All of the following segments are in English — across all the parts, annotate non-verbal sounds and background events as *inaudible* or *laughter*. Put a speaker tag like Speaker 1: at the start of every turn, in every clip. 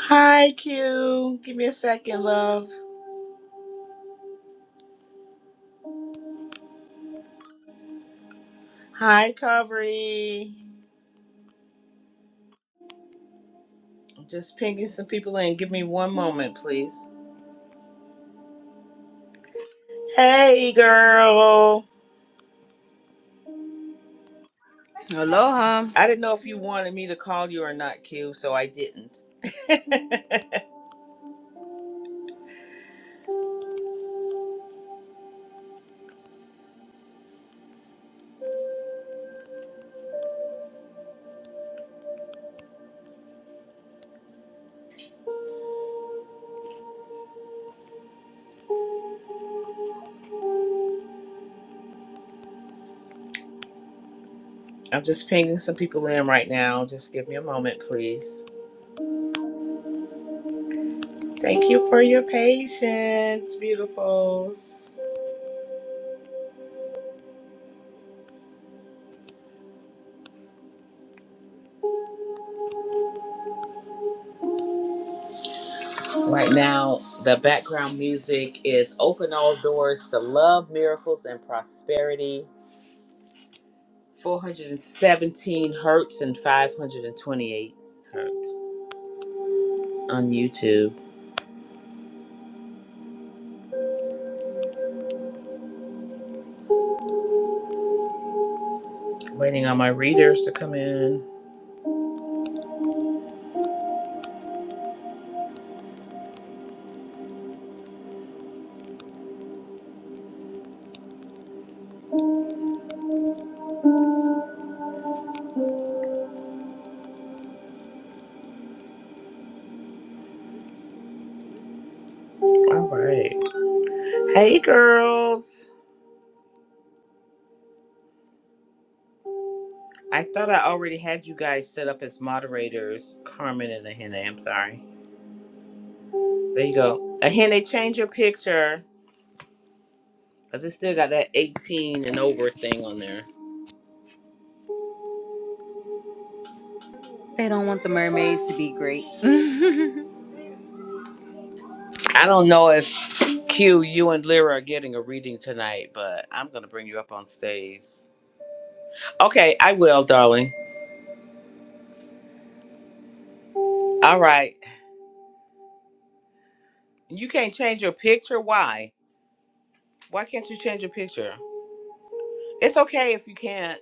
Speaker 1: Hi, Q. Give me a second, love. Hi, Covery. I'm Just pinging some people in. Give me one moment, please. Hey, girl.
Speaker 2: Aloha.
Speaker 1: I didn't know if you wanted me to call you or not, Q, so I didn't. *laughs* I'm just pinging some people in right now. Just give me a moment, please. Thank you for your patience, beautifuls. Right now, the background music is Open All Doors to Love, Miracles, and Prosperity 417 hertz and 528 hertz on YouTube. Waiting on my readers to come in. All right. Hey, girls. I thought I already had you guys set up as moderators, Carmen and Ahene. I'm sorry. There you go. Ahene, change your picture because it still got that 18 and over thing on there.
Speaker 2: They don't want the mermaids to be great. *laughs*
Speaker 1: I don't know if Q, you and Lyra are getting a reading tonight, but I'm going to bring you up on stage. Okay, I will, darling. All right. You can't change your picture. Why? Why can't you change your picture? It's okay if you can't.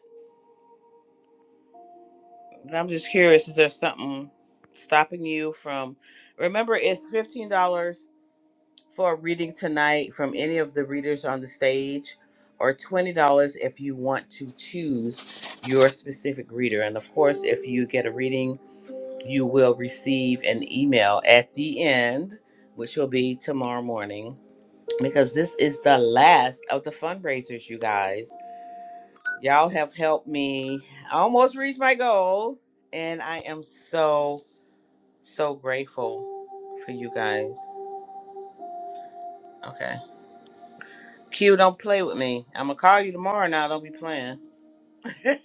Speaker 1: But I'm just curious. Is there something stopping you from? Remember, it's fifteen dollars for a reading tonight from any of the readers on the stage, or twenty dollars if you want to choose your specific reader. And of course, if you get a reading, you will receive an email at the end, which will be tomorrow morning because this is the last of the fundraisers, you guys. Y'all have helped me almost reach my goal, and I am so, so grateful for you guys. Okay. Q, don't play with me. I'm going to call you tomorrow now. Don't be playing. *laughs* you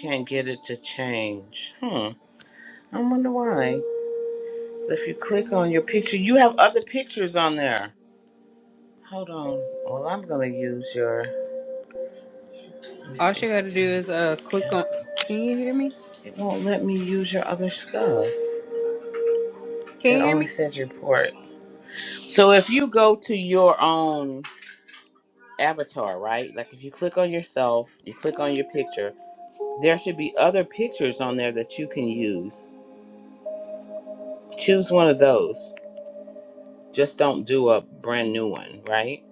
Speaker 1: can't get it to change. Hmm. I wonder why. 'Cause if you click on your picture, you have other pictures on there. Hold on. Well, I'm going to use your. Let me
Speaker 2: All
Speaker 1: see
Speaker 2: she
Speaker 1: if I
Speaker 2: gotta do
Speaker 1: can
Speaker 2: is uh click on
Speaker 1: cancel.
Speaker 2: can you hear me?
Speaker 1: It won't let me use your other stuff.
Speaker 2: Can
Speaker 1: It
Speaker 2: you hear
Speaker 1: only
Speaker 2: me?
Speaker 1: says report. So if you go to your own avatar, right? Like if you click on yourself, you click on your picture, there should be other pictures on there that you can use. Choose one of those. Just don't do a brand new one, right?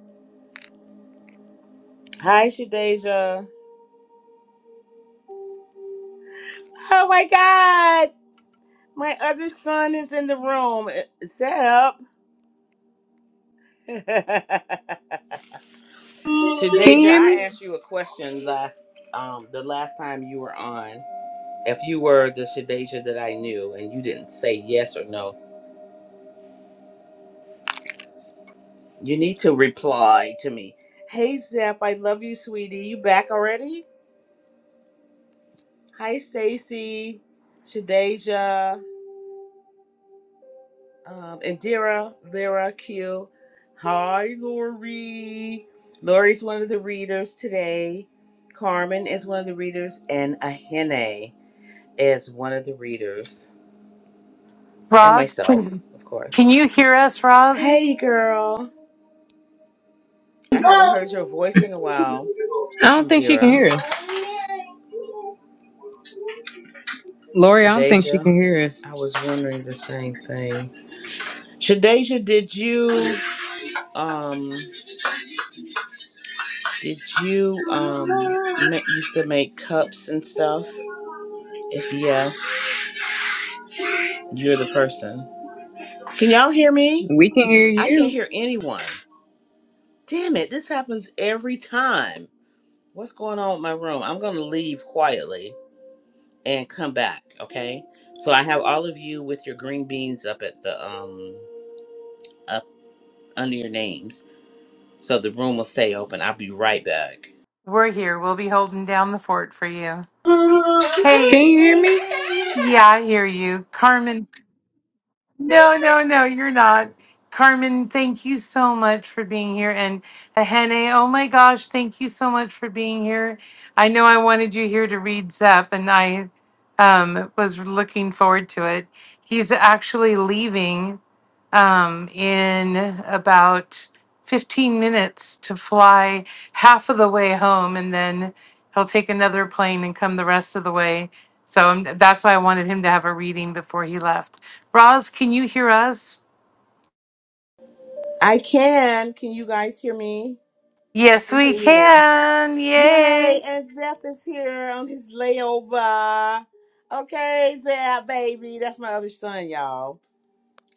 Speaker 1: Hi, Shadeja. Oh my God. My other son is in the room. Set up. *laughs*
Speaker 2: Can
Speaker 1: Shadeja,
Speaker 2: you hear
Speaker 1: I
Speaker 2: me?
Speaker 1: asked you a question last um the last time you were on if you were the Shadeja that I knew and you didn't say yes or no, you need to reply to me. Hey Zep, I love you, sweetie. You back already? Hi Stacy, Shadeja, um, Indira, Lyra, Q. Hi Lori. Lori's one of the readers today. Carmen is one of the readers, and Ahene is one of the readers, and
Speaker 3: Roz,
Speaker 1: myself,
Speaker 3: can,
Speaker 1: of
Speaker 3: can
Speaker 1: course.
Speaker 3: you hear us, Roz?
Speaker 1: Hey girl, I haven't heard your voice in a while.
Speaker 2: I don't think she can
Speaker 1: Indira,
Speaker 2: hear us. Lori, I don't think she
Speaker 1: Shadeja,
Speaker 2: can hear us.
Speaker 1: I was wondering the same thing. Shadeja, did you um did you um ma- used to make cups and stuff? If yes, you're the person. Can y'all hear me?
Speaker 2: We can hear
Speaker 1: I can't
Speaker 2: you.
Speaker 1: hear anyone. Damn it, this happens every time. What's going on with my room? I'm going to leave quietly and come back, okay? So I have all of you with your green beans up at the um up under your names. so the room will stay open. I'll be right back.
Speaker 3: We're here. We'll be holding down the fort for you.
Speaker 2: Can
Speaker 3: Hey,
Speaker 2: you hear me?
Speaker 3: yeah, I hear you. Carmen, no, no, no, you're not. Carmen, thank you so much for being here. And Ahene, oh my gosh, thank you so much for being here. I know I wanted you here to read Zep, and I um, was looking forward to it. He's actually leaving um, in about 15 minutes to fly half of the way home, and then he'll take another plane and come the rest of the way. So um, that's why I wanted him to have a reading before he left. Roz, can you hear us?
Speaker 1: I can. Can you guys hear me? I
Speaker 3: Yes,
Speaker 1: can
Speaker 3: we
Speaker 1: hear you now.
Speaker 3: can.
Speaker 1: Yay!
Speaker 3: Yay.
Speaker 1: And Zep is here on his layover. Okay, Zep, baby. That's my other son, y'all.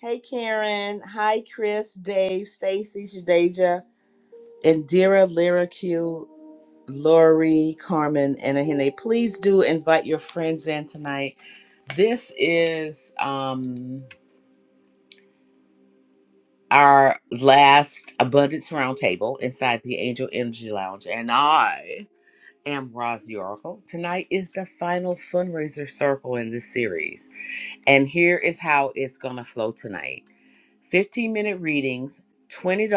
Speaker 1: Hey, Karen. Hi, Chris, Dave, Stacy, Shadeja, Indira, Lyra, Q, Lori, Carmen, and Ahene. Please do invite your friends in tonight. This is. um our last abundance roundtable inside the Angel Energy Lounge, and I am Roz the Oracle. Tonight is the final fundraiser circle in this series, and here is how it's gonna flow tonight: 15 minute readings, $20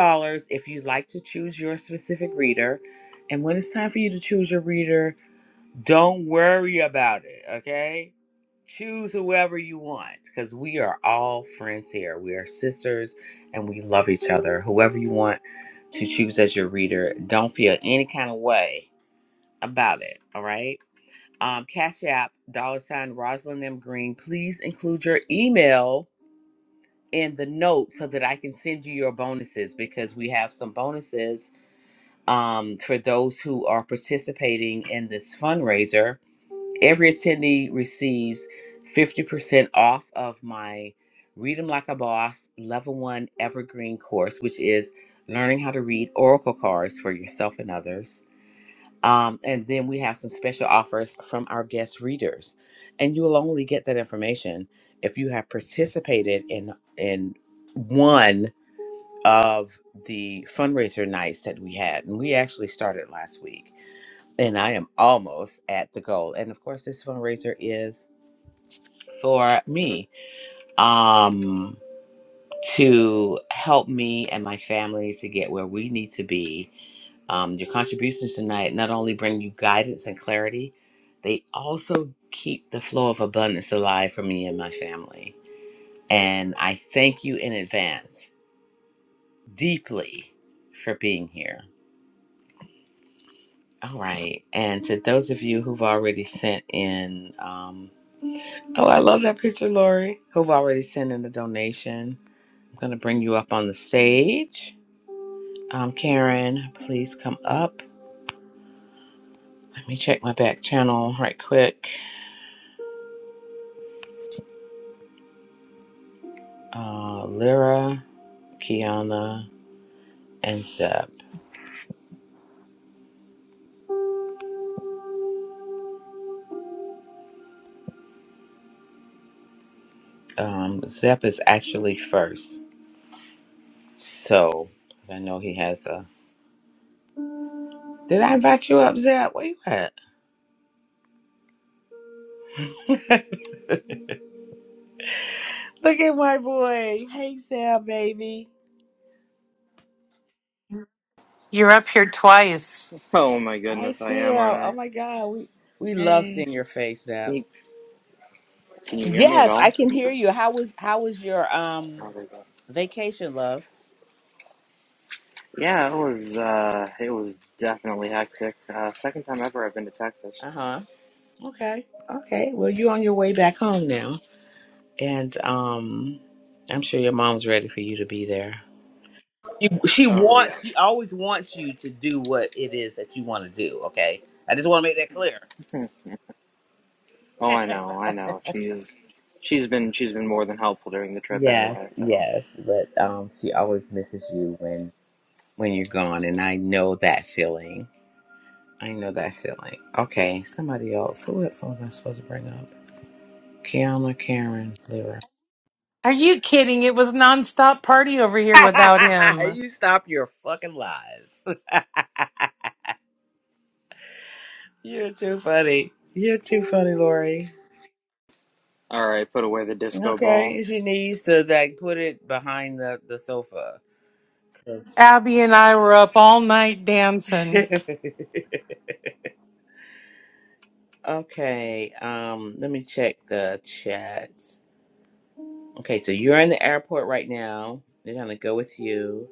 Speaker 1: if you'd like to choose your specific reader. And when it's time for you to choose your reader, don't worry about it, okay? Choose whoever you want because we are all friends here. We are sisters and we love each other. Whoever you want to choose as your reader, don't feel any kind of way about it, all right? Um, Cash App, dollar sign Rosalind M. Green, please include your email in the note so that I can send you your bonuses because we have some bonuses um, for those who are participating in this fundraiser Every attendee receives 50% off of my Read 'em Like a Boss Level 1 Evergreen course, which is learning how to read oracle cards for yourself and others. Um, and then we have some special offers from our guest readers. And you will only get that information if you have participated in in one of the fundraiser nights that we had. And we actually started last week. And I am almost at the goal. And of course, this fundraiser is for me um to help me and my family to get where we need to be um, your contributions tonight not only bring you guidance and clarity they also keep the flow of abundance alive for me and my family and i thank you in advance deeply for being here all right and to those of you who've already sent in um, oh i love that picture lori who've already sent in a donation I'm going to bring you up on the stage. Um, Karen, please come up. Let me check my back channel right quick. Uh, Lyra, Kiana, and Zep. Um, Zep is actually first. So, 'cause I know he has a. Did I invite you up, Zep? Where you at? *laughs* Look at my boy. Hey, Zep, baby.
Speaker 3: You're up here twice.
Speaker 4: Oh my
Speaker 1: I
Speaker 4: goodness, I
Speaker 1: see
Speaker 4: am, aren't
Speaker 1: him. Oh
Speaker 4: I?
Speaker 1: my God, we we love
Speaker 4: Hey,
Speaker 1: seeing your face,
Speaker 4: can
Speaker 1: Zep.
Speaker 4: you, can you hear me at
Speaker 1: Yes, I
Speaker 4: all?
Speaker 1: can hear you. How was how was your um
Speaker 4: Oh, there you go.
Speaker 1: vacation, love?
Speaker 4: Yeah, it was uh, it was definitely hectic. Uh, second time ever I've been to Texas.
Speaker 1: Uh huh. Okay. Okay. Well, you're on your way back home now, and um, I'm sure your mom's ready for you to be there. She, she
Speaker 4: Oh yeah.
Speaker 1: wants. She always wants you to do what it is that you want to do. Okay. I just want to make that clear.
Speaker 4: *laughs* oh, I know, I know.
Speaker 1: *laughs*
Speaker 4: She's she's been she's been more than helpful during the trip anyway.
Speaker 1: yes.
Speaker 4: So
Speaker 1: Yes. But um, she always misses you when when you're gone, and I know that feeling. I know that feeling. Okay. Somebody else. Who else was I supposed to bring up? Kiana, Karen, Lyra.
Speaker 3: Are you kidding? It was nonstop party over here without
Speaker 1: *laughs*
Speaker 3: him.
Speaker 1: you stop your fucking lies. *laughs* You're too funny. You're too funny, Lori.
Speaker 4: all right, put away the disco ball.
Speaker 1: Okay, she needs to like put it behind the the sofa. *laughs*
Speaker 3: Abby and I were up all night dancing.
Speaker 1: okay, um, let me check the chat. Okay, so you're in the airport right now. They're gonna go with you.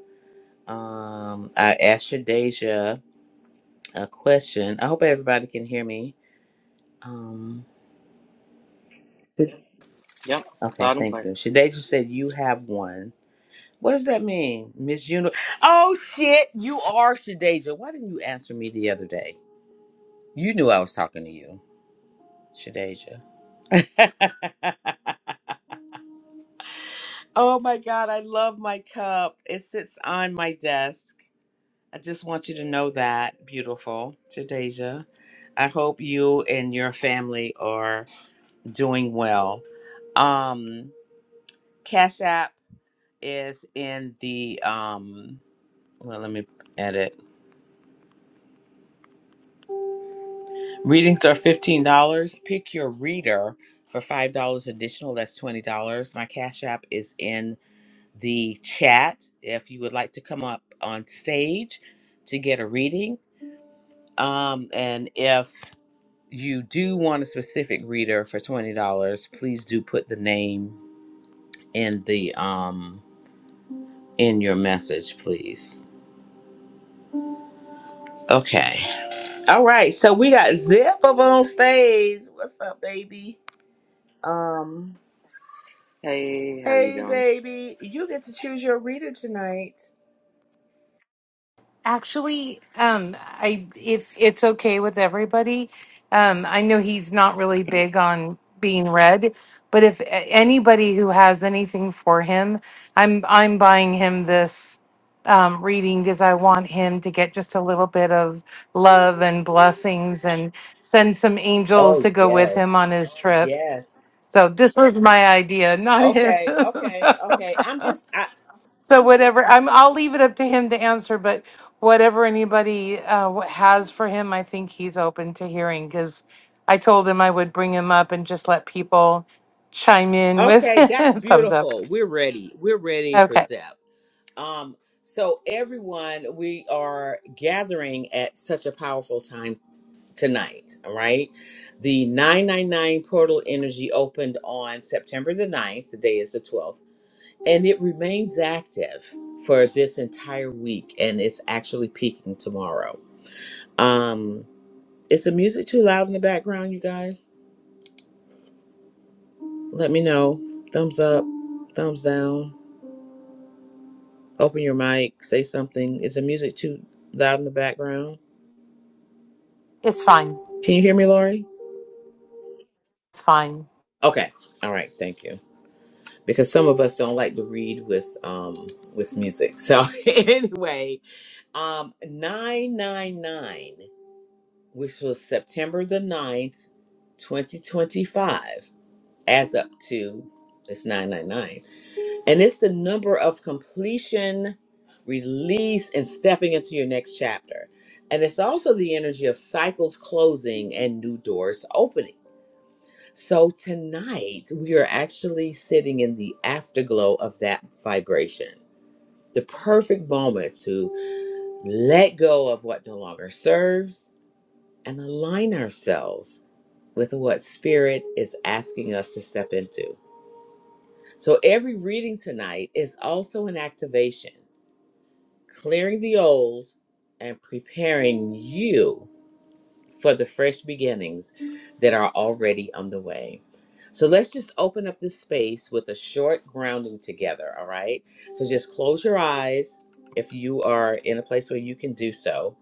Speaker 1: Um, I asked your Deja a question. I hope everybody can hear me. Um,
Speaker 4: Yep,
Speaker 1: Okay,
Speaker 4: loud and
Speaker 1: thank
Speaker 4: clear.
Speaker 1: you. Shadeja said you have one. What does that mean, Miss Uni? Oh shit, you are Shadeja. Why didn't you answer me the other day? You knew I was talking to you, Shadeja. *laughs* oh my god, I love my cup. It sits on my desk. I just want you to know that, beautiful Shadeja. I hope you and your family are doing well. Um, Cash App is in the um Well, let me edit. Readings are $15. Pick your reader for $5 additional. That's $20. My Cash App is in the chat if you would like to come up on stage to get a reading. Um, and if you do want a specific reader for $20, please do put the name in the um in your message, please. Okay. All right. So we got Zip up on stage. What's up, baby? Um
Speaker 4: Hey, how are you
Speaker 1: Hey,
Speaker 4: doing?
Speaker 1: baby, you get to choose your reader tonight.
Speaker 3: Actually, um, I if it's okay with everybody, um, I know he's not really big on being read, but if a- anybody who has anything for him, I'm I'm buying him this um, reading because I want him to get just a little bit of love and blessings, and send some angels
Speaker 1: Oh
Speaker 3: to go with him
Speaker 1: yes,
Speaker 3: on his trip.
Speaker 1: yes.
Speaker 3: So this was my idea, not his.
Speaker 1: Okay, okay,
Speaker 3: *laughs*
Speaker 1: okay. I'm just I,
Speaker 3: So whatever, I'm, I'll leave it up to him to answer, but whatever anybody uh, wh- has for him, I think he's open to hearing because I told him I would bring him up and just let people chime in with
Speaker 1: okay.
Speaker 3: *laughs*
Speaker 1: That's
Speaker 3: thumbs up.
Speaker 1: beautiful. We're ready. We're ready for
Speaker 3: Okay,
Speaker 1: Zep. Um. So everyone, we are gathering at such a powerful time tonight. All right. The 999 portal energy opened on September the ninth. Today is the 12th. and it remains active for this entire week and it's actually peaking tomorrow um is the music too loud in the background you guys let me know thumbs up thumbs down open your mic say something is the music too loud in the background
Speaker 3: it's fine.
Speaker 1: can you hear me lori
Speaker 3: It's fine.
Speaker 1: okay all right thank you because some of us don't like to read with um with music so *laughs* anyway um 999 which was September the ninth, 2025, adds up to it's 999. And it's the number of completion, release, and stepping into your next chapter. And it's also the energy of cycles closing and new doors opening. So tonight, we are actually sitting in the afterglow of that vibration. The perfect moment to let go of what no longer serves and align ourselves with what Spirit is asking us to step into. So every reading tonight is also an activation, clearing the old and preparing you for the fresh beginnings that are already underway. So let's just open up this space with a short grounding together, all right? So just close your eyes if you are in a place where you can do so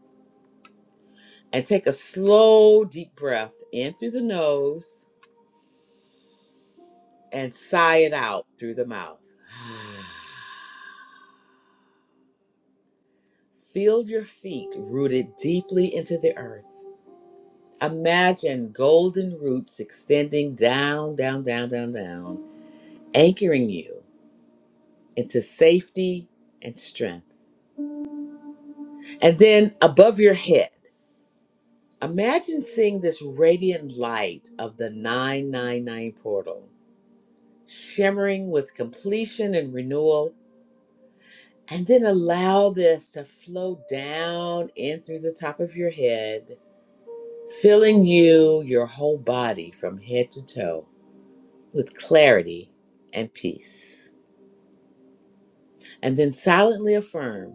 Speaker 1: and take a slow, deep breath in through the nose and sigh it out through the mouth. *sighs* Feel your feet rooted deeply into the earth. Imagine golden roots extending down, down, down, down, down, anchoring you into safety and strength. And then above your head, imagine seeing this radiant light of the 999 portal, shimmering with completion and renewal And then allow this to flow down in through the top of your head, filling you, your whole body from head to toe with clarity and peace. And then silently affirm.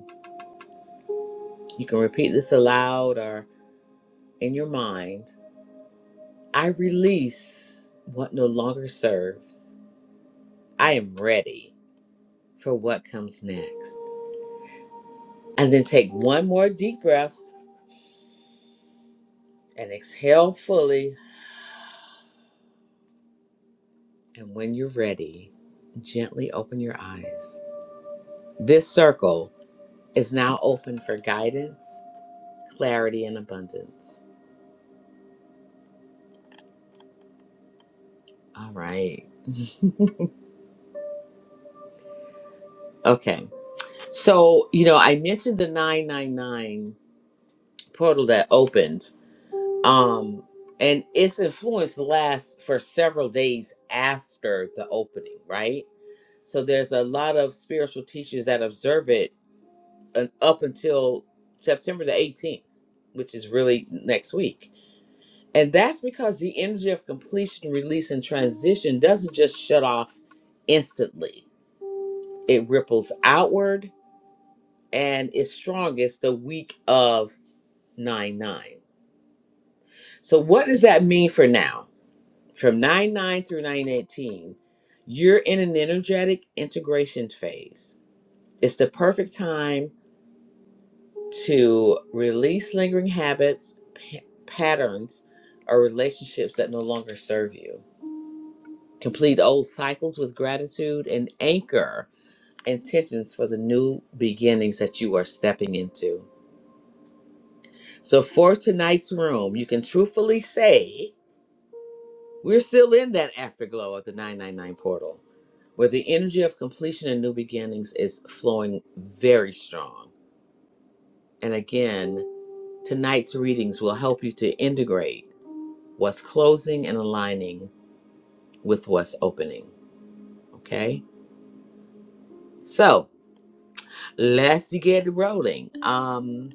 Speaker 1: You can repeat this aloud or in your mind. I release what no longer serves. I am ready for what comes next. And then take one more deep breath and exhale fully And when you're ready, gently open your eyes. This circle is now open for guidance, clarity, and abundance. All right. *laughs* Okay. So, you know, I mentioned the 999 portal that opened. Um and its influence lasts for several days after the opening, right? So there's a lot of spiritual teachers that observe it uh, up until September the 18th, which is really next week. And that's because the energy of completion, release, and transition doesn't just shut off instantly, it ripples outward and is strongest the week of 9 9. So, what does that mean for now? From 9 9 through nine eighteen, you're in an energetic integration phase. It's the perfect time to release lingering habits, pa- patterns, or relationships that no longer serve you. Complete old cycles with gratitude and anchor intentions for the new beginnings that you are stepping into. So, for tonight's room, you can truthfully say we're still in that afterglow of the 999 portal, where the energy of completion and new beginnings is flowing very strong. And again, tonight's readings will help you to integrate. what's closing and aligning with what's opening. Okay. So let's get rolling. Um,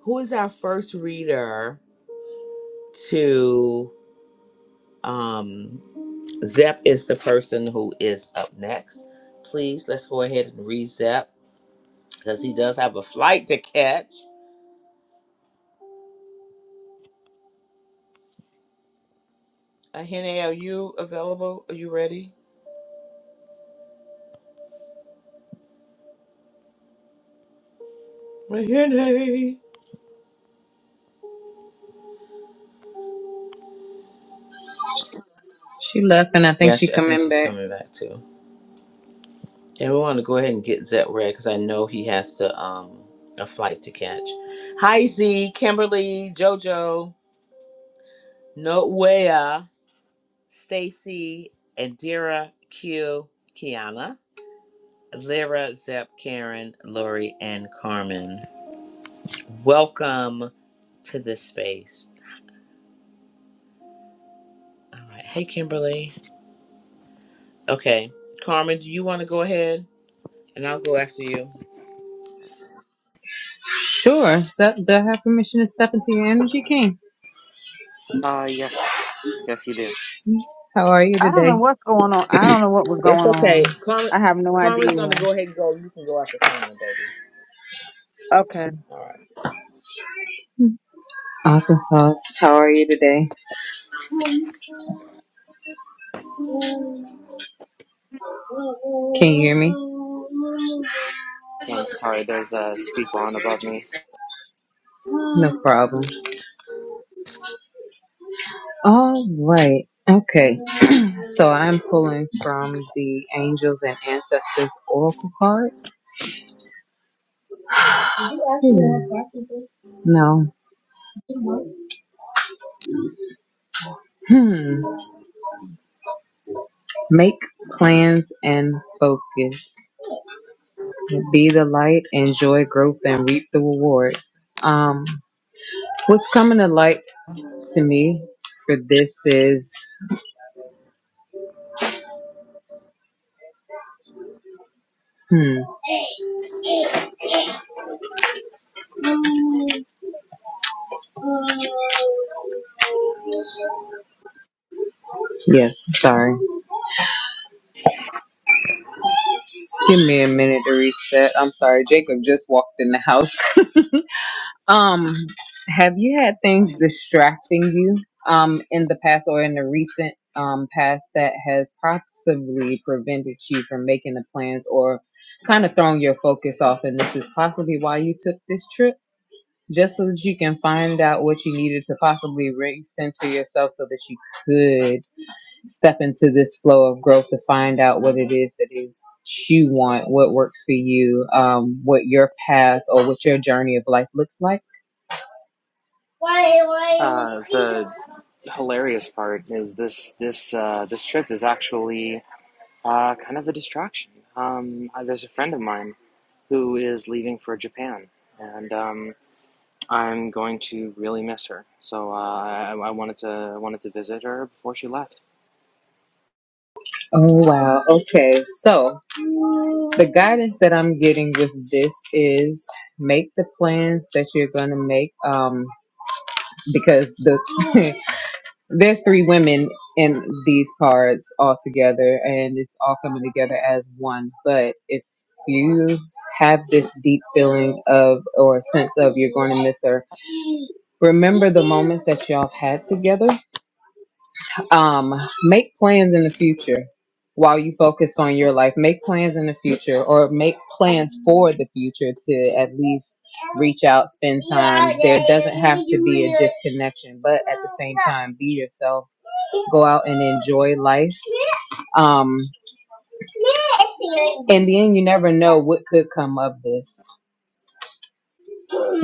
Speaker 1: who is our first reader to um Zep is the person who is up next. Please let's go ahead and read Zep because he does have a flight to catch. Ahene, are you available? Are you ready? Ahene.
Speaker 2: She left and I think
Speaker 1: Yeah,
Speaker 2: she
Speaker 1: she, I think
Speaker 2: coming
Speaker 1: she's
Speaker 2: back.
Speaker 1: coming back too. And we want to go ahead and get Zet read because I know he has to um a flight to catch. Hi Z, Kimberly, JoJo, Noea, Stacy, Indira, Q, Kiana, Lyra, Zep, Karen, Lori, and Carmen. Welcome to this space. All right. Hey Kimberly. Okay. Carmen, do you want to go ahead? And I'll go after you.
Speaker 2: Sure. Step do I have permission to step into your energy king?
Speaker 4: Uh, yes, yes, you do.
Speaker 2: How are you
Speaker 5: I don't know
Speaker 2: today?
Speaker 5: what's going on. I don't know what was
Speaker 1: It's
Speaker 5: going
Speaker 1: okay.
Speaker 5: on.
Speaker 1: Carmen
Speaker 5: I have no
Speaker 1: Carmen's gonna
Speaker 5: idea.
Speaker 1: go ahead and go. You can go after Carmen, baby.
Speaker 5: Okay.
Speaker 1: All right.
Speaker 2: Awesome sauce. How are you today? Can you hear me?
Speaker 4: Yeah, sorry, there's a uh, speaker on above me.
Speaker 2: No problem. All right. Okay. *clears throat* so I'm pulling from the Angels and Ancestors Oracle cards. Hmm. No. Hmm. Make plans and focus. Be the light, enjoy growth, and reap the rewards. Um, what's coming to light to me for this is, hmm, yes, sorry. Give me a minute to reset. I'm sorry, Jacob just walked in the house. *laughs* um, have you had things distracting you um in the past or in the recent um past that has possibly prevented you from making the plans or kind of throwing your focus off and this is possibly why you took this trip? Just so that you can find out what you needed to possibly recenter yourself so that you step into this flow of growth to find out what it is that it, you want, what works for you, um, what your path or what your journey of life looks like.
Speaker 4: Uh, the hilarious part is this this uh, this trip is actually uh, kind of a distraction. Um, uh, there's a friend of mine who is leaving for Japan, and um, I'm going to really miss her. So uh, I, I wanted to I wanted to visit her before she left.
Speaker 2: Oh, wow. Okay. So the guidance that I'm getting with this is make the plans that you're going to make um, because the *laughs* There's three women in these cards all together, and it's all coming together as one. But if you have this deep feeling of or sense of you're going to miss her, remember the moments that y'all had together um make plans in the future while you focus on your life make plans in the future or make plans for the future to at least reach out spend time there doesn't have to be a disconnection but at the same time be yourself go out and enjoy life um in the end you never know what could come of this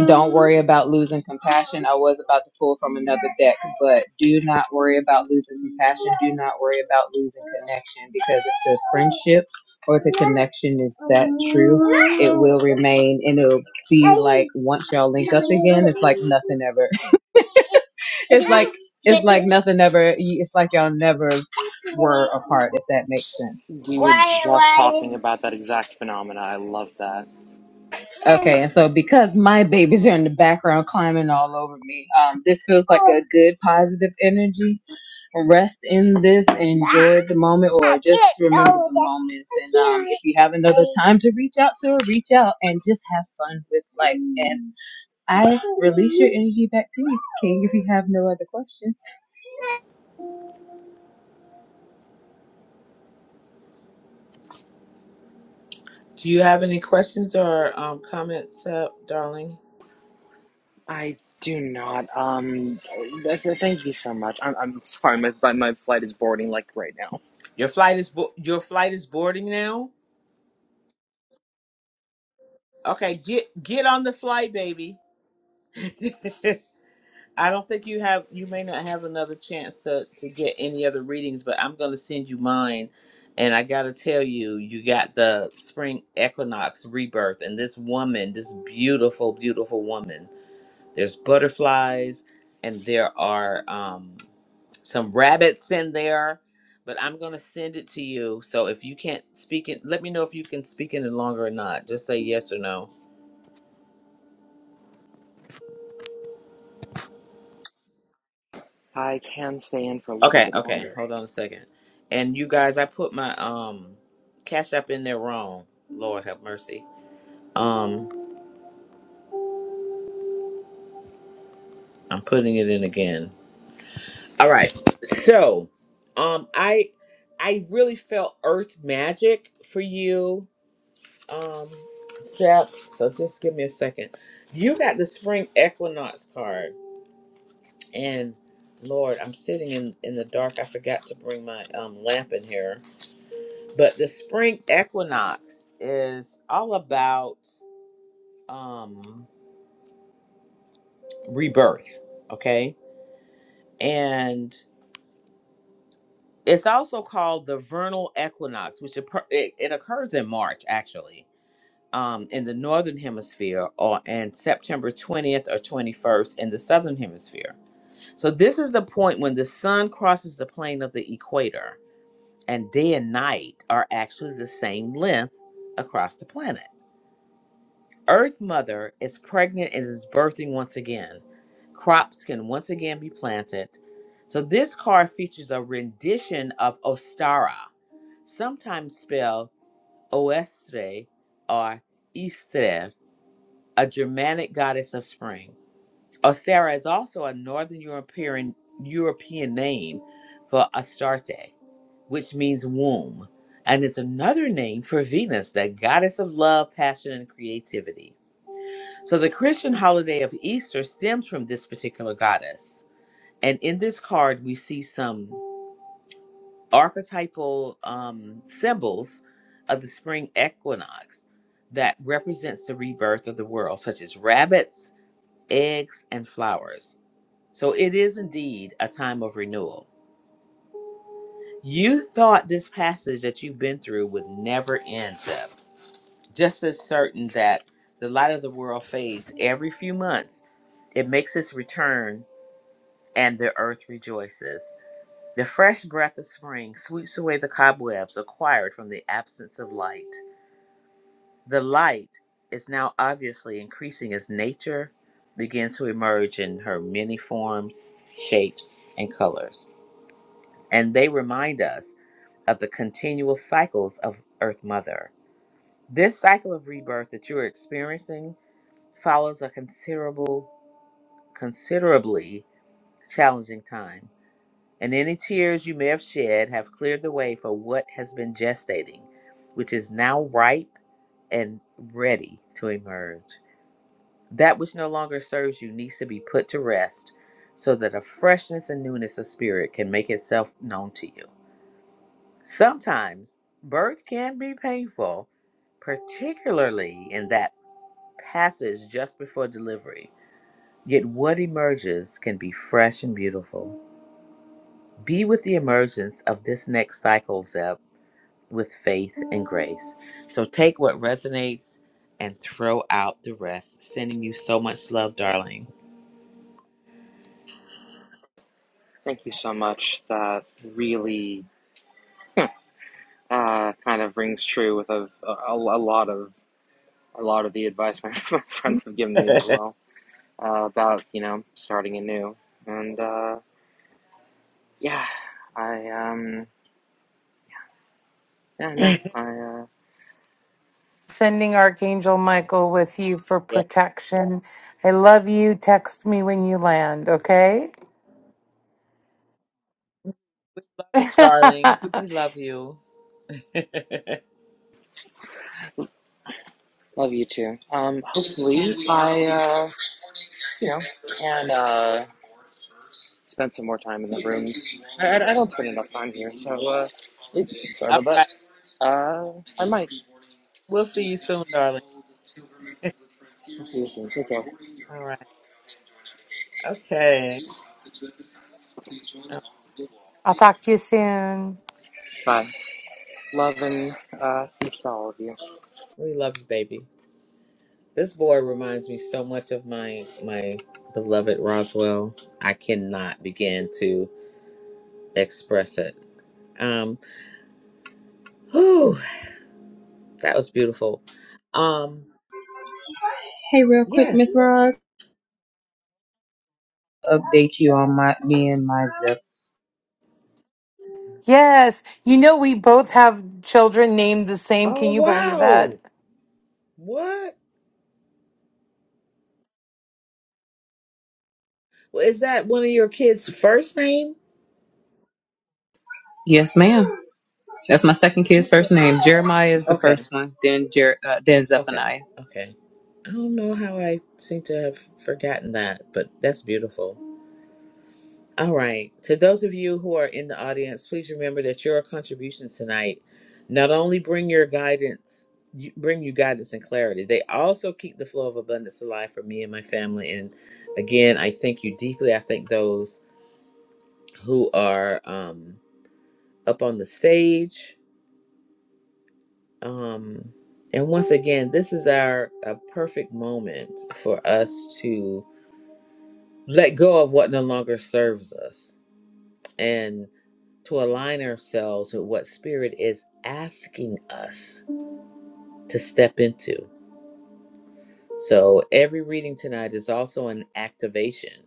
Speaker 2: Don't worry about losing compassion. I was about to pull from another deck, but do not worry about losing compassion. Do not worry about losing connection because if the friendship or the connection is that true, it will remain and it'll be like once y'all link up again, it's like nothing ever. *laughs* It's like it's like nothing ever. It's like y'all never were apart if that makes sense.
Speaker 4: We were just talking about that exact phenomena. I love that.
Speaker 2: Okay, and so because my babies are in the background climbing all over me, um, this feels like a good positive energy rest in this, enjoy the moment, or just remember the moments. And um, if you have another time to reach out to her, reach out and just have fun with life. And I release your energy back to you, King, if you have no other questions.
Speaker 1: Do you have any questions or um, comments, uh, darling?
Speaker 4: I do not. Um, th- th- thank you so much. I'm, I'm sorry. My my my flight is boarding like right now.
Speaker 1: Your flight is bo- your flight is boarding now. Okay, get get on the flight, baby. *laughs* I don't think you have you may not have another chance to to get any other readings, but I'm going to send you mine. And I got to tell you, you got the spring equinox rebirth and this woman, this beautiful beautiful woman. There's butterflies and there are um some rabbits in there, but I'm gonna send it to you. So if you can't speak it, let me know if you can speak in it longer or not. Just say yes or no.
Speaker 4: I can stay in for a little
Speaker 1: Okay,
Speaker 4: bit
Speaker 1: okay.
Speaker 4: longer.
Speaker 1: Hold on a second. And you guys, I put my um cash app in there wrong. Lord have mercy. Um, I'm putting it in again. All right. So, um, I I really felt earth magic for you, um, Seth. So just give me a second. You got the spring equinox card And Lord, I'm sitting in, in the dark. I forgot to bring my um, lamp in here. But the spring equinox is all about um, rebirth, okay? And it's also called the vernal equinox, which occur- it, it occurs in March, actually, um, in the northern hemisphere, or and September 20th or 21st in the southern hemisphere. So this is the point when the sun crosses the plane of the equator and day and night are actually the same length across the planet. Earth Mother is pregnant and is birthing once again. Crops can once again be planted. So this card features a rendition of Ostara, sometimes spelled Oestre or Istre, a Germanic goddess of spring. Ostara is also a Northern European European name for Astarte which means womb, and is another name for Venus, that goddess of love, passion, and creativity. So the Christian holiday of Easter stems from this particular goddess. And in this card, we see some archetypal um, symbols of the spring equinox that represents the rebirth of the world, such as rabbits, eggs, and flowers. So it is indeed a time of renewal. You thought this passage that you've been through would never end, Zeph just as certain that the light of the world fades every few months, it makes its return and the earth rejoices. The fresh breath of spring sweeps away the cobwebs acquired from the absence of light. The light is now obviously increasing as nature begins to emerge in her many forms, shapes, and colors. And they remind us of the continual cycles of Earth Mother. This cycle of rebirth that you're experiencing follows a considerable, considerably challenging time, and any tears you may have shed have cleared the way for what has been gestating, which is now ripe and ready to emerge. That which no longer serves you needs to be put to rest so that a freshness and newness of spirit can make itself known to you. Sometimes birth can be painful, particularly in that passage just before delivery Yet what emerges can be fresh and beautiful. Be with the emergence of this next cycle, Zeb, with faith and grace. So take what resonates and throw out the rest. Sending you so much love, darling.
Speaker 4: Thank you so much. That really uh, kind of rings true with a, a, a lot of a lot of the advice *laughs* my, my friends have given me as
Speaker 1: *laughs*
Speaker 4: well uh, about you know starting anew. And uh, yeah, I um yeah no
Speaker 1: yeah,
Speaker 4: I uh,
Speaker 3: Sending Archangel Michael with you for protection. I love you. Text me when you land, okay? *laughs*
Speaker 1: darling, we love you. *laughs*
Speaker 4: love you too. Um, hopefully I uh, you know can uh, spent some more time in the rooms. I, I, don't spend enough time here, so uh, sorry
Speaker 1: All
Speaker 4: about
Speaker 1: right,
Speaker 4: that. Uh, I might.
Speaker 1: we'll see you soon, darling.
Speaker 4: I'll see you soon. Take care.
Speaker 1: All right, okay. Oh,
Speaker 3: I'll talk to you soon.
Speaker 4: Bye. Love and uh, peace to all of you.
Speaker 1: we love you, baby. This boy reminds me so much of my my beloved Roswell. I cannot begin to express it. Um, whew, that was beautiful. Um,
Speaker 2: Hey, real quick, Miss
Speaker 1: yes.
Speaker 2: Roz, update you on my me and my zip.
Speaker 3: Yes. You know, we both have children named the same.
Speaker 1: Oh
Speaker 3: Can you believe that?
Speaker 1: wow. What Well, is that? One of your kids' first name?
Speaker 2: Yes, ma'am. That's my second kid's first name. Jeremiah is the
Speaker 1: Okay.
Speaker 2: first one, then Jer- uh, then
Speaker 1: Okay.
Speaker 2: Zephaniah.
Speaker 1: Okay. I don't know how I seem to have forgotten that, but that's beautiful. All right. To those of you who are in the audience, please remember that your contributions tonight not only bring your guidance, you, bring you guidance and clarity, they also keep the flow of abundance alive for me and my family. And again, I thank you deeply. I thank those who are um, up on the stage. Um, and once again, this is our a perfect moment for us to let go of what no longer serves us. And to align ourselves with what Spirit is asking us to step into. So, every reading tonight is also an activation,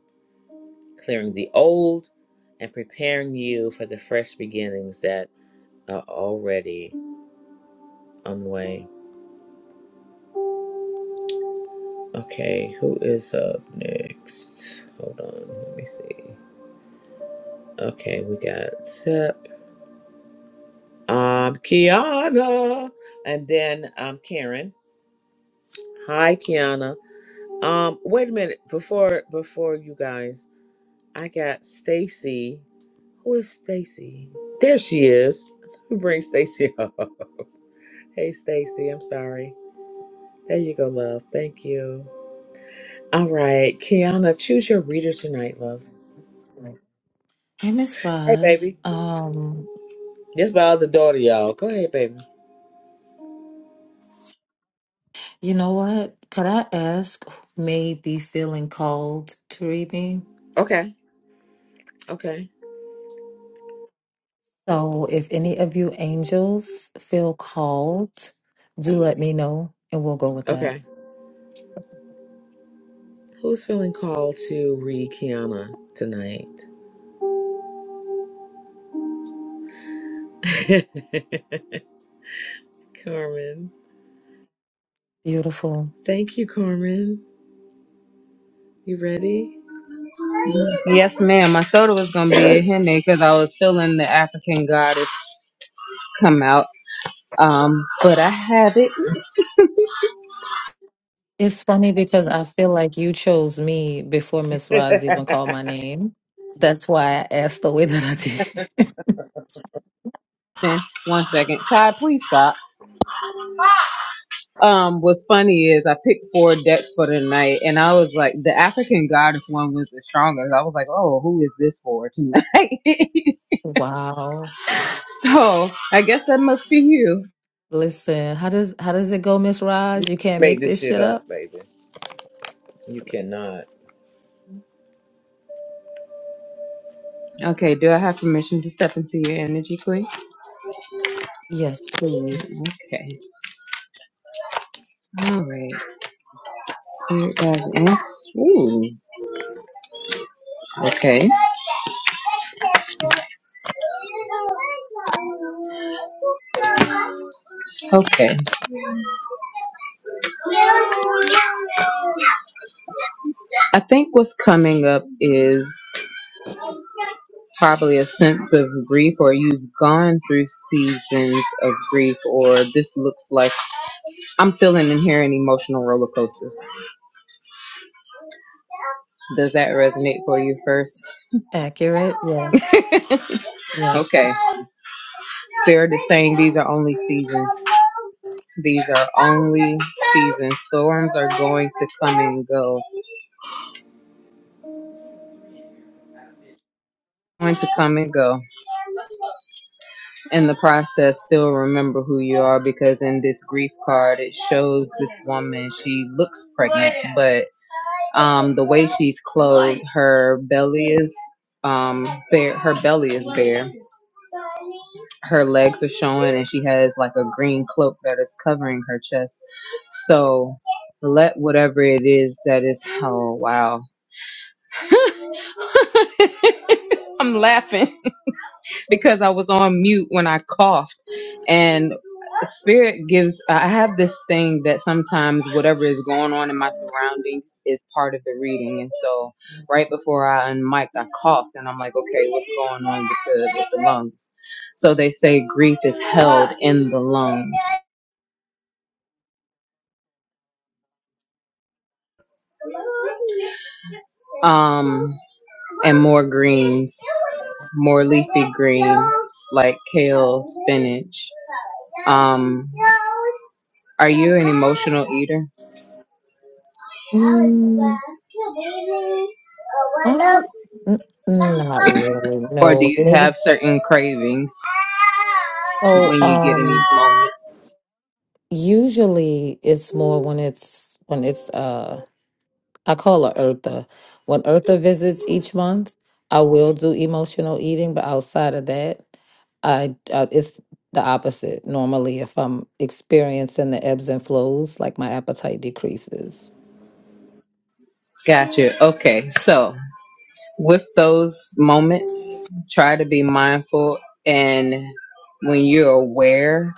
Speaker 1: clearing the old and preparing you for the fresh beginnings that are already on the way. Okay, who is up next? Hold on, let me see. Okay, we got Sep, um, Kiana, and then um, Karen. Hi, Kiana. Um, wait a minute before before you guys, I got Stacy. Who is Stacy? There she is. Let me Bring Stacy up. *laughs* Hey Stacy, I'm sorry. There you go, love. Thank you. All right, Kiana, choose your reader tonight, love.
Speaker 6: Right. Hey, Miss
Speaker 1: Hey
Speaker 6: Roz.
Speaker 1: baby.
Speaker 6: Um,
Speaker 1: This my other daughter, y'all. Go ahead, baby.
Speaker 6: you know what? Could I ask who may be feeling called to read me?
Speaker 1: Okay, okay,
Speaker 6: So, if any of you angels feel called, do let me know and we'll go with that.
Speaker 1: okay. Who's feeling called to read Kiana tonight? *laughs* Carmen.
Speaker 6: Beautiful.
Speaker 1: Thank you, Carmen. You ready?
Speaker 2: Yes, ma'am. I thought it was gonna be a Henny because I was feeling the African goddess come out. Um, but I have it.
Speaker 6: It's funny because I feel like you chose me before
Speaker 1: *laughs*
Speaker 6: Miss Roz even called my name. That's why I asked the way that I did.
Speaker 2: Listen, one second. Kai, please stop. Um, what's funny is I picked four decks for tonight, and I was like, the African goddess one was the strongest. I was like,
Speaker 6: *laughs*
Speaker 2: oh, who is this for tonight? *laughs*
Speaker 6: wow.
Speaker 2: so I guess that must be you.
Speaker 6: Listen, how does how does it go, Miss Roz? You can't
Speaker 1: Make
Speaker 6: make
Speaker 1: this
Speaker 6: this
Speaker 1: shit
Speaker 6: shit up?
Speaker 1: up, baby. You cannot. *gasps*
Speaker 2: Okay, do I have permission to step into your energy, Queen?
Speaker 6: Yes, please.
Speaker 2: Okay, all right, spirit guides, and ooh, okay. Okay. I think what's coming up is probably a sense of grief, or you've gone through seasons of grief, or this looks like I'm feeling and hearing emotional roller coasters. Does that resonate for you first?
Speaker 6: Accurate? Yes. Yes.
Speaker 2: Okay. Spirit is saying these are only seasons. These are only seasons. Storms are going to come and go. Going to come and go. in the process still remember who you are because in this grief card it shows this woman she looks pregnant but um the way she's clothed her belly is um bare her belly is bare her legs are showing and she has like a green cloak that is covering her chest so let whatever it is that is oh wow *laughs* i'm laughing because i was on mute when i coughed and. spirit gives i have this thing that sometimes whatever is going on in my surroundings is part of the reading and so right before i unmiked i coughed and i'm like okay what's going on with the with the lungs so they say grief is held in the lungs um and more greens more leafy greens like kale spinach um are you an emotional eater
Speaker 6: Oh, n- not really.
Speaker 2: Or do
Speaker 6: No,
Speaker 2: you
Speaker 6: maybe
Speaker 2: have certain cravings when
Speaker 6: so.
Speaker 2: you get in these
Speaker 6: Um,
Speaker 2: moments?
Speaker 6: usually it's more when it's when it's uh, I call her Eartha. When Eartha visits each month, I will do emotional eating, but outside of that, I, I it's the opposite normally if I'm experiencing the ebbs and flows, like my appetite decreases.
Speaker 2: Gotcha. Okay. So, with those moments, try to be mindful. And when you're aware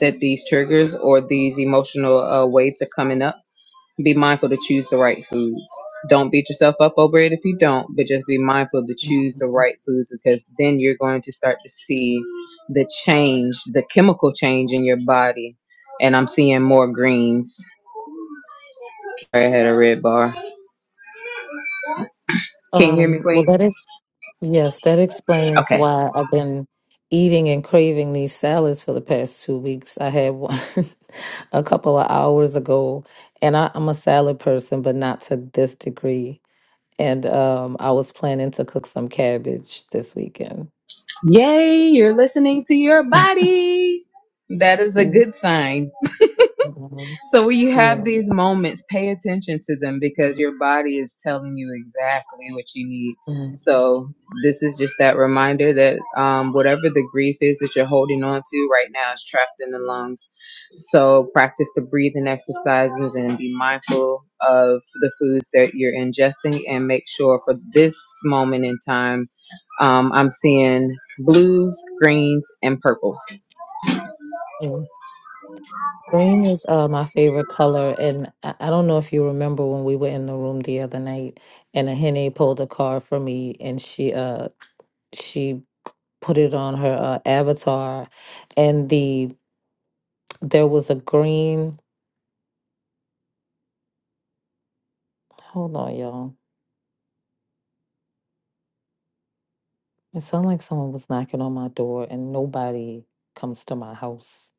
Speaker 2: that these triggers or these emotional uh, waves are coming up, Be mindful to choose the right foods. Don't beat yourself up over it if you don't, but just be mindful to choose the
Speaker 6: Mhm.
Speaker 2: right foods because then you're going to start to see the change, the chemical change in your body. And I'm seeing more greens. I had a red bar. Can you hear me,
Speaker 6: Um, well,
Speaker 2: Queen?
Speaker 6: that is Yes, that explains
Speaker 2: Okay.
Speaker 6: why I've been eating and craving these salads for the past two weeks. I had one *laughs* a couple of hours ago, and I, I'm a salad person, but not to this degree. And um, I was planning to cook some cabbage this weekend.
Speaker 2: Yay, you're listening to your body. That is a
Speaker 6: Mhm.
Speaker 2: good sign
Speaker 6: Mhm.
Speaker 2: So when you have
Speaker 6: Yeah.
Speaker 2: these moments, pay attention to them because your body is telling you exactly what you need.
Speaker 6: Mhm.
Speaker 2: So this is just that reminder that um, whatever the grief is that you're holding on to right now is trapped in the lungs. So practice the breathing exercises and be mindful of the foods that you're ingesting and make sure for this moment in time, um, I'm seeing blues, greens, and purples.
Speaker 6: Yeah. Green is uh, my favorite color, and I, I don't know if you remember when we were in the room the other night, and a henne pulled a card for me, and she uh she put it on her uh, avatar and the there was a green hold on y'all it sounded like someone was knocking on my door and nobody comes to my house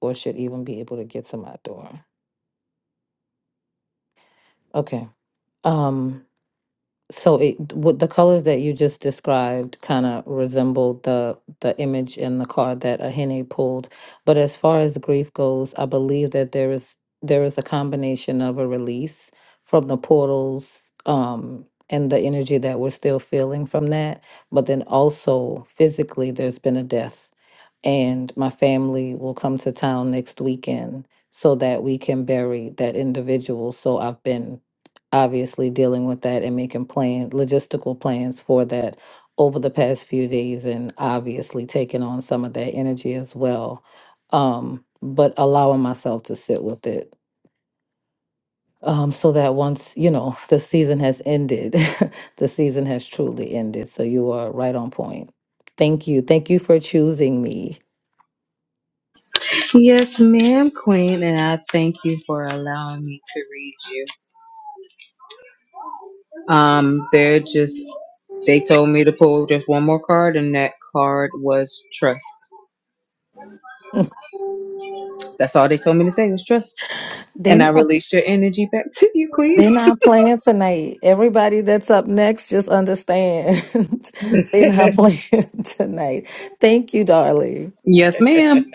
Speaker 6: or should even be able to get to my door okay um So it what the colors that you just described kind of resembled the the image in the card that Ahene pulled. But as far as grief goes, I believe that there is there is a combination of a release from the portals um and the energy that we're still feeling from that, but then also physically there's been a death. And my family will come to town next weekend so that we can bury that individual. So I've been obviously dealing with that and making plan logistical plans for that over the past few days and obviously taking on some of that energy as well um but allowing myself to sit with it um, so that once you know the season has ended, *laughs* the season has truly ended. So you are right on point. Thank you. Thank you for choosing me.
Speaker 2: Yes, ma'am, Queen, and I thank you for allowing me to read you. Um, they're just they told me to pull just one more card, and that card was trust.
Speaker 6: *laughs*
Speaker 2: That's all they told me to say was trust,
Speaker 6: They're
Speaker 2: and I
Speaker 6: not
Speaker 2: released your energy back *laughs* to you, Queen.
Speaker 6: They're not playing tonight. Everybody that's up next, just understand. *laughs* They're not playing *laughs* tonight. Thank you, darling.
Speaker 2: Yes, ma'am.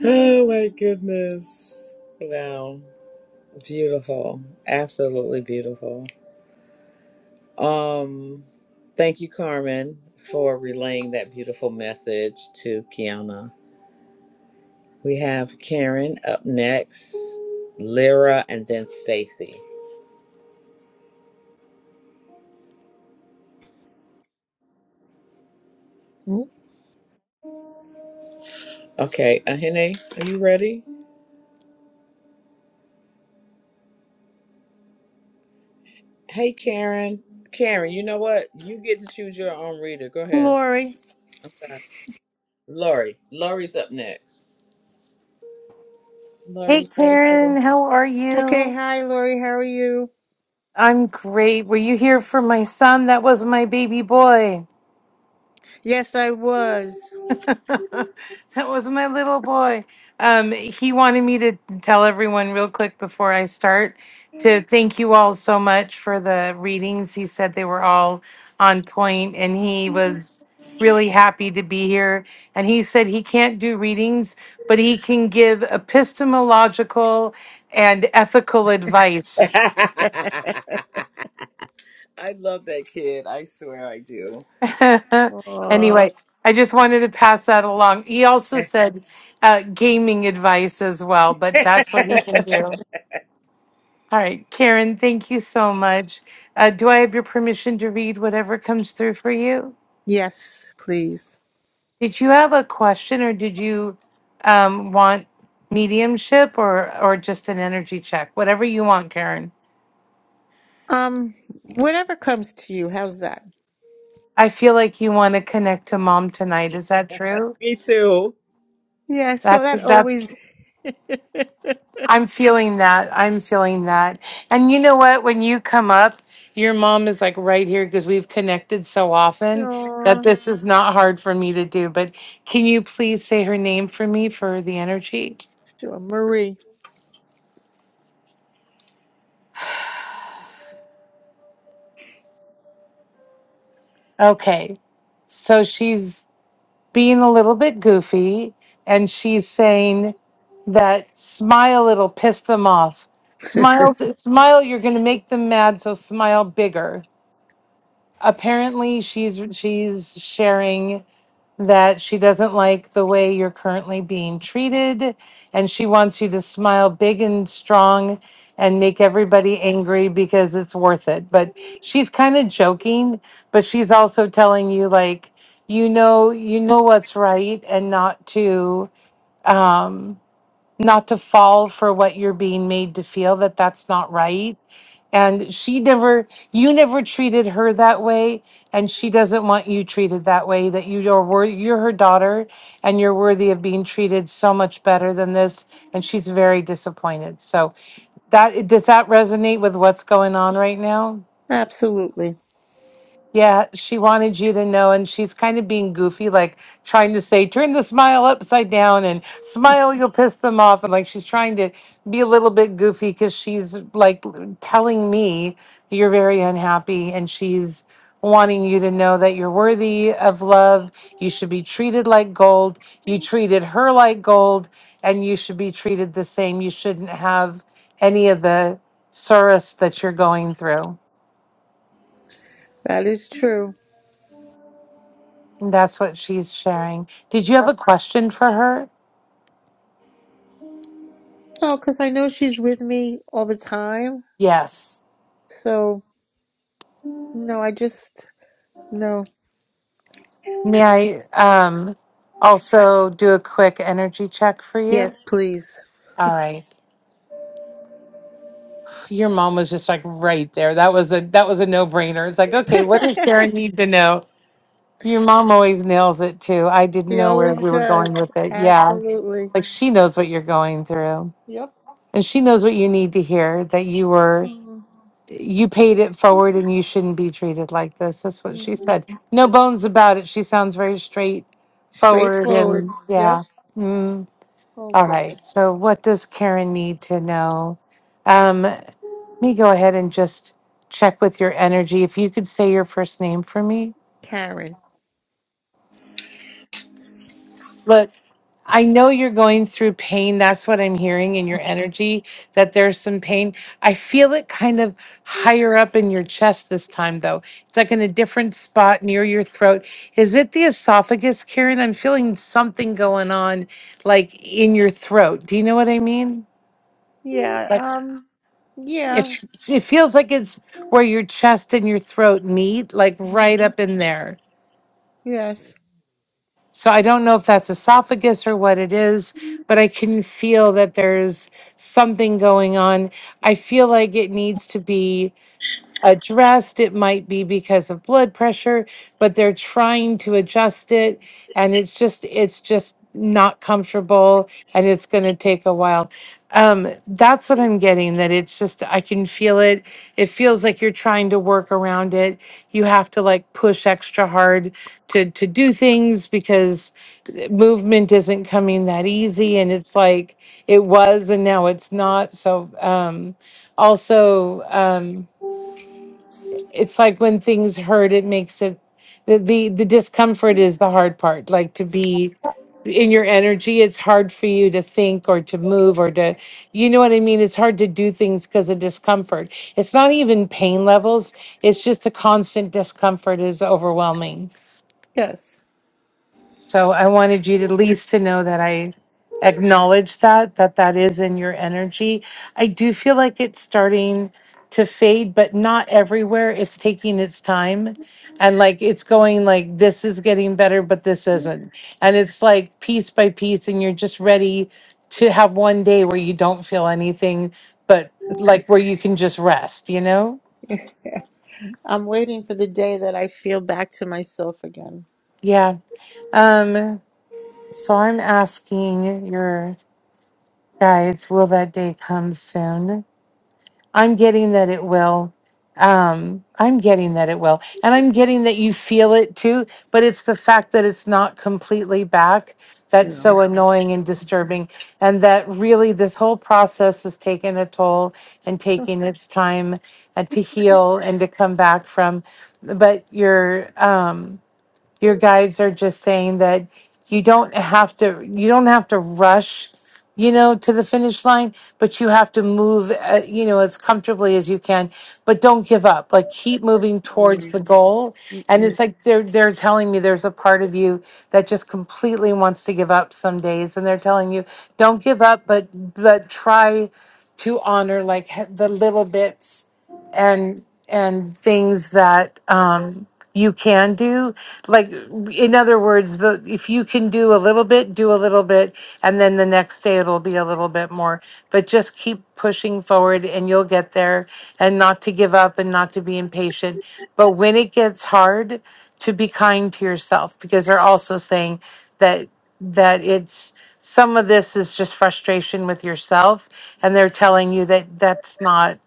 Speaker 1: Oh my goodness. Wow. Beautiful. Absolutely beautiful. Um thank you, Carmen, for relaying that beautiful message to Kiana. We have Karen up next, Lyra, and then Stacy. Okay, Ahene, are you ready? Hey Karen. Karen, you know what? You get to choose your own reader. Go ahead.
Speaker 7: Lori.
Speaker 1: I'm sorry. Lori, Lori's up next.
Speaker 3: Hey,
Speaker 1: Lori, you ready, baby?
Speaker 3: Karen, how are
Speaker 7: Okay,
Speaker 3: you?
Speaker 7: hi Lori, how are you?
Speaker 3: I'm great. Were you here for my son? That was my baby boy.
Speaker 7: Yes, I was.
Speaker 3: *laughs* That was my little boy. Um, he wanted me to tell everyone real quick before I start to thank you all so much for the readings. He said they were all on point and he was really happy to be here. And he said he can't do readings, but he can give epistemological and ethical advice.
Speaker 1: *laughs* I love that kid. I swear I do.
Speaker 3: *laughs*
Speaker 7: Uh,
Speaker 3: anyway, I just wanted to pass that along. He also said uh, gaming advice as well, but that's what he can do. All right, Karen, thank you so much. Uh, do I have your permission to read whatever comes through for you?
Speaker 7: yes, please.
Speaker 3: Did you have a question or did you um, want mediumship or, or just an energy check? Whatever you want, Karen.
Speaker 7: Um, whatever comes to you, how's that?
Speaker 3: I feel like you want to connect to mom tonight. Is that true?
Speaker 1: Me too.
Speaker 7: Yeah, so
Speaker 3: That's
Speaker 7: that always
Speaker 3: that's
Speaker 7: *laughs*
Speaker 3: I'm feeling that. I'm feeling that. And you know what? When you come up, your mom is like right here because we've connected so often that
Speaker 7: Aw,
Speaker 3: this is not hard for me to do. But can you please say her name for me for the energy?
Speaker 7: sure, Marie.
Speaker 3: Okay. So she's being a little bit goofy and she's saying that smile, it'll piss them off. Smile, smile, you're going to make them mad. So smile bigger. Apparently, she's she's sharing that she doesn't like the way you're currently being treated, and she wants you to smile big and strong and make everybody angry because it's worth it. But she's kind of joking, but she's also telling you like you know you know what's right and not to. Um, not to fall for what you're being made to feel that that's not right. And she never, you never treated her that way, and she doesn't want you treated that way. That you are worthy, you're her daughter, and you're worthy of being treated so much better than this. And she's very disappointed. So, that does that resonate with what's going on right now?
Speaker 7: *laughs* Absolutely.
Speaker 3: Yeah, she wanted you to know, and she's kind of being goofy, like trying to say, turn the smile upside down and smile, you'll piss them off. And like she's trying to be a little bit goofy because she's like telling me you're very unhappy and she's wanting you to know that you're worthy of love. You should be treated like gold. You treated her like gold, and you should be treated the same. You shouldn't have any of the sorrows that you're going through.
Speaker 7: That is true.
Speaker 3: That's what she's sharing. Did you have a question for her?
Speaker 7: Oh, because I know she's with me all the time.
Speaker 3: Yes.
Speaker 7: So, no, I just, no.
Speaker 3: May I um, also do a quick energy check for you?
Speaker 7: Yes, please.
Speaker 3: All right. Your mom was just like right there. That was a that was a no brainer. It's like,
Speaker 7: *laughs*
Speaker 3: okay, what does
Speaker 7: she
Speaker 3: Karen need to know? Your mom always nails it too. I didn't know where
Speaker 7: always
Speaker 3: we were
Speaker 7: does.
Speaker 3: going with it. Yeah.
Speaker 7: Absolutely.
Speaker 3: Like she knows what you're going through.
Speaker 7: Yep.
Speaker 3: And she knows what you need to hear that you were
Speaker 7: Mhm.
Speaker 3: you paid it forward and you shouldn't be treated like this. That's what she said. No bones about it. She sounds very straightforward
Speaker 7: Straightforward.
Speaker 3: and
Speaker 7: Yep.
Speaker 3: yeah. Mm.
Speaker 7: Oh
Speaker 3: All
Speaker 7: God.
Speaker 3: right. So what does Karen need to know? Um, let me go ahead and just check with your energy. If you could say your first name for me.
Speaker 7: Karen.
Speaker 3: Look, I know you're going through pain. That's what I'm hearing in your energy, that there's some pain. I feel it kind of higher up in your chest this time, though. It's like in a different spot near your throat. Is it the esophagus, Karen? I'm feeling something going on, like in your throat. Do you know what I mean?
Speaker 7: Yeah.
Speaker 3: Like
Speaker 7: Um.
Speaker 3: it,
Speaker 7: Yeah.
Speaker 3: it feels like it's where your chest and your throat meet, like right
Speaker 7: Mhm.
Speaker 3: up in there.
Speaker 7: Yes.
Speaker 3: So I don't know if that's esophagus or what it is, but I can feel that there's something going on. I feel like it needs to be addressed. It might be because of blood pressure, but they're trying to adjust it and it's just it's just not comfortable and it's going to take a while. Um that's what I'm getting that it's just I can feel it. It feels like you're trying to work around it. You have to like push extra hard to to do things because eh, movement isn't coming that easy and it's like it was and now it's not. So um also um it's like when things hurt it makes it the, the the discomfort is the hard part like to be in your energy it's hard for you to think or to move or to you know what i mean it's hard to do things because of discomfort it's not even pain levels it's just the constant discomfort is overwhelming
Speaker 7: Yes.
Speaker 3: so I wanted you to at least to know that I acknowledge that, that that is in your energy. I do feel like it's starting to fade, but not everywhere. It's taking its time. And like it's going like this is getting better, but this isn't. And it's like piece by piece, and you're just ready to have one day where you don't feel anything, but like where you can just rest, you know?
Speaker 7: I'm waiting for the day that I feel back to myself again.
Speaker 3: Yeah. Um, so I'm asking your Guys, will that day come soon? I'm getting that it will. Um, I'm getting that it will. And I'm getting that you feel it too, but it's the fact that it's not completely back that's so
Speaker 7: No.
Speaker 3: annoying and disturbing. And that really this whole process is taking a toll and taking its time uh, to heal and to come back from. But you're. um, your guides are just saying that you don't have to you don't have to rush you know to the finish line but you have to move uh, you know as comfortably as you can but don't give up like keep moving
Speaker 7: Oh
Speaker 3: towards the
Speaker 7: no.
Speaker 3: goal and it's
Speaker 7: Mm-mm.
Speaker 3: like they're they're telling me there's a part of you that just completely wants to give up some days and they're telling you don't give up but but try to honor like he- the little bits and and things that um, you can do. Like in other words, the if you can do a little bit, do a little bit, and then the next day it'll be a little bit more. But just keep pushing forward, and you'll get there. And not to give up, and not to be impatient. But when it gets hard, to be kind to yourself, because they're also saying that that it's some of this is just frustration with yourself and they're telling you that that's not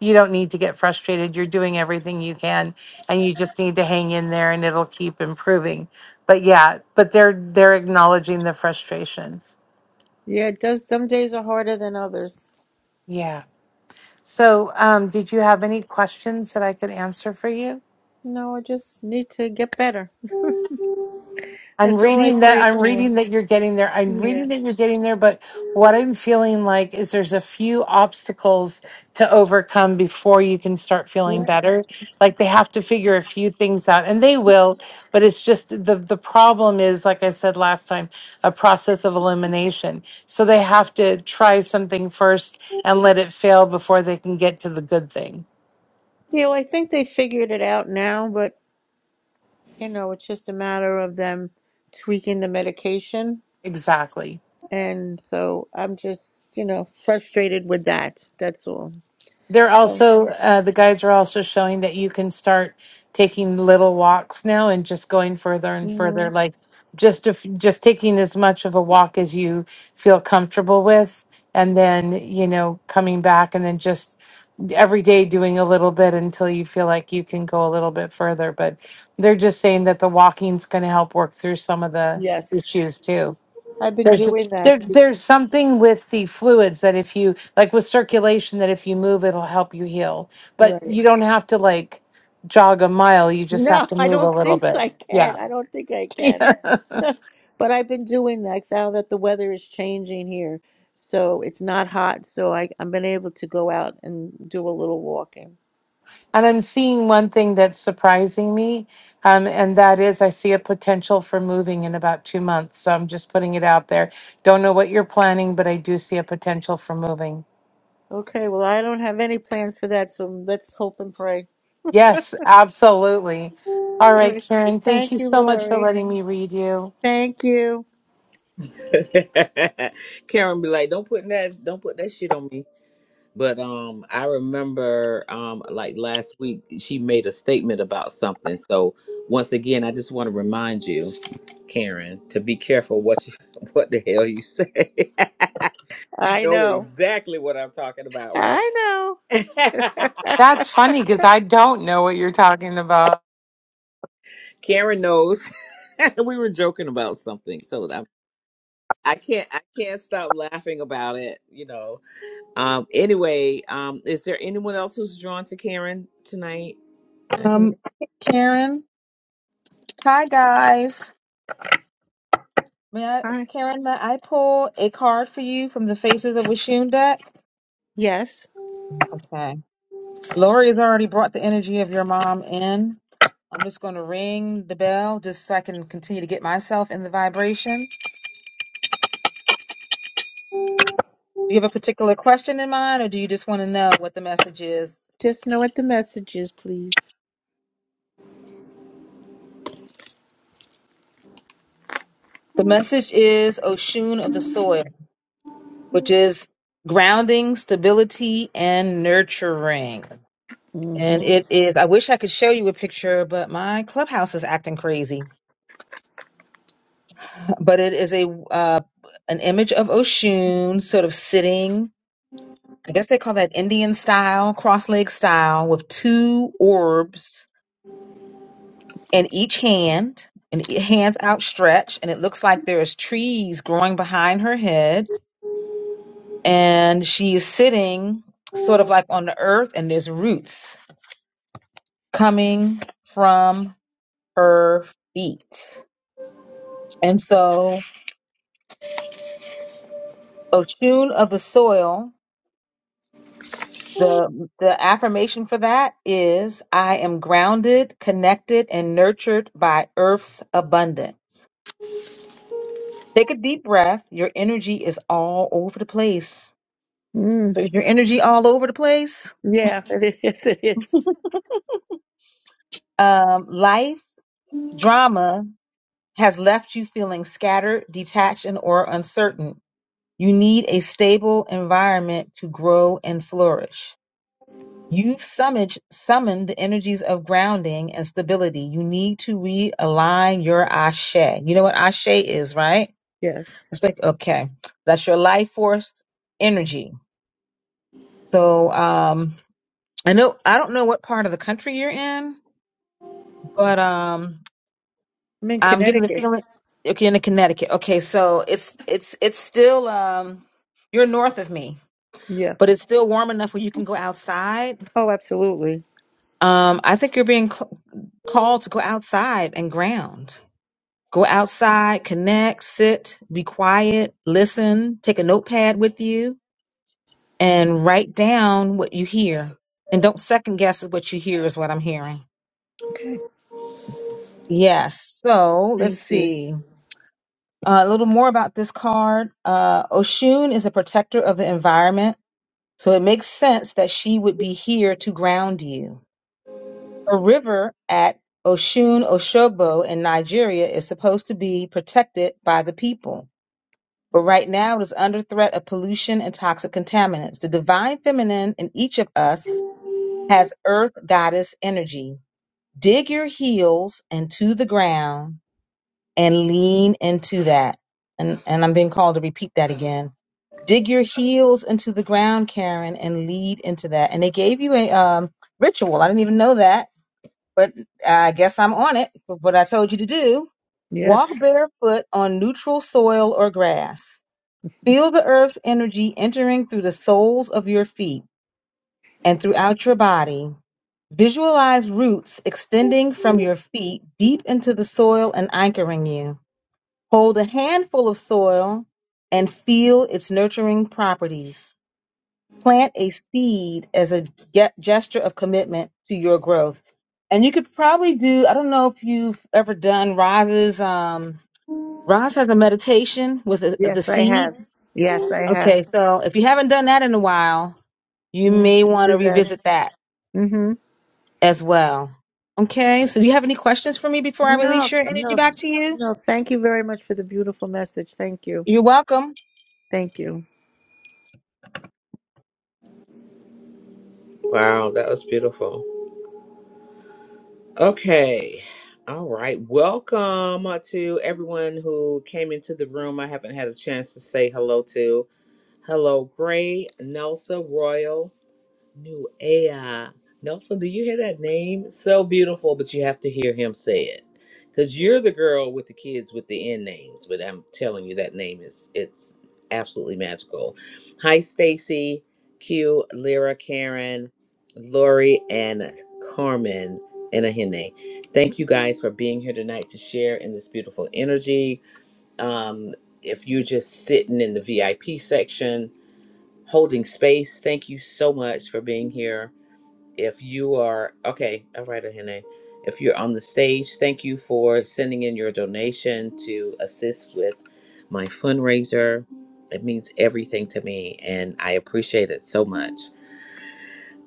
Speaker 3: you don't need to get frustrated. You're doing everything you can and you just need to hang in there and it'll keep improving. But yeah, but they're they're acknowledging the frustration.
Speaker 7: Yeah. It does. Some days are harder than others.
Speaker 3: Yeah. So, um did you have any questions that I could answer for you?
Speaker 7: No. I just need to get better.
Speaker 3: I'm
Speaker 7: That's all I
Speaker 3: reading that
Speaker 7: pray
Speaker 3: I'm
Speaker 7: for.
Speaker 3: reading that you're getting there. I'm
Speaker 7: Yeah.
Speaker 3: reading that you're getting there, but what I'm feeling like is there's a few obstacles to overcome before you can start feeling
Speaker 7: Yeah.
Speaker 3: better. Like they have to figure a few things out and they will, but it's just the the problem is like I said last time, a process of elimination. So they have to try something first and let it fail before they can get to the good thing.
Speaker 7: You know, I think they figured it out now, but you know, it's just a matter of them tweaking the medication.
Speaker 3: Exactly.
Speaker 7: And so I'm just, you know, frustrated with that. That's all.
Speaker 3: They're
Speaker 7: So,
Speaker 3: also uh, the guides are also showing that you can start taking little walks now and just going further and further,
Speaker 7: mhm.
Speaker 3: like just if, just taking as much of a walk as you feel comfortable with, and then you know coming back and then just every day doing a little bit until you feel like you can go a little bit further. But they're just saying that the walking's going to help work through some of the
Speaker 7: yes,
Speaker 3: issues too.
Speaker 7: I've been
Speaker 3: There's
Speaker 7: doing that.
Speaker 3: there
Speaker 7: *laughs*
Speaker 3: there's something with the fluids that if you like with circulation that if you move it'll help you heal. But
Speaker 7: Right.
Speaker 3: you don't have to like jog a mile, you just have
Speaker 7: No,
Speaker 3: to
Speaker 7: I
Speaker 3: move a
Speaker 7: don't
Speaker 3: little
Speaker 7: think so. I
Speaker 3: bit.
Speaker 7: can.
Speaker 3: Yeah.
Speaker 7: I don't think I
Speaker 3: *laughs*
Speaker 7: can.
Speaker 3: Yeah.
Speaker 7: *laughs* But I've been doing that now that the weather is changing here. So it's not hot. So I, I've been able to go out and do a little walking.
Speaker 3: And I'm seeing one thing that's surprising me, um, and that is I see a potential for moving in about two months. So I'm just putting it out there. Don't know what you're planning, but I do see a potential for moving.
Speaker 7: Okay. Well, I don't have any plans for that. So let's hope and pray.
Speaker 3: Yes, absolutely. All
Speaker 7: All
Speaker 3: right,
Speaker 7: right.
Speaker 3: Karen, thank
Speaker 7: Thank
Speaker 3: you
Speaker 7: you,
Speaker 3: so much for
Speaker 7: Lori.
Speaker 3: letting me read you.
Speaker 7: Thank you.
Speaker 1: *laughs* Karen be like, don't put that don't put that shit on me. But um I remember um like last week she made a statement about something. So once again I just want to remind you, Karen, to be careful what you *laughs* what the hell you say. *laughs* you
Speaker 7: I
Speaker 1: know
Speaker 7: know.
Speaker 1: exactly what I'm talking about, right?
Speaker 7: I know.
Speaker 1: *laughs*
Speaker 3: That's funny because I don't know what you're talking about.
Speaker 1: Karen knows *laughs* we were joking about something, so I, I can't I can't stop laughing about it. You know. Um. Anyway, um. Is there anyone else who's drawn to Karen tonight?
Speaker 5: Um, Karen. Hi guys. May I,
Speaker 7: Hi.
Speaker 5: Karen? May I pull a card for you from the Faces of Wishun deck?
Speaker 7: Yes.
Speaker 5: Okay. Lori has already brought the energy of your mom in. I'm just going to ring the bell just so I can continue to get myself in the vibration. Do you have a particular question in mind, or do you just want to know what the message is?
Speaker 7: Just know what the message is, please.
Speaker 5: The message is Oshun of the soil. which is grounding, stability, and nurturing. And
Speaker 7: Mm-hmm.
Speaker 5: it is, I wish I could show you a picture, but my clubhouse is acting crazy. *laughs* But it is a uh, an image of Oshun sort of sitting, I guess they call that Indian style, cross leg style, with two orbs in each hand and e- hands outstretched. And it looks like there's trees growing behind her head. And she is sitting sort of like on the earth and there's roots coming from her feet. And so, Oshun of the soil, the, the affirmation for that is I am grounded, connected, and nurtured by Earth's abundance. Take a deep breath. Your energy is all over the place.
Speaker 7: Mm.
Speaker 5: So, is your energy all over the place?
Speaker 7: Yeah, it is. *laughs* Yes, It is.
Speaker 5: Um, life drama has left you feeling scattered, detached, and or uncertain. You need a stable environment to grow and flourish. You summage, summon the energies of grounding and stability. You need to realign your ashe. You know what ashe is, right?
Speaker 7: Yes.
Speaker 5: It's like, okay, that's your life force energy. So, um, I know, I don't know what part of the country you're in, but, um,
Speaker 7: I'm in
Speaker 5: I'm getting the
Speaker 7: Connecticut.
Speaker 5: feeling, okay, you're in Connecticut. Okay. So it's, it's, it's still, um, you're north of me,
Speaker 7: Yeah.
Speaker 5: but it's still warm enough where you can go outside
Speaker 7: Oh, absolutely.
Speaker 5: Um, I think you're being cl- called to go outside and ground. Go outside, connect, sit, be quiet, listen, take a notepad with you, and write down what you hear. And don't second guess what you hear, is what I'm hearing.
Speaker 7: Okay.
Speaker 5: Yes. So let's
Speaker 7: Thank you.
Speaker 5: see. Uh, a little more about this card. Uh, Oshun is a protector of the environment. So it makes sense that she would be here to ground you. A river at Osun Oshogbo in Nigeria is supposed to be protected by the people, but right now it is under threat of pollution and toxic contaminants. The divine feminine in each of us has earth goddess energy. Dig your heels into the ground and lean into that. And, and I'm being called to repeat that again. Dig your heels into the ground, Karen, and lead into that. And they gave you a um, ritual. I didn't even know that but I guess I'm on it for what I told you to do.
Speaker 7: Yes.
Speaker 5: Walk barefoot on neutral soil or grass.
Speaker 7: *laughs*
Speaker 5: Feel the earth's energy entering through the soles of your feet and throughout your body. Visualize roots extending from your feet deep into the soil and anchoring you. Hold a handful of soil and feel its nurturing properties plant a seed as a ge- gesture of commitment to your growth. And you could probably do, I don't know if you've ever done Roz's, um, Roz has a meditation with the the
Speaker 7: Yes, I
Speaker 5: seed.
Speaker 7: have. Yes, I have.
Speaker 5: Okay, so if you haven't done that in a while, you may
Speaker 7: Yes,
Speaker 5: want
Speaker 7: do
Speaker 5: to
Speaker 7: that.
Speaker 5: revisit that
Speaker 7: Mm-hmm.
Speaker 5: as well. Okay, so do you have any questions for me before I release
Speaker 7: No,
Speaker 5: your energy
Speaker 7: no,
Speaker 5: back to you?
Speaker 7: no. Thank you very much for the beautiful message. Thank you.
Speaker 5: You're welcome.
Speaker 7: Thank you.
Speaker 1: Wow, that was beautiful. Okay. All right. Welcome uh, to everyone who came into the room. I haven't had a chance to say hello to. Hello, Gray, Nelsa, Royal. New AI. Nelson, do you hear that name? So beautiful, but you have to hear him say it. Because you're the girl with the kids with the end names, but I'm telling you that name is it's absolutely magical. Hi, Stacy, Q, Lyra, Karen, Lori, and Carmen and Ahene. Thank you guys for being here tonight to share in this beautiful energy. Um, if you're just sitting in the VIP section, holding space, thank you so much for being here if you are okay all right Ahene. if you're on the stage thank you for sending in your donation to assist with my fundraiser it means everything to me and i appreciate it so much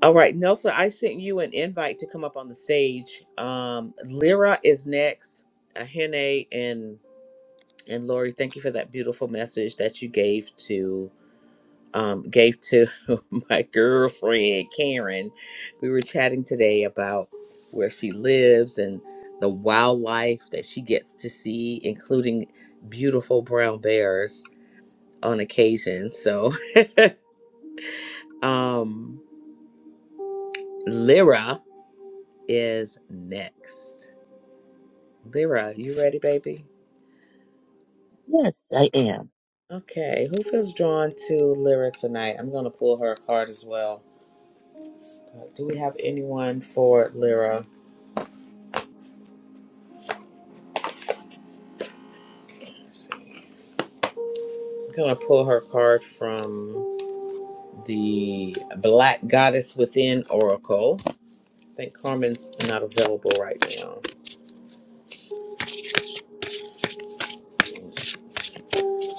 Speaker 1: all right nelson i sent you an invite to come up on the stage um lyra is next Ahene and and lori thank you for that beautiful message that you gave to um, gave to *laughs* my girlfriend Karen. We were chatting today about where she lives and the wildlife that she gets to see, including beautiful brown bears on occasion. So, *laughs* um, Lyra is next. Lyra, you ready, baby?
Speaker 8: Yes, I am.
Speaker 1: Okay, who feels drawn to Lyra tonight? I'm gonna pull her card as well. Uh, do we have anyone for Lyra? Let's see. I'm gonna pull her card from the Black Goddess Within Oracle. I think Carmen's not available right now.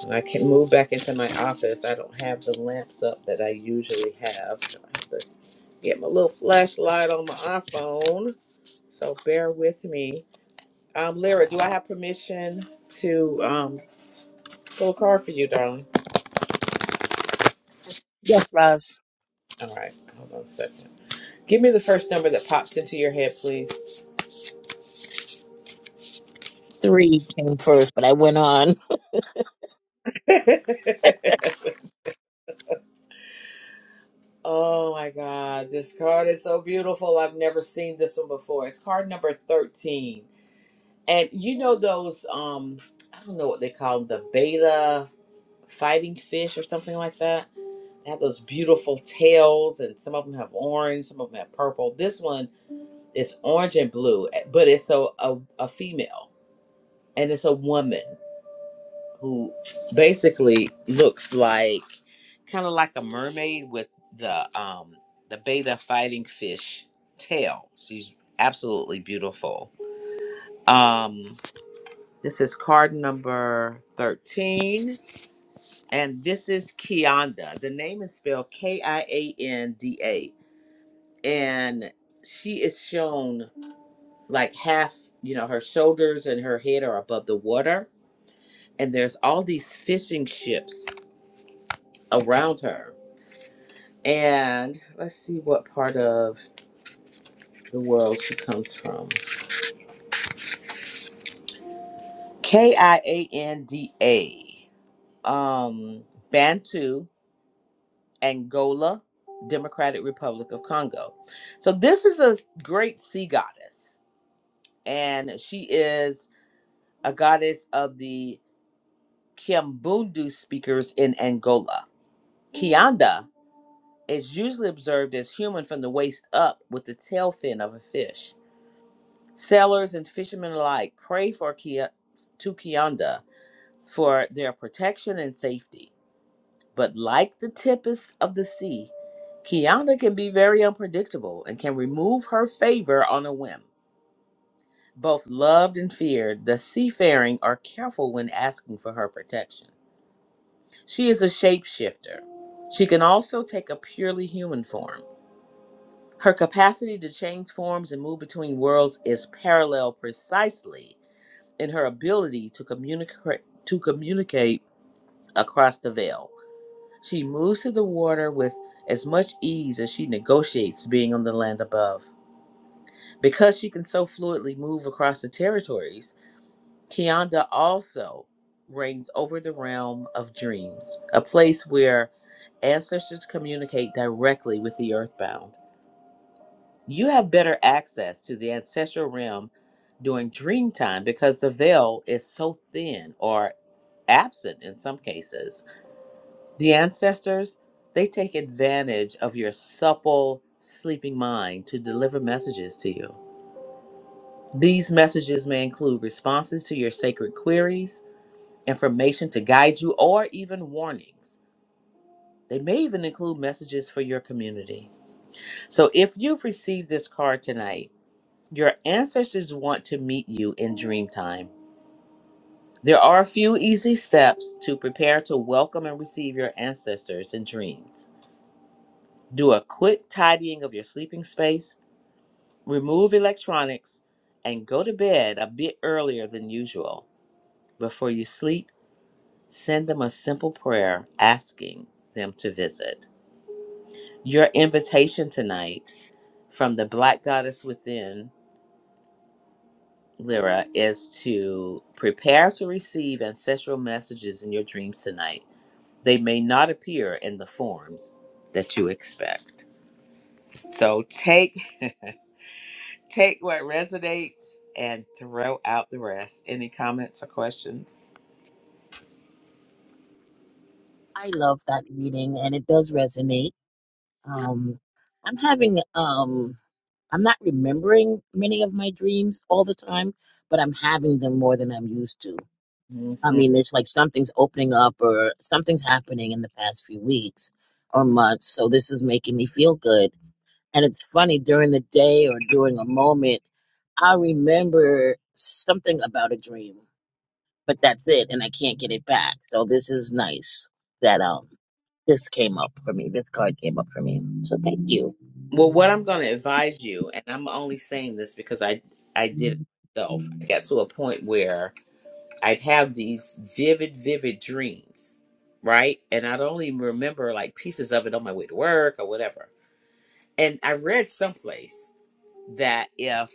Speaker 1: And I can move back into my office. I don't have the lamps up that I usually have. So I have to get my little flashlight on my iPhone. So bear with me. Um, Lyra, do I have permission to um, pull a card for you, darling?
Speaker 8: Yes, yes, Roz.
Speaker 1: All right, hold on a second. Give me the first number that pops into your head, please.
Speaker 8: Three came first, but I went on.
Speaker 1: *laughs* Oh my God, this card is so beautiful. I've never seen this one before. It's card number 13. And you know those um I don't know what they call them, the beta fighting fish or something like that. They have those beautiful tails and some of them have orange, some of them have purple. This one is orange and blue, eh, but it's a a, a female and it's a woman who basically looks like kind of like a mermaid with the um the beta fighting fish tail. She's absolutely beautiful. Um this is card number 13 and this is Kianda. The name is spelled K I A N D A and she is shown like half, you know, her shoulders and her head are above the water and there's all these fishing ships around her And let's see what part of the world she comes from. K I A N D A. Um, Bantu, Angola, Democratic Republic of Congo. So this is a great sea goddess, and she is a goddess of the Kiambundu speakers in Angola. Kianda is usually observed as human from the waist up with the tail fin of a fish. Sailors and fishermen alike pray for Kia, to Kianda for their protection and safety. But like the tempest of the sea, Kianda can be very unpredictable and can remove her favor on a whim. Both loved and feared, the seafaring are careful when asking for her protection. She is a shapeshifter. She can also take a purely human form. Her capacity to change forms and move between worlds is parallel precisely in her ability to communicate to communicate across the veil. She moves through the water with as much ease as she negotiates being on the land above. Because she can so fluidly move across the territories, Kianda also reigns over the realm of dreams, a place where ancestors communicate directly with the earthbound. You have better access to the ancestral realm during dream time because the veil is so thin or absent in some cases. The ancestors, they take advantage of your supple sleeping mind to deliver messages to you. These messages may include responses to your sacred queries, information to guide you, or even warnings. They may even include messages for your community. So if you've received this card tonight, Your ancestors want to meet you in dream time. There are a few easy steps to prepare to welcome and receive your ancestors in dreams. Do a quick tidying of your sleeping space, remove electronics, and go to bed a bit earlier than usual. Before you sleep, send them a simple prayer asking them to visit. Your invitation tonight from the Black Goddess Within Lyra, is to prepare to receive ancestral messages in your dreams tonight. They may not appear in the forms that you expect. So take take what resonates and throw out the rest. Any comments or questions?
Speaker 8: I love that reading and it does resonate. Um, I'm having, um, I'm not remembering many of my dreams all the time, but I'm having them more than I'm used to. I
Speaker 1: hmm
Speaker 8: mean, it's like something's opening up or something's happening in the past few weeks or months. So this is making me feel good. And it's funny during the day or during a moment, I remember something about a dream. but that's it, and I can't get it back. So this is nice that um this came up for me. This card came up for me. So thank you.
Speaker 1: Well, what I'm going to advise you, and I'm only saying this because I I did it myself. I got to a point where I'd have these vivid, vivid dreams, right? And I'd only remember like pieces of it on my way to work or whatever. And I read someplace that if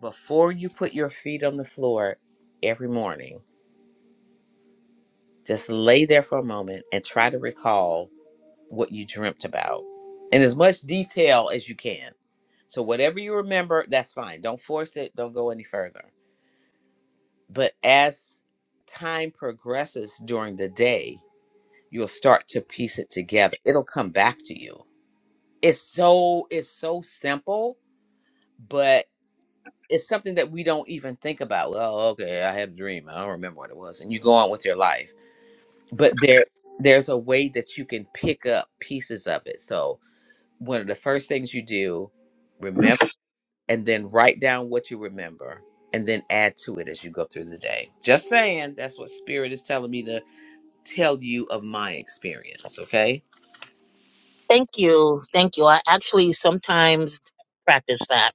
Speaker 1: before you put your feet on the floor every morning, just lay there for a moment and try to recall what you dreamt about in as much detail as you can. So, whatever you remember, that's fine. Don't force it, don't go any further. But as time progresses during the day, you'll start to piece it together. It'll come back to you. It's so it's so simple, but it's something that we don't even think about. Well, okay, I had a dream. I don't remember what it was, and you go on with your life. But there there's a way that you can pick up pieces of it. So one of the first things you do, remember, and then write down what you remember, and then add to it as you go through the day. Just saying, that's what Spirit is telling me to tell you of my experience. Okay.
Speaker 8: Thank you. Thank you. I actually sometimes practice that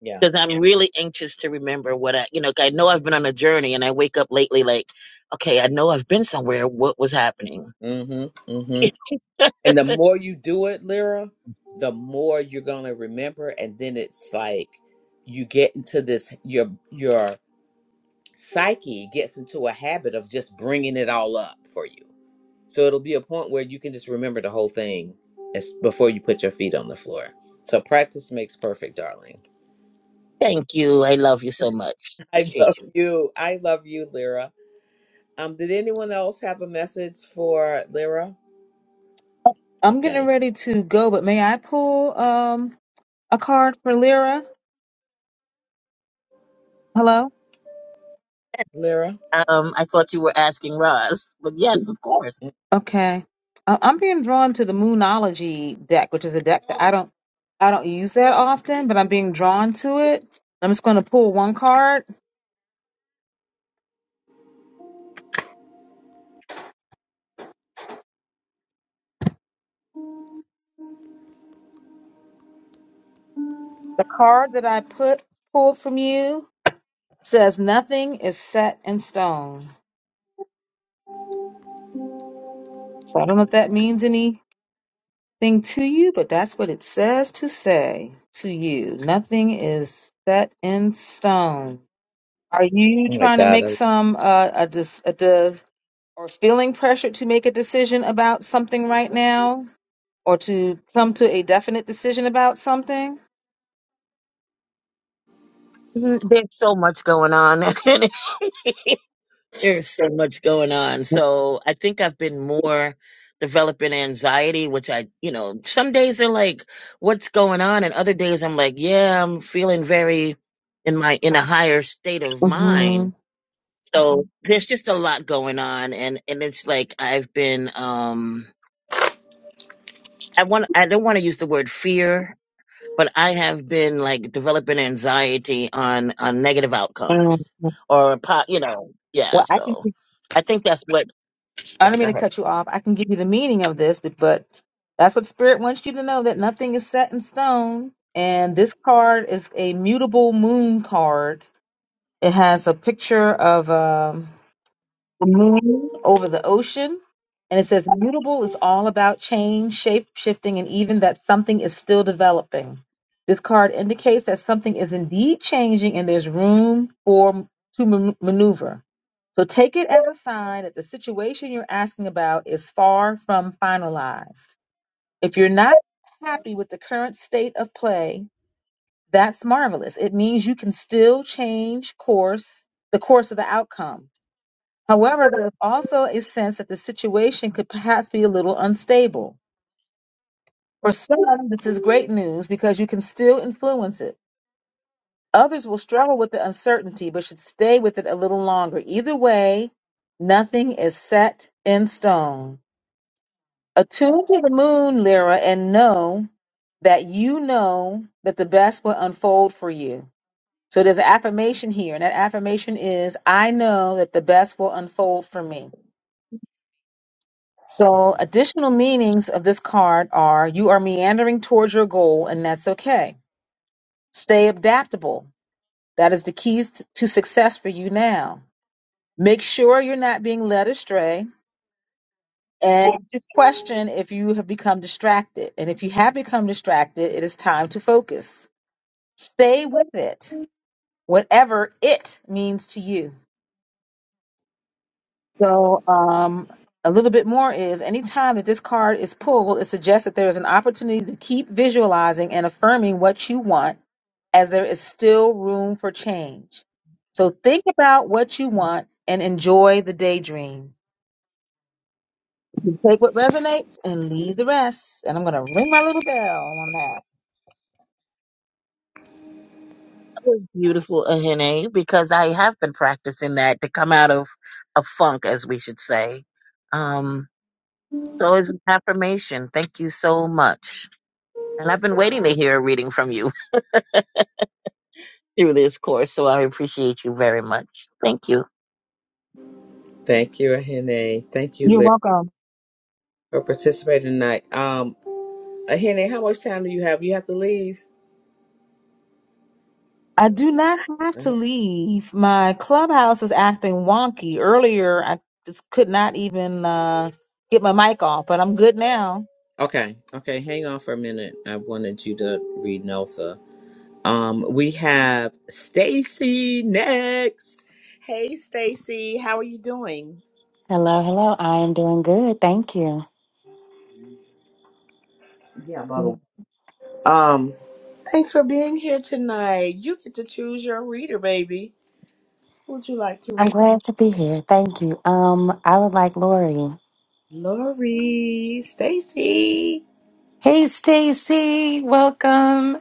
Speaker 1: Yeah.
Speaker 8: because I'm really anxious to remember what I, you know, 'cause I know I've been on a journey and I wake up lately like, okay, I know I've been somewhere. What was happening?
Speaker 1: Mm-hmm. Mm-hmm.
Speaker 8: *laughs*
Speaker 1: And the more you do it, Lyra, the more you're gonna remember. And then it's like you get into this your your psyche gets into a habit of just bringing it all up for you. So it'll be a point where you can just remember the whole thing as before you put your feet on the floor. So practice makes perfect, darling.
Speaker 8: Thank you. I love you so much.
Speaker 1: *laughs* I love
Speaker 8: Appreciate you.
Speaker 1: you. I love you, Lyra. Um, did anyone else have a message for Lyra?
Speaker 5: I'm getting
Speaker 1: Okay,
Speaker 5: ready to go, but may I pull um a card for Lyra? Hello?
Speaker 1: Lyra.
Speaker 8: Um, I thought you were asking Roz, but yes, of course.
Speaker 1: Oh
Speaker 5: Okay. I- I'm being drawn to the Moonology deck, which is a deck that I don't I don't use that often, but I'm being drawn to it. I'm just going to pull one card. The card that I put pulled from you says nothing is set in stone. So I don't know if that means anything to you, but that's what it says to say to you. Nothing is set in stone. Are you
Speaker 1: my
Speaker 5: trying to
Speaker 1: God,
Speaker 5: make some uh, a dis- a de- or feeling pressure to make a decision about something right now, or to come to a definite decision about something?
Speaker 8: Mm, There's so much going on. *laughs* There's so much going on. So I think I've been more developing anxiety, which I, you know, some days are like, what's going on? And other days I'm like, yeah, I'm feeling very in my, in a higher state of
Speaker 5: Mm-hmm.
Speaker 8: mind. So there's just a lot going on. And, and it's like, I've been, um, I want, I don't want to use the word fear, but I have been like developing anxiety on, on negative outcomes
Speaker 5: Well,
Speaker 8: or, po- you know, yeah.
Speaker 5: I can.
Speaker 8: So I think that's what,
Speaker 5: I
Speaker 8: yeah,
Speaker 5: don't
Speaker 8: go
Speaker 5: mean
Speaker 8: ahead.
Speaker 5: to cut you off. I can give you the meaning of this, but, but that's what spirit wants you to know that nothing is set in stone. And this card is a mutable moon card. It has a picture of um, the moon over the ocean. And it says mutable is all about change, shape shifting, and even that something is still developing. This card indicates that something is indeed changing and there's room for to man- maneuver. So take it as a sign that the situation you're asking about is far from finalized. If you're not happy with the current state of play, that's marvelous. It means you can still change course, the course of the outcome. However, there is also a sense that the situation could perhaps be a little unstable. For some, this is great news because you can still influence it. Others will struggle with the uncertainty but should stay with it a little longer. Either way, nothing is set in stone. Attune to the moon, Lyra, and know that you know that the best will unfold for you. So there's an affirmation here, and that affirmation is I know that the best will unfold for me. So, additional meanings of this card are you are meandering towards your goal, and that's okay. Stay adaptable. That is the keys to success for you now. Make sure you're not being led astray and just question if you have become distracted. And if you have become distracted, it is time to focus. Stay with it, whatever it means to you. So, um, a little bit more is any time that this card is pulled, it suggests that there is an opportunity to keep visualizing and affirming what you want as there is still room for change. So, think about what you want and enjoy the daydream. You Take what resonates and leave the rest. And I'm going to ring my little bell on that.
Speaker 8: was Beautiful, Ahene, because I have been practicing that to come out of a funk, as we should say. Um, so it's an affirmation. Thank you so much. And I've been waiting to hear a reading from you *laughs* through this course, so I appreciate you very much. Thank you.
Speaker 1: Thank you, Ahene. Thank you,
Speaker 5: You're
Speaker 1: Larry,
Speaker 5: welcome.
Speaker 1: for participating tonight. Um, Ahene, how much time do you have? You have to leave.
Speaker 5: I do not have to
Speaker 1: Ahene-
Speaker 5: leave. My clubhouse is acting wonky. Earlier, I just could not even uh, get my mic off, but I'm good now.
Speaker 1: Okay, okay, hang on for a minute. I wanted you to read Nelsa. Um, we have Stacy next. Hey, Stacy, how are you doing?
Speaker 9: Hello, hello. I am doing good. Thank you.
Speaker 1: Yeah, by the way. Um, thanks for being here tonight. You get to choose your reader, baby. Who would you like to
Speaker 9: I'm
Speaker 1: read?
Speaker 9: glad to be here. Thank you. Um, I would like Lori.
Speaker 1: Lori, Stacy.
Speaker 3: Hey, Stacy, welcome.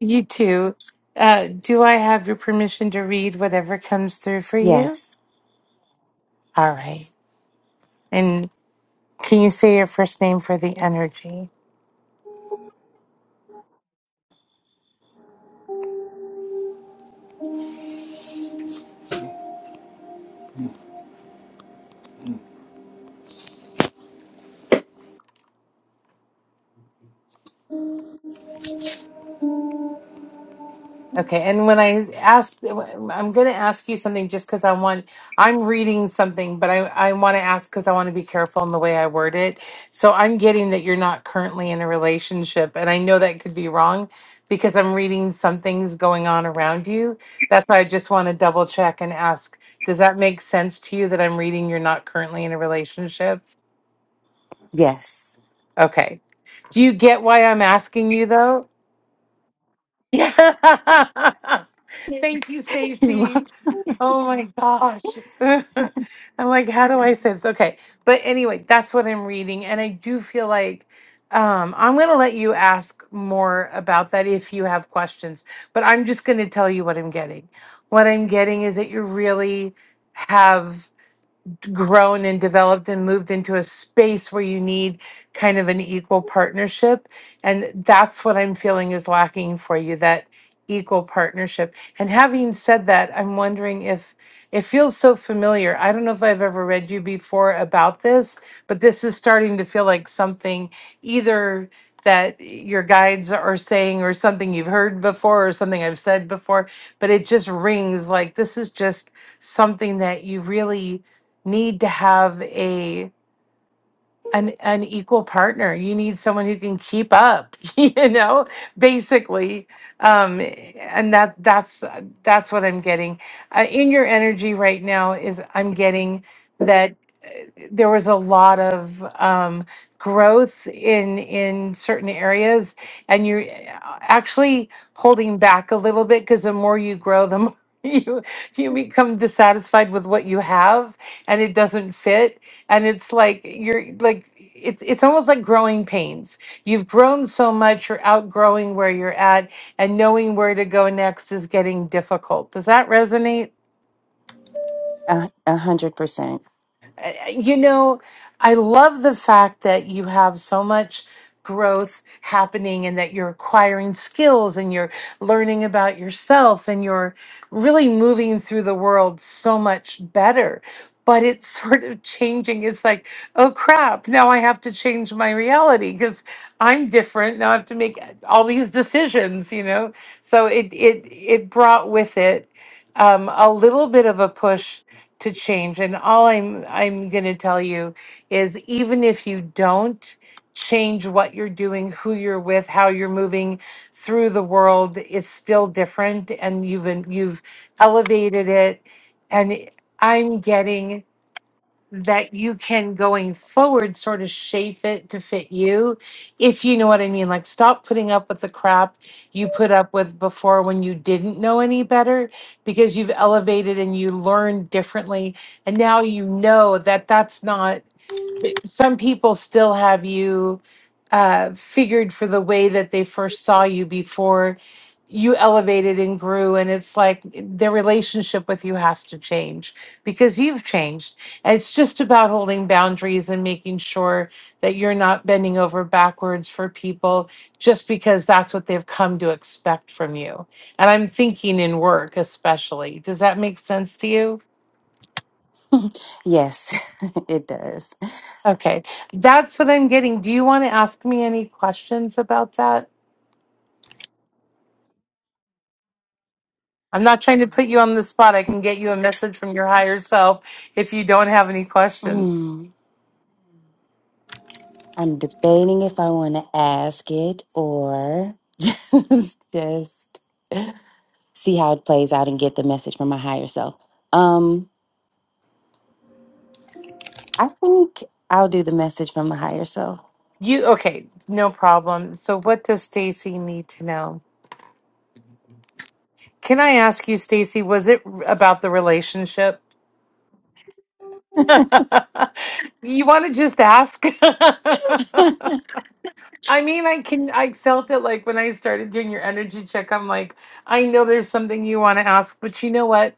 Speaker 3: You too. Uh, do I have your permission to read whatever comes through for you?
Speaker 9: Yes,
Speaker 3: All right. And can you say your first name for the energy? Okay, and when I ask, I'm going to ask you something just because I want, I'm reading something, but I, I want to ask because I want to be careful in the way I word it. So I'm getting that you're not currently in a relationship, and I know that could be wrong because I'm reading something's going on around you. That's why I just want to double check and ask, does that make sense to you that I'm reading you're not currently in a relationship?
Speaker 9: yes.
Speaker 3: Okay. Do you get why I'm asking you though? Yeah. *laughs*
Speaker 9: *laughs*
Speaker 3: Thank you,
Speaker 9: You're welcome.
Speaker 3: Stacy. Oh my gosh. *laughs* I'm like, how do I sense? Okay. But anyway, that's what I'm reading. And I do feel like um, I'm going to let you ask more about that if you have questions. But I'm just going to tell you what I'm getting. What I'm getting is that you really have grown and developed and moved into a space where you need kind of an equal partnership. And that's what I'm feeling is lacking for you that equal partnership. And having said that, I'm wondering if it feels so familiar. I don't know if I've ever read you before about this, but this is starting to feel like something either that your guides are saying or something you've heard before or something I've said before, but it just rings like this is just something that you really need to have a an an equal partner. You need someone who can keep up, *laughs* you know, basically. Um, and that that's that's what I'm getting uh, in your energy right now. Is I'm getting that there was a lot of um, growth in in certain areas, and you're uh, actually holding back a little bit because the more you grow, the more *laughs* you you become dissatisfied with what you have, and it doesn't fit, and it's like you're like it's it's almost like growing pains. You've grown so much, you're outgrowing where you're at, and knowing where to go next is getting difficult. Does that resonate?
Speaker 9: A *laughs* a hundred percent.
Speaker 3: I- you know, I love the fact that you have so much growth happening and that you're acquiring skills and you're learning about yourself and you're really moving through the world so much better. But it's *laughs* sort of changing. It's like, oh crap, now I have to change my reality because I'm different. Now I have to make all these decisions, you know? So it it it brought with it um, a little bit of a push to change. And all I'm I'm going to tell you is even if you don't change what you're doing, who you're with, how you're moving through the world is still different and you've en- you've elevated it and I'm getting that you can going forward sort of shape it to fit you if you know what i mean like stop putting up with the crap you put up with before when you didn't know any better because you've elevated and you learned differently and now you know that that's not some people still have you uh, figured for the way that they first saw you before you elevated and grew and it's like their relationship with you has to change because you've changed and it's just about holding boundaries and making sure that you're not bending over backwards for people just because that's what they've come to expect from you and i'm thinking in work especially does that make sense to you
Speaker 9: Yes, *laughs* it does.
Speaker 3: Okay, that's what I'm getting. Do you want to ask me any questions about that? I'm not trying to put you on the spot. I can get you a message from your higher self if you don't have any questions.
Speaker 9: Mm, I'm debating if I want to ask it or *laughs* just just see how it plays out and get the message from my higher self. Um, I think I'll do the message from the higher self.
Speaker 3: You okay, no problem. So what does Stacy need to know? Can I ask you Stacy, was it r- about the relationship? *laughs* you want to just ask? *laughs* I mean, I can I felt it like when I started doing your energy check, I'm like, I know there's something you want to ask, but you know what?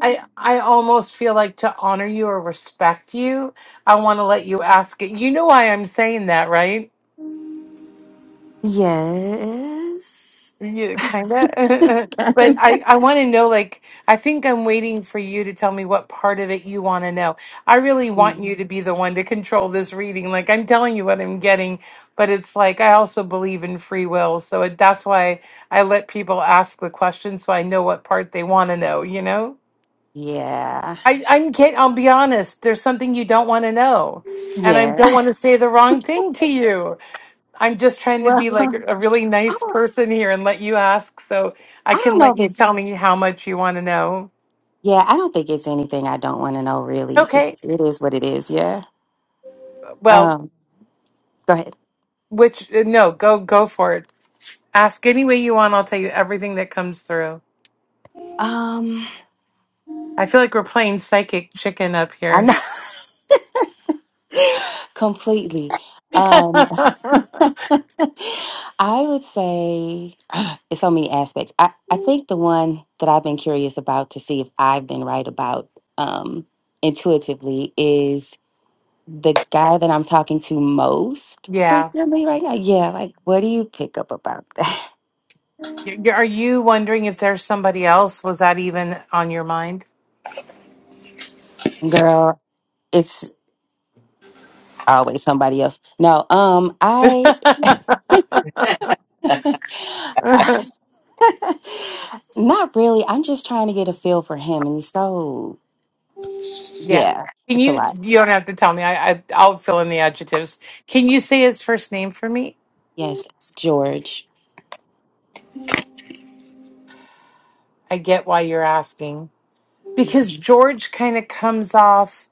Speaker 3: I I almost feel like to honor you or respect you, I want to let you ask it. You know why I'm saying that, right?
Speaker 9: *laughs* yes.
Speaker 3: Yeah, kind of. *laughs* But
Speaker 9: *laughs*
Speaker 3: I I want to know like I think I'm waiting for you to tell me what part of it you want to know. I really want
Speaker 9: Mm.
Speaker 3: you to be the one to control this reading. Like I'm telling you what I'm getting, but it's like I also believe in free will, so it, that's why I let people ask the question so I know what part they want to know, you know?
Speaker 9: Yeah,
Speaker 3: I, I'm can I'll be honest. There's something you don't want to know, and I
Speaker 9: yeah.
Speaker 3: don't
Speaker 9: *laughs*
Speaker 3: want to say the wrong thing to you. I'm just trying to
Speaker 9: Well,
Speaker 3: be like
Speaker 9: Mhm.
Speaker 3: a really
Speaker 9: I
Speaker 3: nice
Speaker 9: don't,
Speaker 3: person here and let you ask, so I
Speaker 9: I don't
Speaker 3: can
Speaker 9: know
Speaker 3: let you
Speaker 9: if
Speaker 3: tell
Speaker 9: it's,
Speaker 3: me how much you want to know.
Speaker 9: yeah, I don't think it's anything I don't want to know, really.
Speaker 3: Okay.
Speaker 9: Just it is what it is. Yeah.
Speaker 3: Well,
Speaker 9: Um, go ahead.
Speaker 3: which uh, no, go go for it. Ask any way you want. I'll tell you everything that comes through.
Speaker 9: Um,
Speaker 3: I feel like we're playing psychic chicken up
Speaker 9: I
Speaker 3: here.
Speaker 9: know *laughs* completely.
Speaker 3: *laughs* yeah.
Speaker 9: Um, *laughs* I would say *sighs* ah, it's so many aspects. I, I think the one that I've been curious about to see if I've been right about, um, intuitively is the guy that I'm talking to most frequently right now. Yeah, like what do you pick up about that?
Speaker 3: Y- y- Are you wondering if there's somebody else? Was that even on your mind?
Speaker 9: *laughs* Girl, it's always somebody else. No, um I, *laughs* I *laughs* not really. I'm just trying to get a feel for him and he's so
Speaker 3: yeah.
Speaker 9: yeah,
Speaker 3: Can
Speaker 9: it's a
Speaker 3: you?
Speaker 9: lot.
Speaker 3: You don't have to tell me. I, I I'll fill in the adjectives. Can you say his first name for me?
Speaker 9: Yes, George.
Speaker 3: I get why you're asking because George kind of comes off.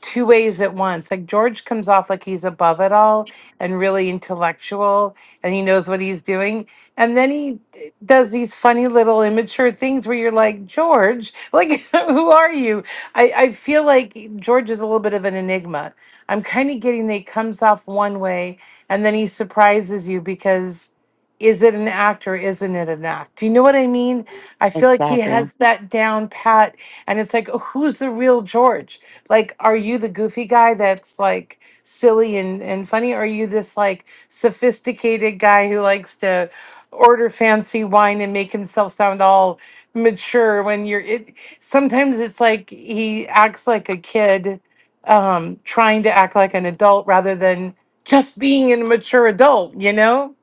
Speaker 3: two ways at once. Like George comes off like he's above it all and really intellectual and he knows what he's doing. And then he d- does these funny little immature things where you're like, George, like, *laughs* who are you? I, I feel like George is a little bit of an enigma. I'm kind of getting that he comes off one way and then he surprises you because. Is it an act or isn't it an act? Do you know what I mean? I feel like he Yeah.
Speaker 9: Exactly.
Speaker 3: has that down pat, and it's like, "Oh, who's the real George? Like, are you the goofy guy that's like silly and, and funny? Or are you this like sophisticated guy who likes to order fancy wine and make himself sound all mature when you're it? Sometimes it's like he acts like a kid, um, trying to act like an adult rather than just being a mature adult, you know?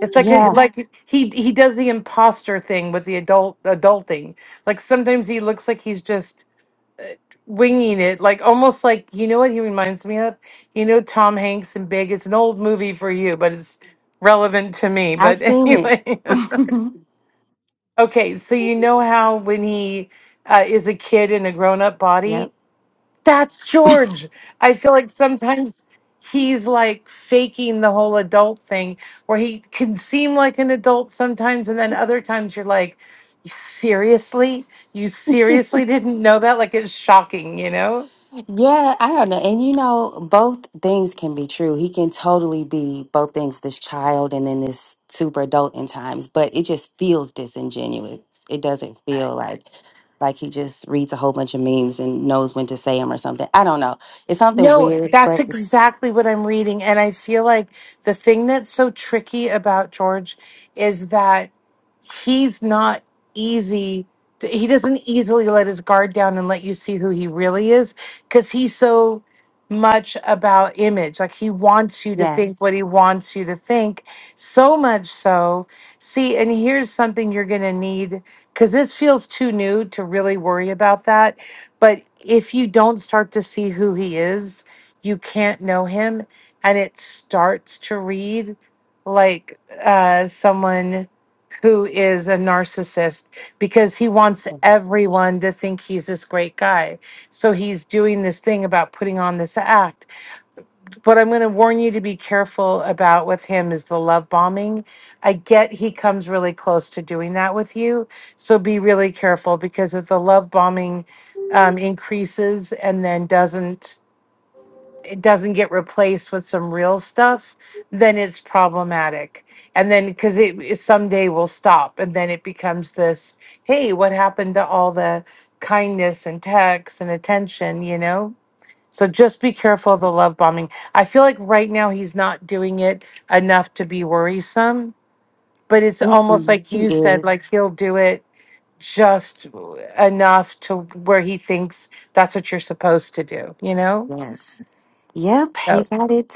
Speaker 3: It's like a, Mhm.
Speaker 9: Yeah,
Speaker 3: like he he does the imposter thing with the adult adulting. Like sometimes he looks like he's just winging it, like almost like you know what he reminds me of. You know Tom Hanks in Big. It's an old movie for you, but it's relevant to me.
Speaker 9: I've
Speaker 3: But *laughs*
Speaker 9: seen it.
Speaker 3: anyway,
Speaker 9: *laughs*
Speaker 3: okay. So you know how when he uh, is a kid in a grown-up
Speaker 9: yep.
Speaker 3: body, that's George. I feel like sometimes he's like faking the whole adult thing, where he can seem like an adult sometimes, and then other times you're like. "You Seriously? You seriously didn't know that? Like it's shocking, you know?
Speaker 9: Yeah, I don't know. And you know, both things can be true. He can totally be both things, this child and then this super adult in times, but it just feels disingenuous. It doesn't feel like like he just reads a whole bunch of memes and knows when to say them or something. I don't know. It's something
Speaker 3: No,
Speaker 9: weird,
Speaker 3: that's
Speaker 9: but it's
Speaker 3: exactly what I'm reading. And I feel like the thing that's so tricky about George is that he's not easy. He doesn't easily let his guard down and let you see who he really is because he's so much about image. Like he wants you to think
Speaker 9: yes.
Speaker 3: what he wants you to think, so much so. See, and here's something you're going to need because this feels too new to really worry about that but if you don't start to see who he is, you can't know him. And it starts to read like uh, someone who is a narcissist because he wants
Speaker 9: yes.
Speaker 3: everyone to think he's this great guy. So he's doing this thing about putting on this act what I'm going to warn you to be careful about with him is the love bombing. I get he comes really close to doing that with you. So be really careful because if the love bombing um, increases and then doesn't, it doesn't get replaced with some real stuff, then it's problematic. And then because it it someday will stop and then it becomes this hey, what happened to all the kindness and texts and attention, you know? So just be careful of the love bombing. I feel like right now he's not doing it enough to be worrisome, but it's almost
Speaker 9: Mm-mm,
Speaker 3: like
Speaker 9: he
Speaker 3: you said,
Speaker 9: is.
Speaker 3: like he'll do it just enough to where he thinks that's what you're supposed to do, you know?
Speaker 9: Yes. Yep, you
Speaker 3: So,
Speaker 9: got it.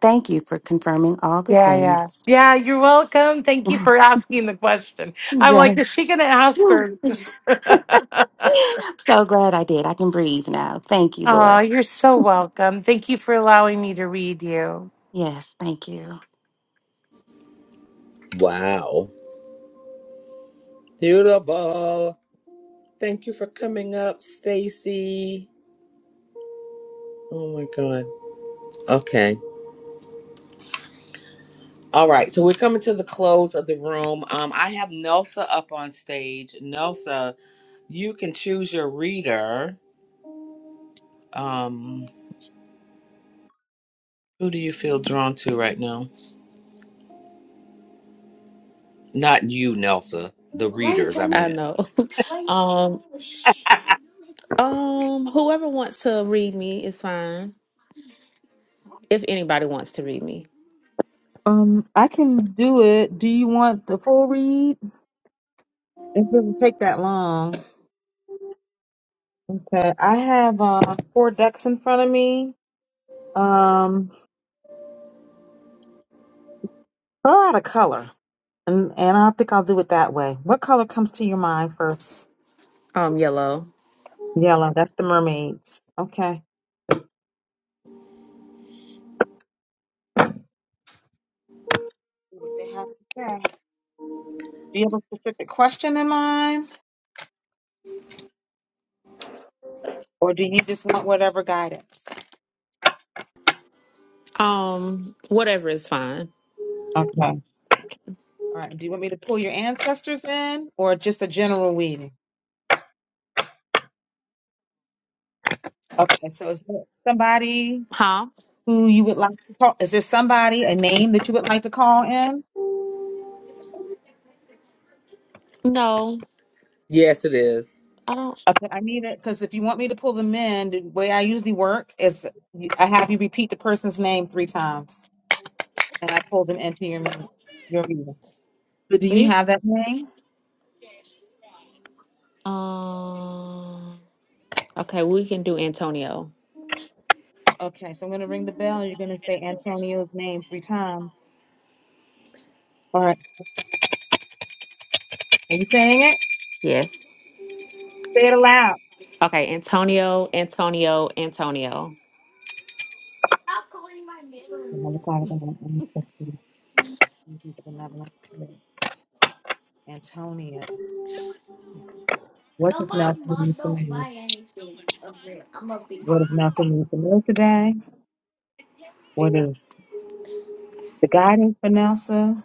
Speaker 9: Thank you for confirming all the
Speaker 3: yeah, yeah.
Speaker 9: things.
Speaker 3: Yeah, you're welcome. Thank
Speaker 9: *laughs*
Speaker 3: you for asking the question. I'm like, is
Speaker 9: yes.
Speaker 3: she going to ask
Speaker 9: Phew.
Speaker 3: her? *laughs*
Speaker 9: *laughs* so glad I did. I can breathe now. Thank you,
Speaker 3: Oh,
Speaker 9: Lord.
Speaker 3: you're so welcome. Thank you for allowing me to read you.
Speaker 9: Yes, thank you.
Speaker 1: Wow. Beautiful. Thank you for coming up, Stacy. Oh my god. Okay. All right. So we're coming to the close of the room. Um, I have Nelsa up on stage. Nelsa, you can choose your reader. Um, who do you feel drawn to right now? Not you, Nelsa. The readers, I
Speaker 10: me? I
Speaker 1: meant.
Speaker 10: know. *laughs* Um, um, whoever wants to read me is fine. If anybody wants to read me,
Speaker 5: Um, I can do it. Do you want the full read? It doesn't take that long. Okay, I have uh, four decks in front of me. Um, throw out a color, and and I think I'll do it that way. What color comes to your mind first?
Speaker 10: um, yellow,
Speaker 5: Yellow. That's the mermaids. Okay. See What they have to say. Do you have a specific question in mind? Or do you just want whatever guidance?
Speaker 10: um, whatever is fine.
Speaker 5: Okay. All right. Do you want me to pull your ancestors in or just a general reading? Okay. So is there somebody
Speaker 10: Huh?
Speaker 5: who you would like to call? Is there somebody, a name that you would like to call in?
Speaker 10: No,
Speaker 1: Yes, it is.
Speaker 10: I don't.
Speaker 5: Okay. I need it because if you want me to pull them in, the way I usually work is you- I have you repeat the person's name three times and I pull them into your, meeting- your reading. So do you
Speaker 10: You,
Speaker 5: have that name?
Speaker 10: um, okay, we can do Antonio.
Speaker 5: Okay. So I'm going to ring the bell and you're going to say Antonio's name three times. All right. Are you saying it?
Speaker 10: Yes.
Speaker 5: Say it aloud.
Speaker 10: Okay, Antonio, Antonio, Antonio.
Speaker 5: Heavenly Father, in the name of Jesus, we give the love to Antonia. What is now for me for me? What is now for me for me today? What is the guidance for Nelson?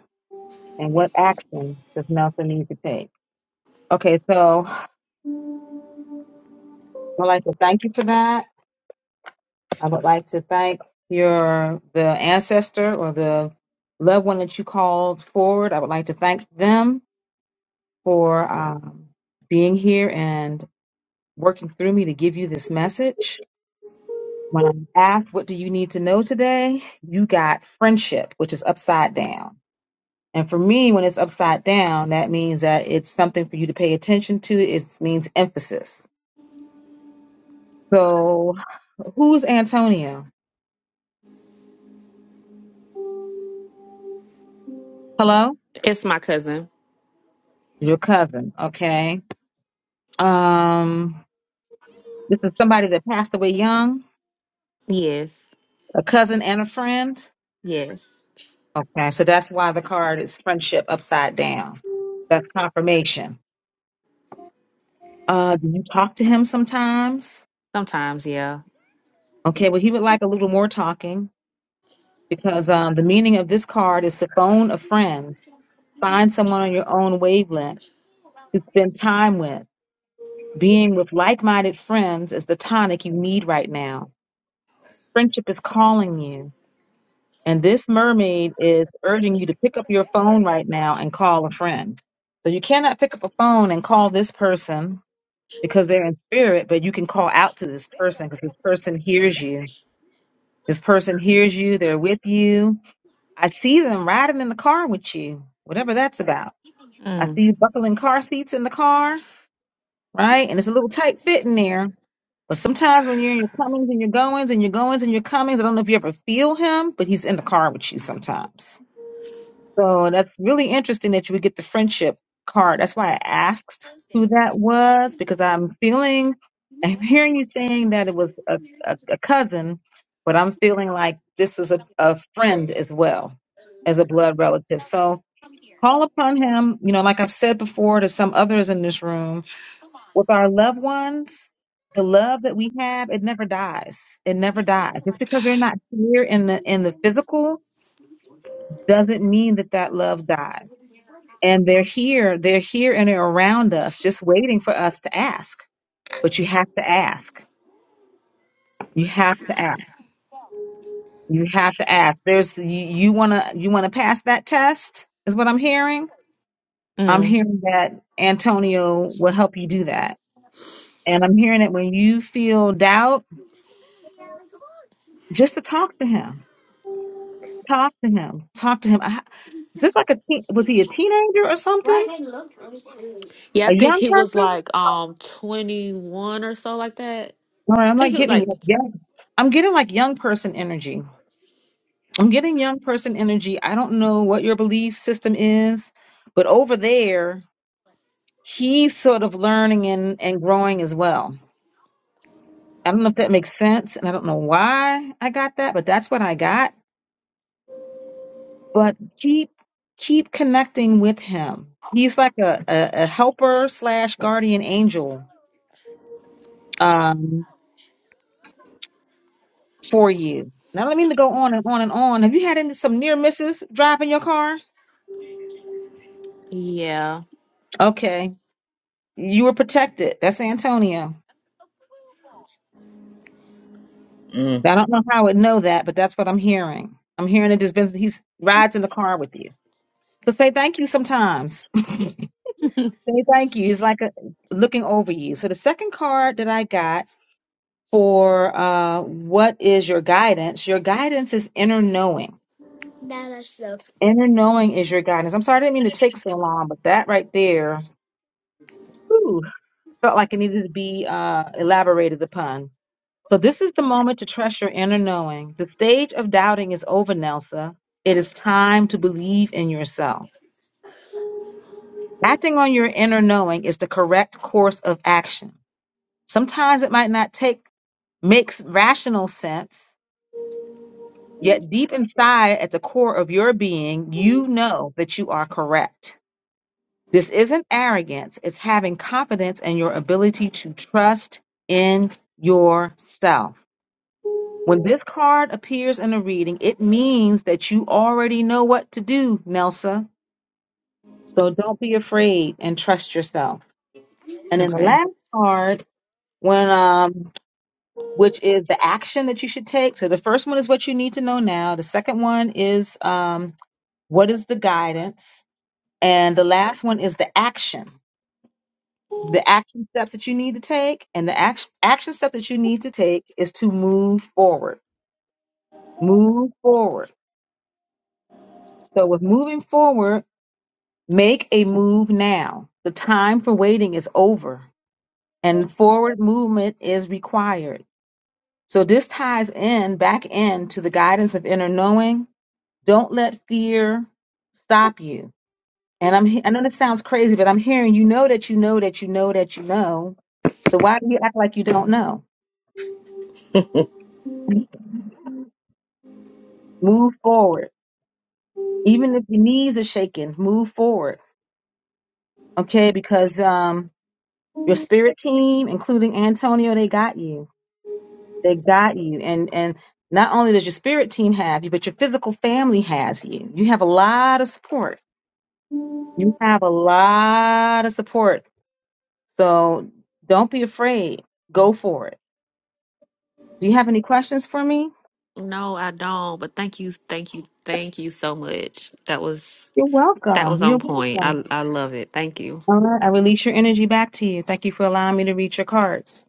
Speaker 5: And what action does Nelson need to take? Okay, so I would like to thank you for that. I would like to thank your the ancestor or the loved one that you called forward. I would like to thank them for um, being here and working through me to give you this message. When I'm asked, what do you need to know today? You got friendship, which is upside down. And for me, when it's upside down, that means that it's something for you to pay attention to. It means emphasis. So who's Antonio? Hello?
Speaker 10: It's my cousin.
Speaker 5: Your cousin. Okay. Um, this is somebody that passed away young,
Speaker 10: Yes.
Speaker 5: a cousin and a friend.
Speaker 10: Yes.
Speaker 5: Okay. So that's why the card is friendship upside down. That's confirmation. Uh, do you talk to him sometimes?
Speaker 10: Sometimes, yeah.
Speaker 5: Okay, well, he would like a little more talking because um, the meaning of this card is to phone a friend, find someone on your own wavelength to spend time with. Being with like minded friends is the tonic you need right now. Friendship is calling you. And this mermaid is urging you to pick up your phone right now and call a friend. So you cannot pick up a phone and call this person because they're in spirit, but you can call out to this person because this person hears you. This person hears you, they're with you, I see them riding in the car with you, whatever that's about. I
Speaker 10: Mm.
Speaker 5: see you buckling car seats in the car, right? And it's a little tight fit in there. But sometimes when you're in your comings and your goings and your goings and your comings, I don't know if you ever feel him, but he's in the car with you sometimes. So that's really interesting that you would get the friendship card. That's why I asked who that was because I'm feeling, *laughs* I'm hearing you saying that it was a, a, a cousin, but I'm feeling like this is a, a friend as well as a blood relative. So Call upon him, you know, like I've said before to some others in this room, with our loved ones, the love that we have, it never dies. It never dies. Just because they're not here in the in the physical doesn't mean that that love dies. And they're here, they're here and they're around us, just waiting for us to ask. But you have to ask. You have to ask. You have to ask. There's you, you wanna you wanna pass that test, is what I'm hearing.
Speaker 10: mm.
Speaker 5: I'm hearing that Antonio will help you do that And I'm hearing it when you feel doubt, just to talk to him. Talk to him. Talk to him. I- Is this like a teen, was he a teenager or something?
Speaker 10: Yeah, I
Speaker 5: A
Speaker 10: think
Speaker 5: young
Speaker 10: he was
Speaker 5: person?
Speaker 10: like um 21 or so like that. I
Speaker 5: All right, I'm
Speaker 10: think
Speaker 5: like
Speaker 10: it was
Speaker 5: getting
Speaker 10: like
Speaker 5: like young. I'm getting like young person energy. I'm getting young person energy. I don't know what your belief system is, but over there, he's sort of learning and, and growing as well. I don't know if that makes sense, and I don't know why I got that, but that's what I got but keep keep connecting with him. He's like a, a, a helper slash guardian angel um, for you. Now, I don't mean to go on and on and on. Have you had any, some near misses driving your car?
Speaker 10: yeah. *laughs*
Speaker 5: Okay, you were protected. That's Antonio.
Speaker 1: Mm.
Speaker 5: I don't know how I would know that, but that's what I'm hearing. I'm hearing that there's been he rides in the car with you. So say thank you sometimes. *laughs* say thank you. It's like a, looking over you. So the second card that I got for uh, what is your guidance. Your guidance is inner knowing. Inner knowing is your guidance. I'm sorry, I didn't mean to take so long, but that right there whew, felt like it needed to be uh, elaborated upon. So, this is the moment to trust your inner knowing. The stage of doubting is over, Nelsa. It is time to believe in yourself. Acting on your inner knowing is the correct course of action. Sometimes it might not take makes rational sense, Yet deep inside, at the core of your being, you know that you are correct. This isn't arrogance, it's having confidence in your ability to trust in yourself. When this card appears in a reading, it means that you already know what to do, Nelsa. So don't be afraid and trust yourself. And then the
Speaker 10: Okay.
Speaker 5: last card, when um, which is the action that you should take. So the first one is what you need to know now. The second one is um, What is the guidance? And the last one is the action. The action steps that you need to take, and the action action step that you need to take is to move forward. Move forward. So with moving forward, make a move now. The time for waiting is over, and forward movement is required. So this ties in back in to the guidance of inner knowing. Don't let fear stop you And I'm he- I know this sounds crazy, but I'm hearing you know that you know that you know that you know. So why do you act like you don't know? Move forward. Even if your knees are shaking, move forward. Okay, because um your spirit team, including Antonio, they got you. They got you. And and not only does your spirit team have you, but your physical family has you. You have a lot of support. You have a lot of support. So don't be afraid. Go for it. Do you have any questions for me?
Speaker 10: No, I don't, but thank you, thank you, thank you so much. That was
Speaker 5: You're
Speaker 10: that was
Speaker 5: welcome.
Speaker 10: on
Speaker 5: You're
Speaker 10: point.
Speaker 5: welcome.
Speaker 10: I I love it. Thank you.
Speaker 5: All right, I release your energy back to you. Thank you for allowing me to read your cards.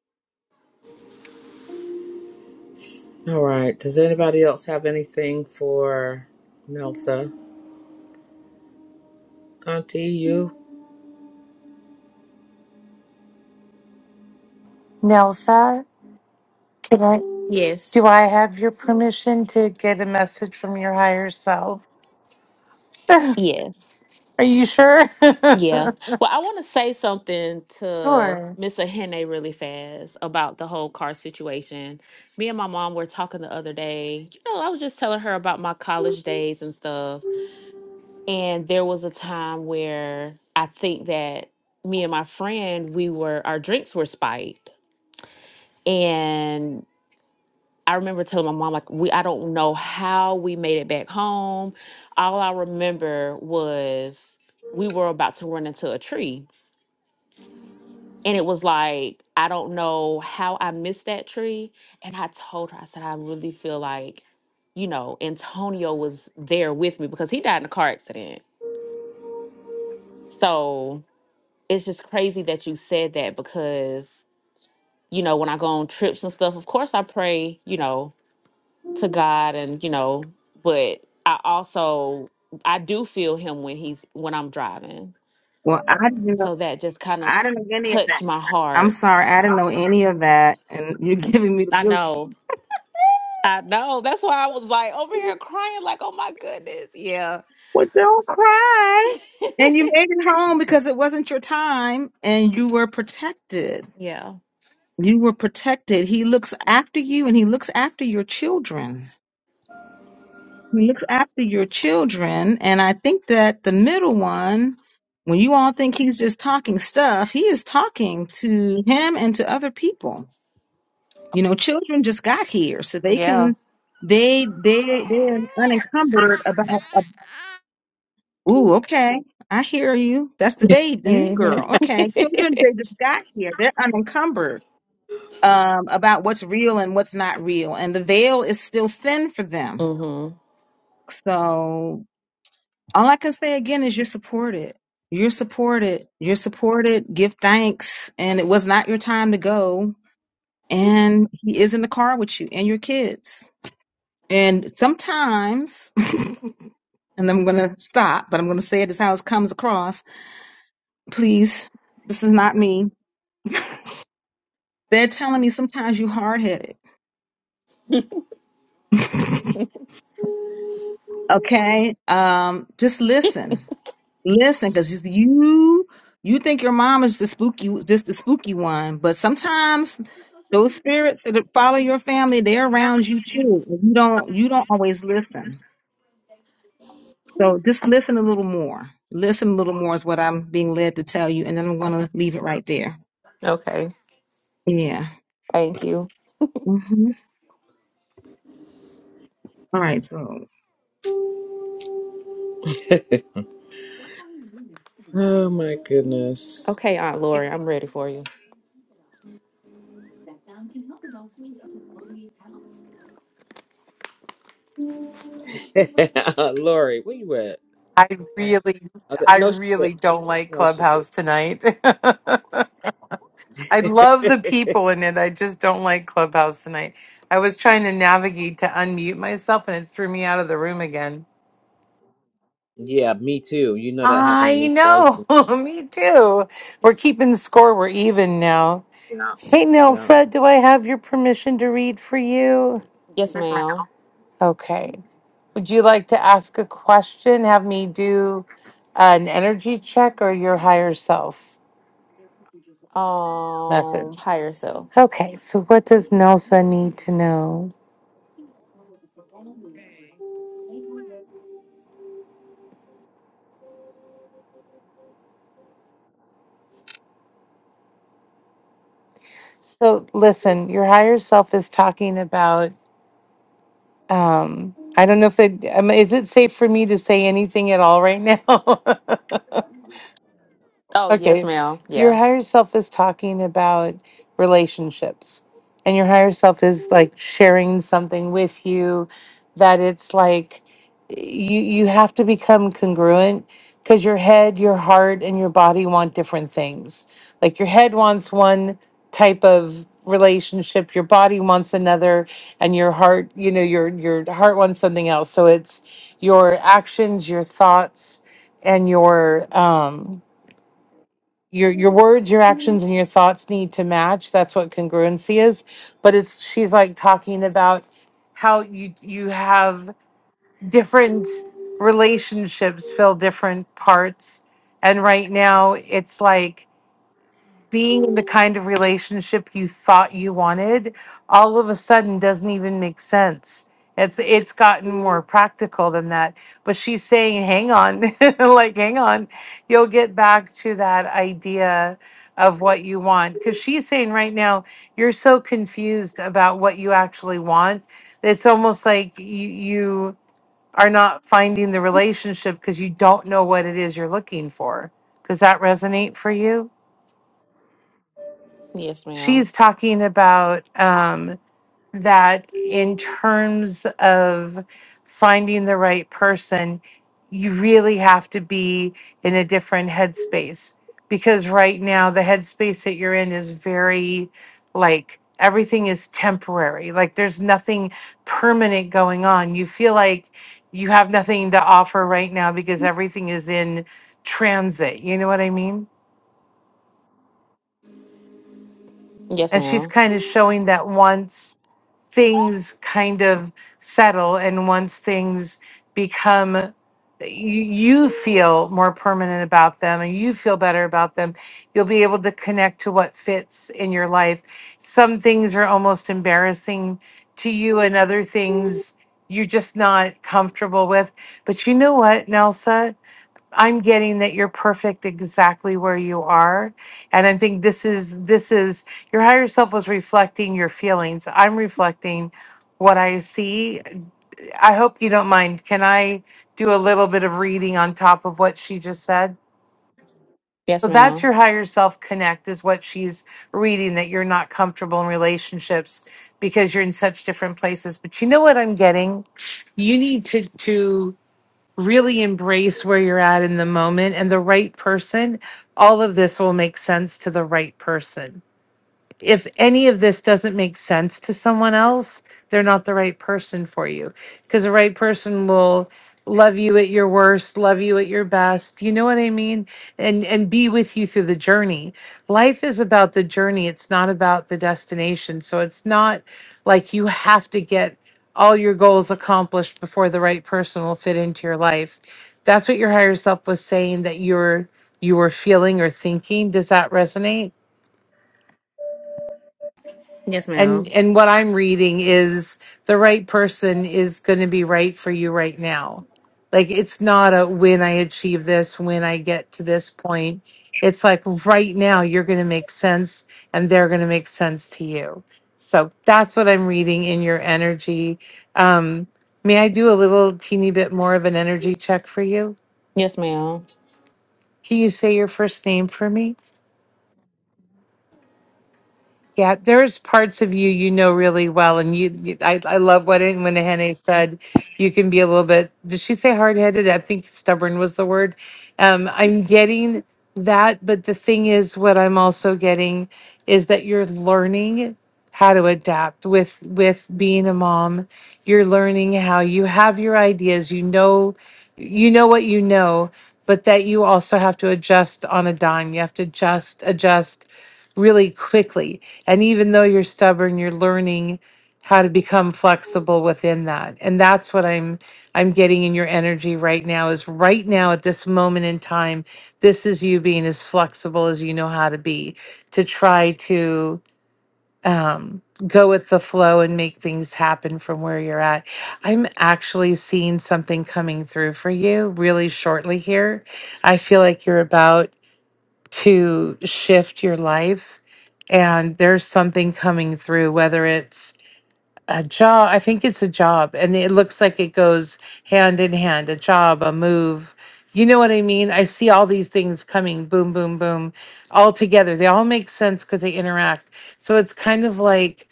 Speaker 1: All right. Does anybody else have anything for Nelsa? Auntie, you?
Speaker 3: Nelsa, can I? Do
Speaker 10: Yes.
Speaker 3: I have your permission to get a message from your higher self?
Speaker 10: Yes.
Speaker 3: Are you sure?
Speaker 10: Yeah.
Speaker 3: *laughs*
Speaker 10: Well, I want to say something to
Speaker 3: sure.
Speaker 10: Miss Ahene really fast about the whole car situation. Me and my mom were talking the other day. You know, I was just telling her about my college days and stuff And there was a time where I think that me and my friend, we were our drinks were spiked. And I remember telling my mom, like, we I don't know how we made it back home. All I remember was we were about to run into a tree. And it was like, I don't know how I missed that tree. And I told her, I said, I really feel like, you know, Antonio was there with me because he died in a car accident. So it's just crazy that you said that because you know when i go on trips and stuff of course i pray you know to god and you know but i also i do feel him when he's when i'm driving
Speaker 5: Well, I didn't know.
Speaker 10: so that just kind of
Speaker 5: I didn't know any of
Speaker 10: touched
Speaker 5: that.
Speaker 10: my
Speaker 5: I'm
Speaker 10: heart
Speaker 5: sorry, I didn't know any of that, and you're giving me the
Speaker 10: i
Speaker 5: real.
Speaker 10: know i know that's why i was like over here crying like oh my goodness yeah
Speaker 5: Well, don't cry. And you made it home because it wasn't your time, and you were protected.
Speaker 10: yeah
Speaker 5: You were protected. He looks after you, and he looks after your children. He looks after your children, and I think that the middle one, when you all think he's just talking stuff, he is talking to him and to other people. You know, children just got here, so they
Speaker 10: yeah
Speaker 5: can they they they're unencumbered about. A, ooh, okay, I hear you. That's the babe,
Speaker 10: hmm
Speaker 5: the
Speaker 10: *laughs*
Speaker 5: new girl. Okay, children they just got here, they're unencumbered um, about what's real and what's not real, and the veil is still thin for them.
Speaker 10: mhm
Speaker 5: So All I can say again is you're supported. You're supported. You're supported. Give thanks. And it was not your time to go. And he is in the car with you and your kids. And sometimes, *laughs* and I'm going to stop, but I'm going to say it as how it comes across. Please, this is not me. They're telling me sometimes you hard headed. *laughs* Okay. Um, just listen Listen, because you you think your mom is the spooky, just the spooky one, but sometimes those spirits that follow your family, they're around you too. and You don't you don't always listen. So just listen a little more. Listen a little more is what I'm being led to tell you, and then I'm going to leave it right there.
Speaker 10: Okay.
Speaker 5: Yeah.
Speaker 10: Thank you.
Speaker 5: hmm All right. So
Speaker 1: *laughs* Oh my goodness.
Speaker 10: Okay, Aunt
Speaker 2: If
Speaker 10: Lori, I'm ready for you.
Speaker 1: *laughs* Lori, where you at?
Speaker 3: I really,
Speaker 1: Okay,
Speaker 3: I
Speaker 1: No, she did.
Speaker 3: really don't like
Speaker 1: No, she
Speaker 3: Clubhouse tonight. *laughs* I love the
Speaker 1: did.
Speaker 3: people in it. I just don't like Clubhouse tonight. I was trying to navigate to unmute myself and it threw me out of the room again.
Speaker 1: *laughs* yeah, me too. You know that happened to
Speaker 3: I
Speaker 1: me twice.
Speaker 3: know.
Speaker 1: And,
Speaker 3: *laughs* me too. We're keeping score. We're even now. Hey,
Speaker 1: yeah.
Speaker 3: Nelsa, do I have your permission to read for you?
Speaker 10: yes ma'am
Speaker 3: Okay. Would you like to ask a question? Have me do an energy check or your higher self
Speaker 10: Um,
Speaker 3: message?
Speaker 10: higher self.
Speaker 3: Okay, so what does Nelsa need to know? So listen, your higher self is talking about. Um, I don't know if it um, is it safe for me to say anything at all right now. *laughs*
Speaker 10: Oh, yes,
Speaker 3: Okay.
Speaker 10: ma'am.
Speaker 3: Your
Speaker 10: Yeah.
Speaker 3: higher self is talking about relationships, and your higher self is like sharing something with you that it's like you you have to become congruent because your head, your heart, and your body want different things. Like your head wants one type of relationship, your body wants another, and your heart, you know, your your heart wants something else. So it's your actions, your thoughts, and your um your your words, your actions, and your thoughts need to match. That's what congruency is. But it's she's like talking about how you you have different relationships fill different parts. And right now it's like being in the kind of relationship you thought you wanted all of a sudden doesn't even make sense it's it's gotten more practical than that but she's saying hang on *laughs* like hang on you'll get back to that idea of what you want because she's saying right now you're so confused about what you actually want it's almost like you you are not finding the relationship because you don't know what it is you're looking for does that resonate for you
Speaker 10: Yes,
Speaker 3: she's
Speaker 10: ma'am.
Speaker 3: talking about um, that in terms of finding the right person, you really have to be in a different headspace because right now the headspace that you're in is very like everything is temporary. Like there's nothing permanent going on. You feel like you have nothing to offer right now because everything is in transit. You know what I mean?
Speaker 10: Yes,
Speaker 3: and she's
Speaker 10: ma'am.
Speaker 3: kind of showing that once things kind of settle and once things become you, you feel more permanent about them and you feel better about them you'll be able to connect to what fits in your life some things are almost embarrassing to you and other things you're just not comfortable with but you know what nelsa I'm getting that you're perfect exactly where you are. And I think this is this is your higher self was reflecting your feelings. I'm reflecting what I see. I hope you don't mind. Can I do a little bit of reading on top of what she just said?
Speaker 10: Yes,
Speaker 3: So that's
Speaker 10: ma'am.
Speaker 3: your higher self connect is what she's reading that you're not comfortable in relationships because you're in such different places. But you know what I'm getting? You need to to really embrace where you're at in the moment and the right person, all of this will make sense to the right person if any of this doesn't make sense to someone else, they're not the right person for you. Because the right person will love you at your worst, love you at your best. You know what I mean? And and be with you through the journey. Life is about the journey. It's not about the destination. So it's not like you have to get all your goals accomplished before the right person will fit into your life. That's what your higher self was saying that you're you were feeling or thinking. Does that resonate?
Speaker 10: Yes,
Speaker 3: and
Speaker 10: ma'am.
Speaker 3: and what i'm reading is the right person is going to be right for you right now like it's not a when i achieve this when i get to this point it's like right now you're going to make sense and they're going to make sense to you so that's what i'm reading in your energy um may i do a little teeny bit more of an energy check for you
Speaker 10: Yes, ma'am.
Speaker 3: can you say your first name for me Yeah, there's parts of you you know really well, and you. you- I I love what it- when Hene said you can be a little bit. Did she say hard headed? I think stubborn was the word. Um, I'm getting that, but the thing is, what I'm also getting is that you're learning how to adapt with with being a mom. You're learning how you have your ideas. You know, you know what you know, but that you also have to adjust on a dime. You have to adjust, adjust really quickly. And even though you're stubborn, you're learning how to become flexible within that. And that's what I'm I'm getting in your energy right now is right now at this moment in time, this is you being as flexible as you know how to be to try to um go with the flow and make things happen from where you're at. I'm actually seeing something coming through for you really shortly here. I feel like you're about to shift your life. And there's something coming through, whether it's a job i think it's a job and it looks like it goes hand in hand a job a move you know what i mean i see all these things coming boom boom boom all together they all make sense because they interact so it's kind of like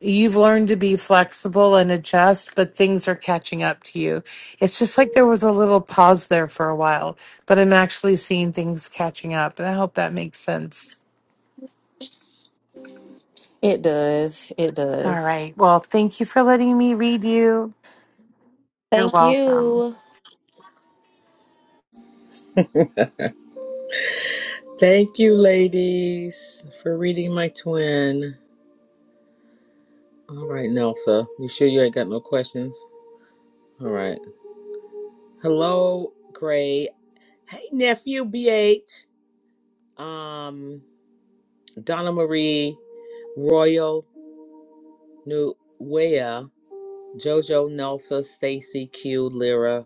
Speaker 3: you've learned to be flexible and adjust but things are catching up to you it's just like there was a little pause there for a while but i'm actually seeing things catching up and i hope that makes sense
Speaker 10: It does. It
Speaker 3: all
Speaker 10: does.
Speaker 3: right well thank you for letting me read you you're
Speaker 10: Thank
Speaker 3: welcome
Speaker 10: you.
Speaker 1: Thank you, ladies, for reading my twin. All right, Nelsa, you sure you ain't got no questions? All right. Hello, Gray. Hey, nephew, BH. Um, Donna Marie, Royal, Nuea, Jojo, Nelsa, Stacy, Q, Lyra.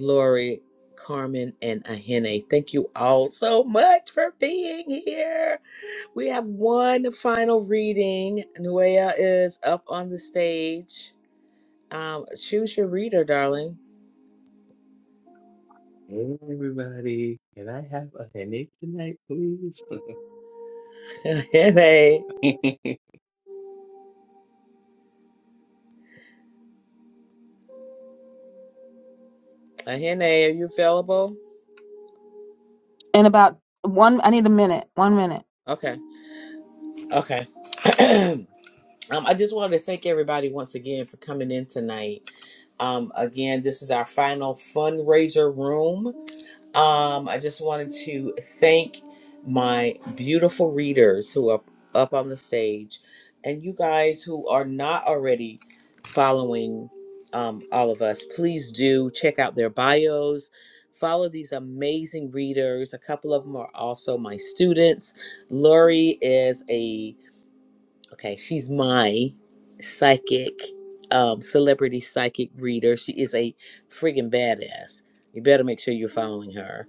Speaker 1: Lori, Carmen, and Ahene. Thank you all so much for being here. We have one final reading. Nuea is up on the stage. Um, choose your reader, darling.
Speaker 11: Hey everybody, can I have a headache tonight, please? *laughs*
Speaker 1: *laughs* Ahene, Ahene, are you available?
Speaker 5: In about one, I need a minute. One minute.
Speaker 1: Okay, okay. *clears throat* um, I just wanted to thank everybody once again for coming in tonight. Um, again, this is our final fundraiser room. Um, I just wanted to thank my beautiful readers who are up on the stage and you guys who are not already following um, all of us, please do check out their bios. Follow these amazing readers. A couple of them are also my students. Lori is a, okay, she's my psychic, um, celebrity psychic reader. She is a friggin' badass. You better make sure you're following her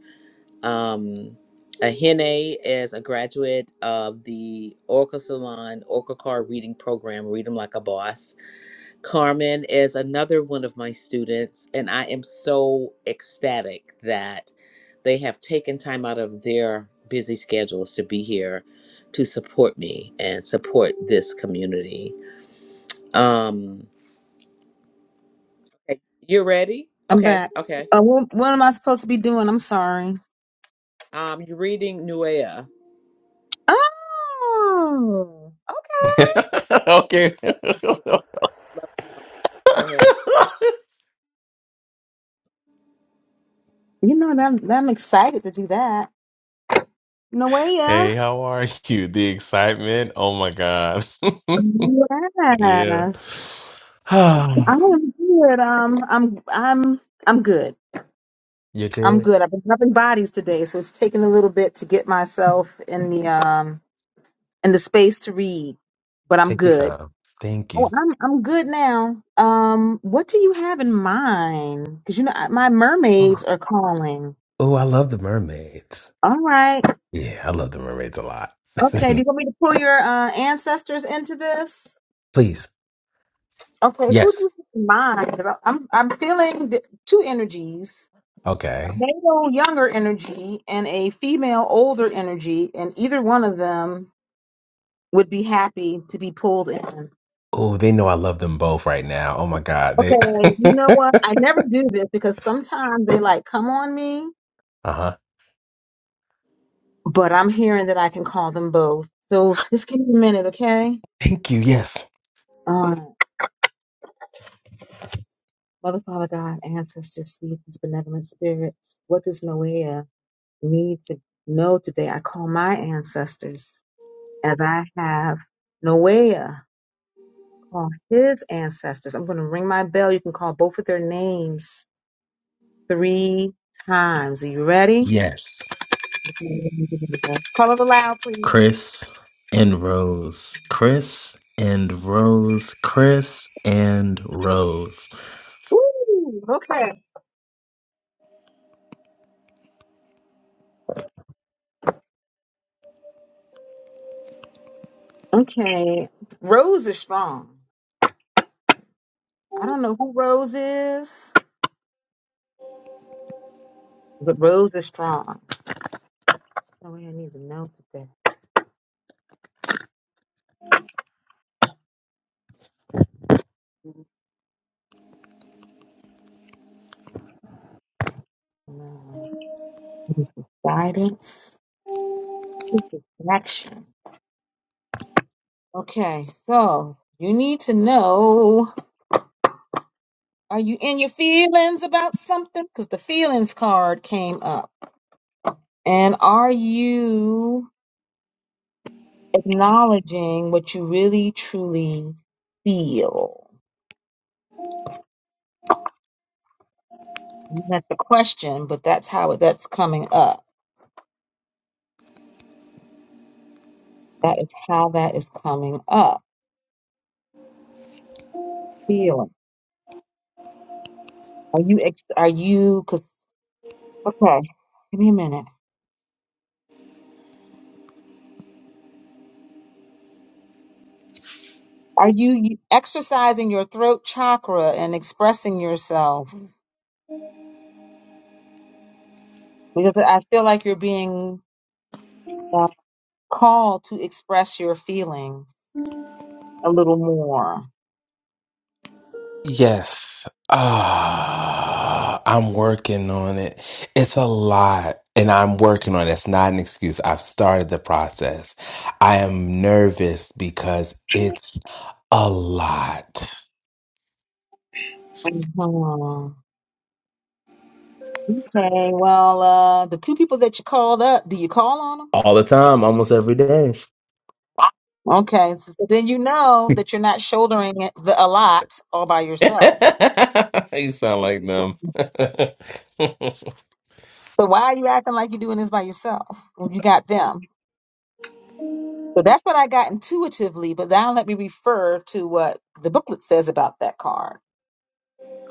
Speaker 1: um, Ahene is a graduate of the Oracle Salon Oracle Card Reading Program, Read 'em Like a Boss. Carmen is another one of my students, and I am so ecstatic that they have taken time out of their busy schedules to be here to support me and support this community. Um, Okay. you ready?
Speaker 5: I'm
Speaker 1: Okay,
Speaker 5: back.
Speaker 1: okay.
Speaker 5: Uh, what, what am I supposed to be doing? I'm sorry.
Speaker 1: Um, you're reading Nuea.
Speaker 5: Oh, okay.
Speaker 11: *laughs* okay.
Speaker 1: Go ahead.
Speaker 5: You know, and I'm, I'm excited to do that.
Speaker 11: *laughs*
Speaker 5: Noelia.
Speaker 11: hey, how are you? The excitement. Oh my God. *laughs* yeah.
Speaker 5: Yes.
Speaker 11: *sighs*
Speaker 5: I am good. Um, I'm, I'm, I'm good.
Speaker 11: You're
Speaker 5: I'm
Speaker 11: good.
Speaker 5: good. I've been rubbing bodies today, so it's taking a little bit to get myself in the, um, in the space to read, but I'm
Speaker 11: Take your
Speaker 5: good.
Speaker 11: time. Thank
Speaker 5: Oh,
Speaker 11: you.
Speaker 5: I'm, I'm good now. Um, what do you have in mind? Cause you know, I- my
Speaker 11: Oh,
Speaker 5: mermaids are calling.
Speaker 11: oh, I love the mermaids.
Speaker 5: All right.
Speaker 11: Yeah, I love the mermaids a lot.
Speaker 5: Okay. Do you want me to pull your, uh, ancestors into this?
Speaker 11: *laughs* Please.
Speaker 5: Okay, who do you
Speaker 11: Yes.
Speaker 5: have in mind? 'Cause I- I'm I'm feeling th- two energies: a
Speaker 11: Okay.
Speaker 5: male younger energy and a female older energy, and either one of them would be happy to be pulled in.
Speaker 11: Oh, they know I love them both right now. Oh my God.
Speaker 5: Okay,
Speaker 11: They. *laughs*
Speaker 5: you know what?
Speaker 11: uh
Speaker 5: I never do this because sometimes they like come on me,
Speaker 11: huh.
Speaker 5: but I'm hearing that I can call them both. So just give me a minute, okay?
Speaker 11: Thank you. Yes.
Speaker 5: All right. Mother, Father, God, ancestors, these benevolent spirits, what does Noah need to know today? I call my ancestors as I have Noah call his ancestors. I'm going to ring my bell. You can call both of their names three times. Are you ready? *laughs*
Speaker 11: Yes.
Speaker 5: Call it aloud, please.
Speaker 11: Chris and Rose, Chris and Rose, Chris and Rose.
Speaker 5: Ooh, okay. Okay. Rose is strong. I don't know who Rose is, but Rose is strong. So we need to know today. No. Guidance, action. Okay, so you need to know Are you in your feelings about something? Because the feelings card came up. And are you acknowledging what you really truly feel? That's the question, but that's how it, that's coming up. That is how that is coming up. Feeling. Are you, ex- are you, because, okay, give me a minute. Are you exercising your throat chakra and expressing yourself? Because I feel like you're being uh, called to express your feeling a little more.
Speaker 11: Yes. Ah, I'm working on it. It's a lot, and I'm working on it. It's not an excuse. I've started the process. I am nervous because it's a lot.
Speaker 5: Mhm. Okay, well, uh, the two people that you called up, do you call on them?
Speaker 11: All the time, almost every
Speaker 5: Okay, so then you know that you're not shouldering it the, a lot all by yourself.
Speaker 11: *laughs* You sound like them. *laughs*
Speaker 5: So why are you acting like you're doing this by yourself when you got them? So that's what I got intuitively, but now let me refer to what the booklet says about that card.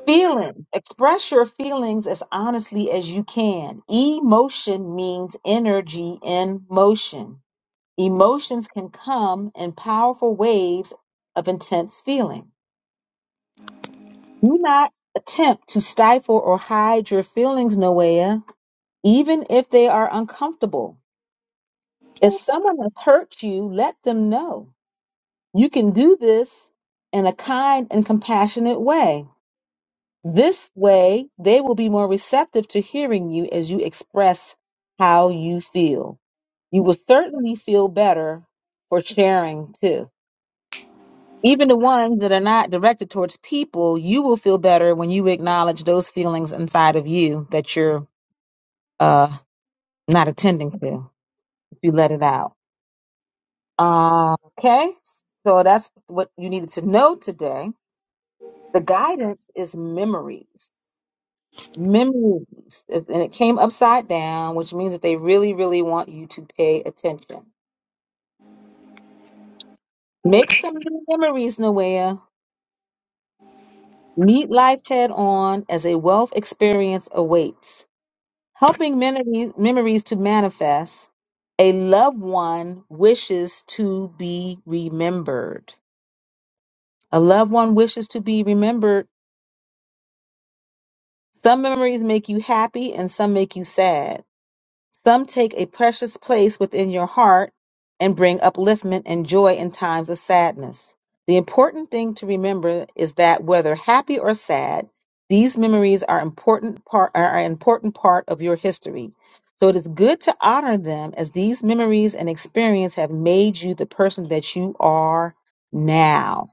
Speaker 5: Feeling. Express your feelings as honestly as you can. Emotion means energy in motion. Emotions can come in powerful waves of intense feeling. Do not attempt to stifle or hide your feelings, Noea, even if they are uncomfortable. If someone has hurt you, let them know. You can do this in a kind and compassionate way. This way, they will be more receptive to hearing you as you express how you feel. You will certainly feel better for sharing too. even the ones that are not directed towards people, you will feel better when you acknowledge those feelings inside of you that you're uh, not attending to if you let it out. Uh, okay, so that's what you needed to know today. The guidance is memories. Memories. And it came upside down, which means that they really, really want you to pay attention. Make some new memories, Noea. Meet life head on as a wealth experience awaits. helping memories, memories to manifest. A loved one wishes to be remembered. A loved one wishes to be remembered. Some memories make you happy and some make you sad. Some take a precious place within your heart and bring upliftment and joy in times of sadness. The important thing to remember is that whether happy or sad, these memories are important part are an important part of your history. So it is good to honor them as these memories and experience have made you the person that you are now.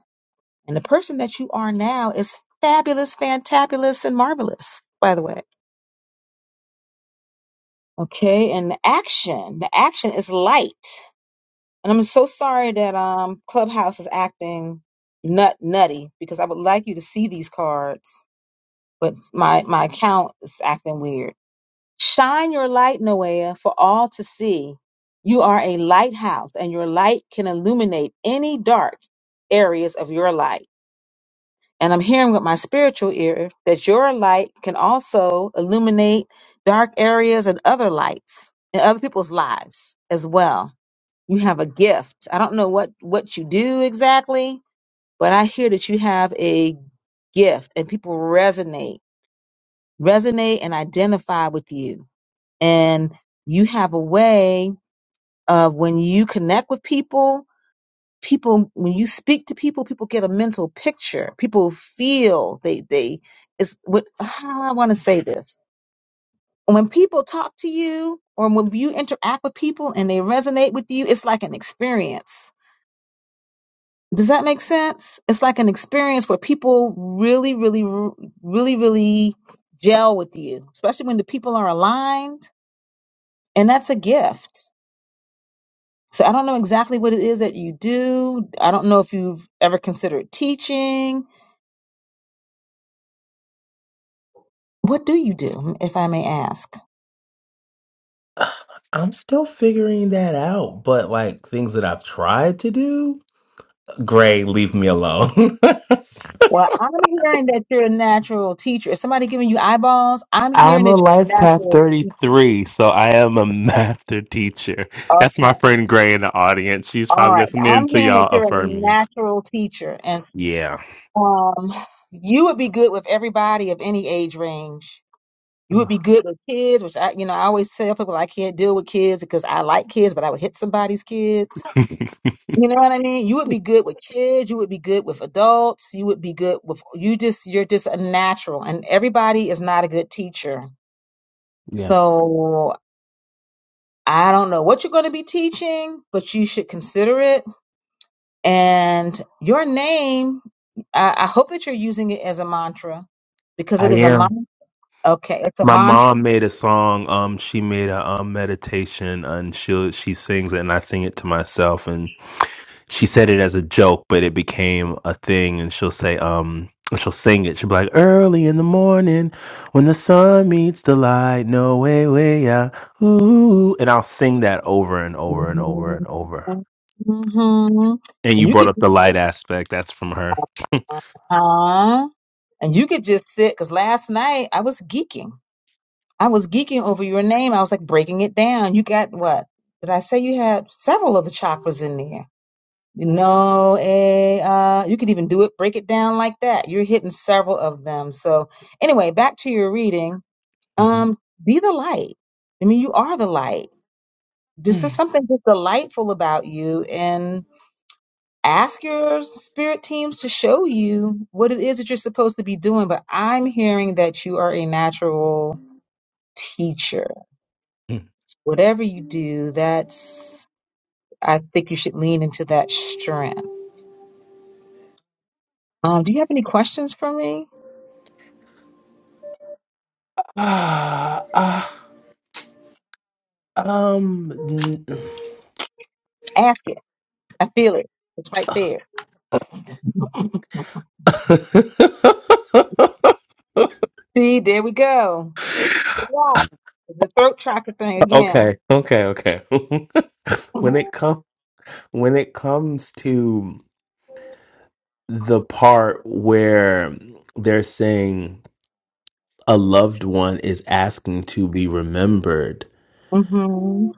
Speaker 5: And the person that you are now is fabulous, fantabulous, and marvelous, by the way. Okay, and the action. The action is light. And I'm so sorry that um Clubhouse is acting nut nutty because I would like you to see these cards, but my my account is acting weird. Shine your light, Noah, for all to see. You are a lighthouse, and your light can illuminate any dark areas of your life and I'm hearing with my spiritual ear that your light can also illuminate dark areas and other lights in other people's lives as well. You have a gift. I don't know what what you do exactly, but I hear that you have a gift and people resonate, resonate and identify with you. And you have a way of when you connect with people people when you speak to people people get a mental picture people feel they they is what how do i want to say this when people talk to you or when you interact with people and they resonate with you it's like an experience does that make sense it's like an experience where people really really really really gel with you especially when the people are aligned and that's a gift so i don't know exactly what it is that you do i don't know if you've ever considered teaching What do you do, if I may ask?
Speaker 11: *sighs* Uh, I'm still figuring that out, but like things that I've tried to do, Gray, leave me alone.
Speaker 5: Well, I'm hearing that you're a natural teacher. Is somebody giving you eyeballs? I'm
Speaker 11: *laughs*
Speaker 5: hearing
Speaker 11: I'm a
Speaker 5: that you're
Speaker 11: life
Speaker 5: a
Speaker 11: path
Speaker 5: natural teacher.
Speaker 11: 33, so I am a master teacher. That's my
Speaker 5: Okay.
Speaker 11: friend Gray in the audience. She's
Speaker 5: All
Speaker 11: probably
Speaker 5: right.
Speaker 11: listening
Speaker 5: I'm
Speaker 11: to
Speaker 5: hearing that
Speaker 11: y'all
Speaker 5: you're a
Speaker 11: affirming.
Speaker 5: natural teacher and
Speaker 11: Yeah.
Speaker 5: um you would be good with everybody of any age range. You would be good with kids, which I you know, I always tell people I can't deal with kids because I like kids, but I would hit somebody's kids. You know
Speaker 11: *laughs*
Speaker 5: what I mean? You would be good with kids. You would be good with adults. You would be good with you. Just you're just a natural, and everybody is not a good teacher.
Speaker 11: yeah.
Speaker 5: So I don't know what you're going to be teaching, but you should consider it. And your name, I, I hope that you're using it as a mantra, because
Speaker 11: I
Speaker 5: it is a
Speaker 11: am.
Speaker 5: mantra. Okay, it's a
Speaker 11: My
Speaker 5: mantra.
Speaker 11: mom made a song. Um, she made a um meditation, and she she sings it, and I sing it to myself, and. she said it as a joke, but it became a thing. And she'll say, um, she'll sing it. She'll be like, early in the morning when the sun meets the light, no way, way out. Ooh. And I'll sing that over and over and over and over.
Speaker 5: hmm
Speaker 11: And
Speaker 5: And
Speaker 11: you
Speaker 5: you
Speaker 11: brought
Speaker 5: could,
Speaker 11: up the light aspect. That's from her.
Speaker 5: uh, and you could just sit. Because last night I was geeking. I was geeking over your name. I was like breaking it down. You got what? Did I say you had several of the chakras in there? No, eh, uh, you could even do it, break it down like that. You're hitting several of them. So anyway, back to your reading.
Speaker 11: Mhm.
Speaker 5: Um, be the light. I mean, you are the light. This is
Speaker 11: Mm.
Speaker 5: something that's delightful about you and ask your spirit teams to show you what it is that you're supposed to be doing. But I'm hearing that you are a natural teacher
Speaker 11: Mm.
Speaker 5: Whatever you do, that's I think you should lean into that strength. Um, do you have any questions for me?
Speaker 11: Ah, ah, *sighs* um. n-
Speaker 5: Ask it. I feel it. It's right there.
Speaker 11: *laughs*
Speaker 5: See, there we go. Yeah. The throat chakra thing again.
Speaker 11: okay, okay, okay. *laughs* when
Speaker 5: Mm-hmm.
Speaker 11: it comes when it comes to the part where they're saying a loved one is asking to be remembered.
Speaker 5: Mm-hmm.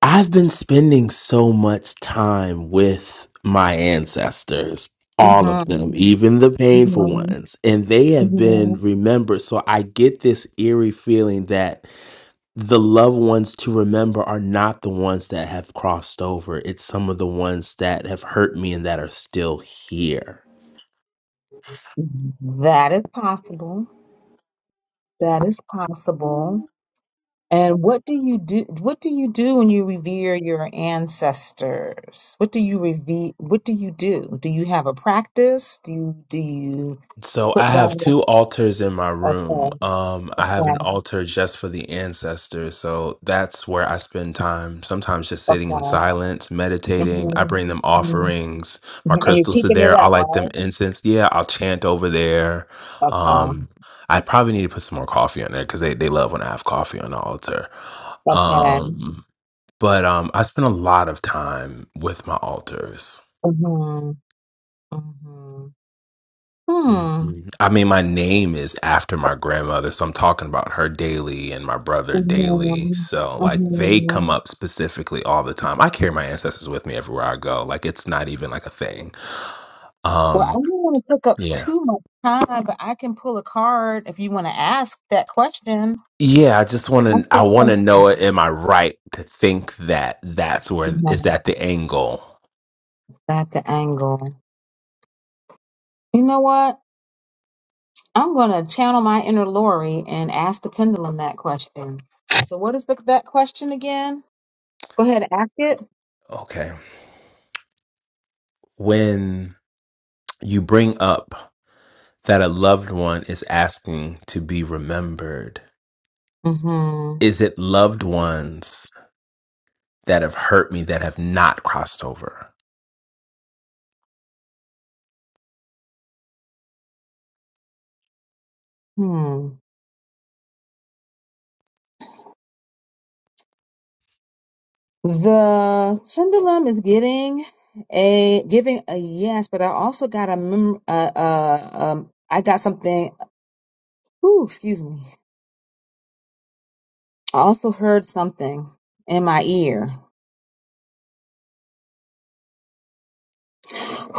Speaker 11: I've been spending so much time with my ancestors, all of them,
Speaker 5: Mm-hmm.
Speaker 11: even the painful ones, and they have
Speaker 5: Mm-hmm.
Speaker 11: been remembered. So I get this eerie feeling that the loved ones to remember are not the ones that have crossed over. It's some of the ones that have hurt me and that are still here.
Speaker 5: Mm-hmm. That is possible. That is possible. And what do you do? What do you do when you revere your ancestors? What do you revere? What do you do? Do you have a practice? Do you do you
Speaker 11: So
Speaker 5: put
Speaker 11: I have
Speaker 5: down
Speaker 11: two
Speaker 5: a
Speaker 11: altars in my
Speaker 5: a
Speaker 11: room.
Speaker 5: plan?
Speaker 11: Um,
Speaker 5: A
Speaker 11: I have an
Speaker 5: plan?
Speaker 11: altar just for the ancestors. So that's where I spend time, sometimes just
Speaker 5: A
Speaker 11: sitting in
Speaker 5: plan?
Speaker 11: silence, meditating. I
Speaker 5: hmm
Speaker 11: bring them
Speaker 5: hmm
Speaker 11: offerings. My
Speaker 5: And you're
Speaker 11: crystals are
Speaker 5: keeping it
Speaker 11: there. I
Speaker 5: up,
Speaker 11: light them
Speaker 5: right?
Speaker 11: incense. Yeah, I'll chant over there.
Speaker 5: A plan?
Speaker 11: Um, I probably need to put some more coffee on there because they, they love when I have coffee on the altar.
Speaker 5: A plan?
Speaker 11: Um, but um, I spend a lot of time with my altars.
Speaker 5: Mm-hmm, mm-hmm. Hmm.
Speaker 11: Mhm. I mean, my name is after my grandmother, so I'm talking about her daily and my brother
Speaker 5: hmm hmm
Speaker 11: daily.
Speaker 5: mm
Speaker 11: So, like, they
Speaker 5: Mm-hmm.
Speaker 11: come up specifically all the time. I carry my ancestors with me everywhere I go. Like, it's not even like a thing.
Speaker 5: Well, I
Speaker 11: Um,
Speaker 5: don't want to take up
Speaker 11: yeah.
Speaker 5: too much time, but I can pull a card if you want to ask that question.
Speaker 11: Yeah, I just want to
Speaker 5: What's
Speaker 11: I
Speaker 5: that
Speaker 11: want to know
Speaker 5: question?
Speaker 11: Am I right to think that that's where is
Speaker 5: No,
Speaker 11: that the angle?
Speaker 5: it's not the angle. You know what? I'm going to channel my inner Lori and ask the pendulum that question. So, what is the, that question again? Go ahead, ask it.
Speaker 11: Okay. When you bring up that a loved one is asking to be remembered,
Speaker 5: Mm-hmm.
Speaker 11: is it loved ones that have hurt me that have not crossed over?
Speaker 5: Hmm. The pendulum is getting a giving a yes, but I also got a mem- uh, uh um I got something. Ooh, excuse me. I also heard something in my ear. *sighs*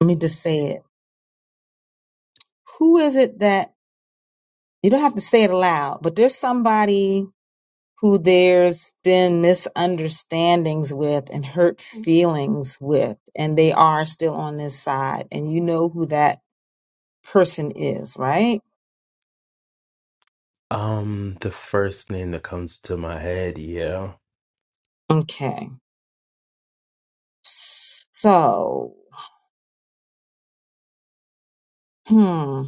Speaker 5: Let me just say it. Who is it that? you don't have to say it aloud, but there's somebody who there's been misunderstandings with and hurt feelings with, and they are still on this side, and you know who that person is, right?
Speaker 11: Um, the first name that comes to my head, yeah.
Speaker 5: Okay. So, hmm, are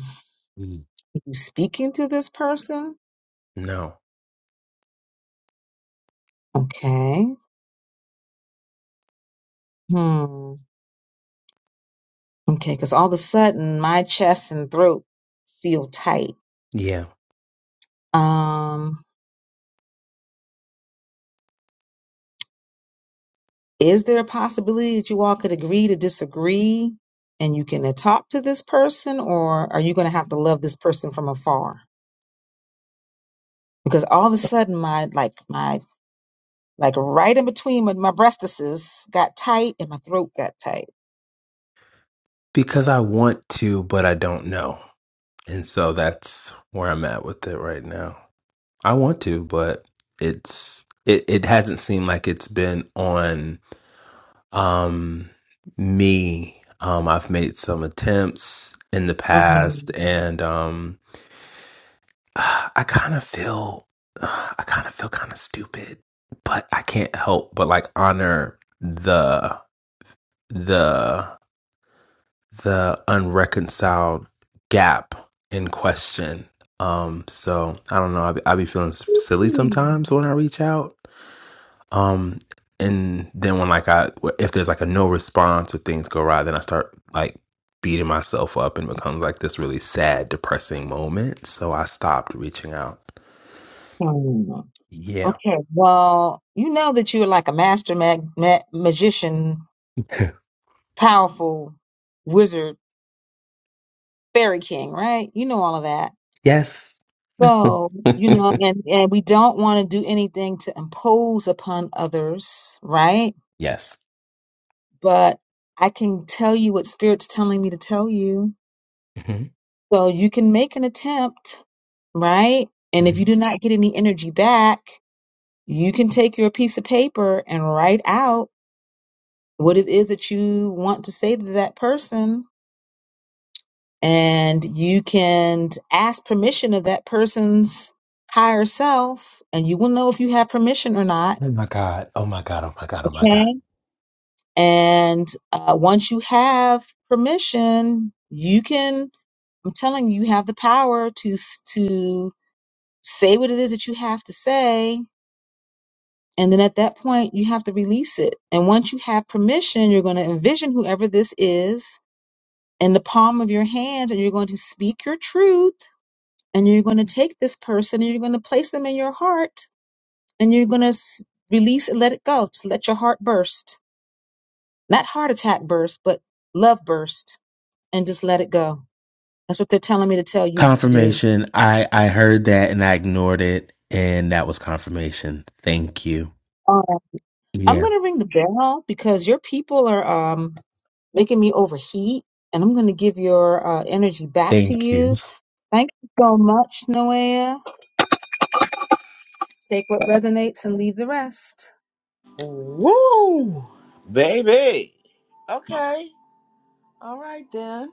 Speaker 11: Mm.
Speaker 5: you speaking to this person?
Speaker 11: No.
Speaker 5: Okay. Hmm. Okay, because all of a sudden my chest and throat feel tight.
Speaker 11: Yeah.
Speaker 5: Um, Is there a possibility that you all could agree to disagree and you can uh, talk to this person or are you going to have to love this person from afar? Because all of a sudden my like my like right in between my, my breastises got tight and my throat got tight.
Speaker 11: Because I want to, but I don't know. And so that's where I'm at with it right now. I want to, but it's it, it hasn't seemed like it's been on um me. Um I've made some attempts in the past
Speaker 5: Mhm.
Speaker 11: and um. *sighs* uh, I kind of feel, *sighs* uh, I kind of feel kind of stupid, but I can't help but like honor the the the unreconciled gap in question. Um, so I don't know. I be, I be feeling silly
Speaker 5: Hmm.
Speaker 11: sometimes when I reach out. Um, and then when like I if there's like a no response or things go right, then I start like beating myself up and becomes like this really sad, depressing moment. So I stopped reaching out.
Speaker 5: Hmm.
Speaker 11: Yeah.
Speaker 5: Okay. Well, you know that you're like a master mag- ma- magician, powerful wizard, fairy king, right? You know all of that.
Speaker 11: Yes.
Speaker 5: So, you know, and, and we don't want to do anything to impose upon others, right?
Speaker 11: Yes.
Speaker 5: But I can tell you what Spirit's telling me to tell you.
Speaker 11: hmm
Speaker 5: So you can make an attempt, right? And if you
Speaker 11: hmm
Speaker 5: do not get any energy back, you can take your piece of paper and write out what it is that you want to say to that person. And you can ask permission of that person's higher self, and you will know if you have permission or not.
Speaker 11: Oh my God. Oh my God. Oh my God. Oh my
Speaker 5: okay?
Speaker 11: God.
Speaker 5: And uh, once you have permission, you can. I'm telling you, you have the power to s- to say what it is that you have to say, and then at that point, you have to release it. And once you have permission, you're going to envision whoever this is in the palm of your hands, and you're going to speak your truth, and you're going to take this person, and you're going to place them in your heart, and you're going to s- release and let it go. Just let your heart burst, not heart attack burst, but love burst and just let it go. That's what they're telling me to tell you to do.
Speaker 11: Confirmation. I I heard that and I ignored it and that was confirmation. Thank you.
Speaker 5: Uh, I'm
Speaker 11: Yeah.
Speaker 5: going to ring the bell because your people are um, making me overheat, and I'm going to give your uh, energy back to
Speaker 11: Thank
Speaker 5: you.
Speaker 11: you.
Speaker 5: Thank you so much, Noea. Take what resonates and leave the rest.
Speaker 1: Woo! Baby. Okay. All right then.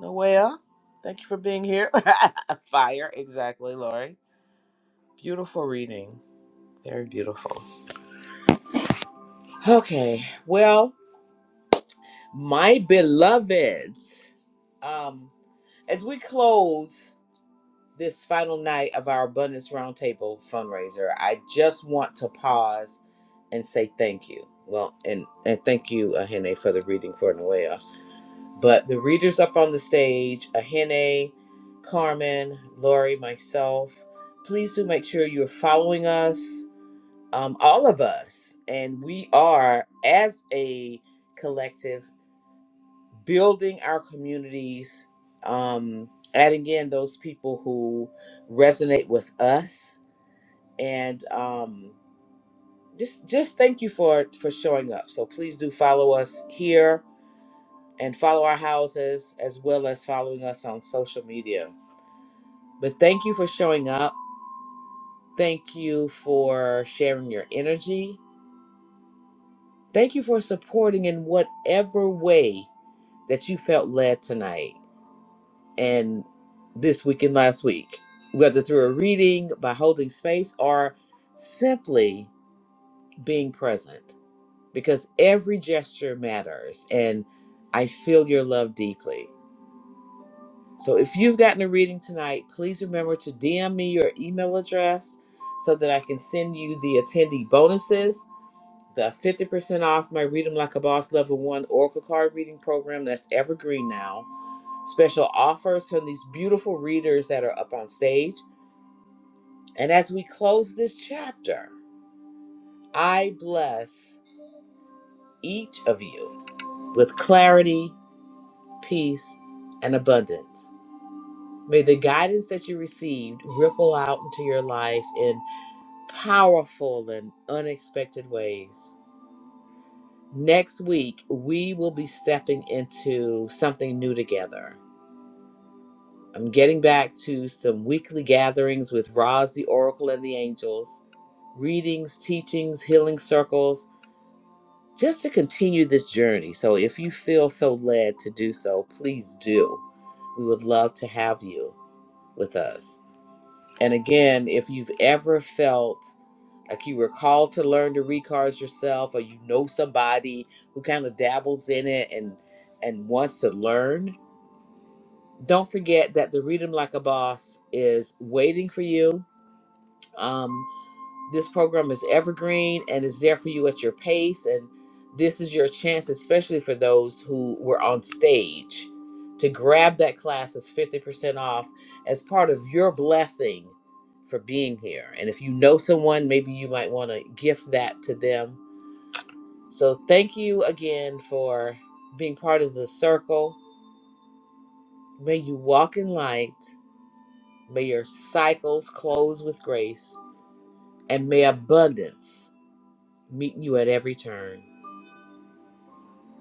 Speaker 1: Noelle, thank you for being here. *laughs* Fire, exactly, Lori. Beautiful reading. Very beautiful. Okay. Well, my beloveds, um, as we close this final night of our Abundance Roundtable fundraiser, I just want to pause and say thank you. Well, and, and thank you, Ahene, for the reading for Noelle But the readers up on the stage, Ahene, Carmen, Lori, myself, please do make sure you're following us, um, all of us. And we are, as a collective, building our communities, um, adding in those people who resonate with us. And um, just just thank you for for showing up. So please do follow us here and follow our houses as well as following us on social media. But thank you for showing up. Thank you for sharing your energy. Thank you for supporting in whatever way that you felt led tonight and this week and last week, whether through a reading, by holding space, or simply being present, because every gesture matters. And I feel your love deeply. So if you've gotten a reading tonight, please remember to DM me your email address so that I can send you the attendee bonuses, the 50% off my Read 'em Like a Boss Level 1 Oracle Card Reading Program that's evergreen now, special offers from these beautiful readers that are up on stage. And as we close this chapter, I bless each of you with clarity, peace, and abundance. May the guidance that you received ripple out into your life in powerful and unexpected ways. Next week, we will be stepping into something new together. I'm getting back to some weekly gatherings with Roz, the Oracle, and the Angels, readings, teachings, healing circles, just to continue this journey. So if you feel so led to do so, please do. We would love to have you with us. And again, if you've ever felt like you were called to learn to read cards yourself or you know somebody who kind of dabbles in it and and wants to learn don't forget that the read 'em like a boss is waiting for you Um, this program is evergreen and is there for you at your pace. And this is your chance, especially for those who were on stage, to grab that class as 50% off as part of your blessing for being here. And if you know someone, maybe you might want to gift that to them. So thank you again for being part of the circle. May you walk in light. May your cycles close with grace. And may abundance meet you at every turn.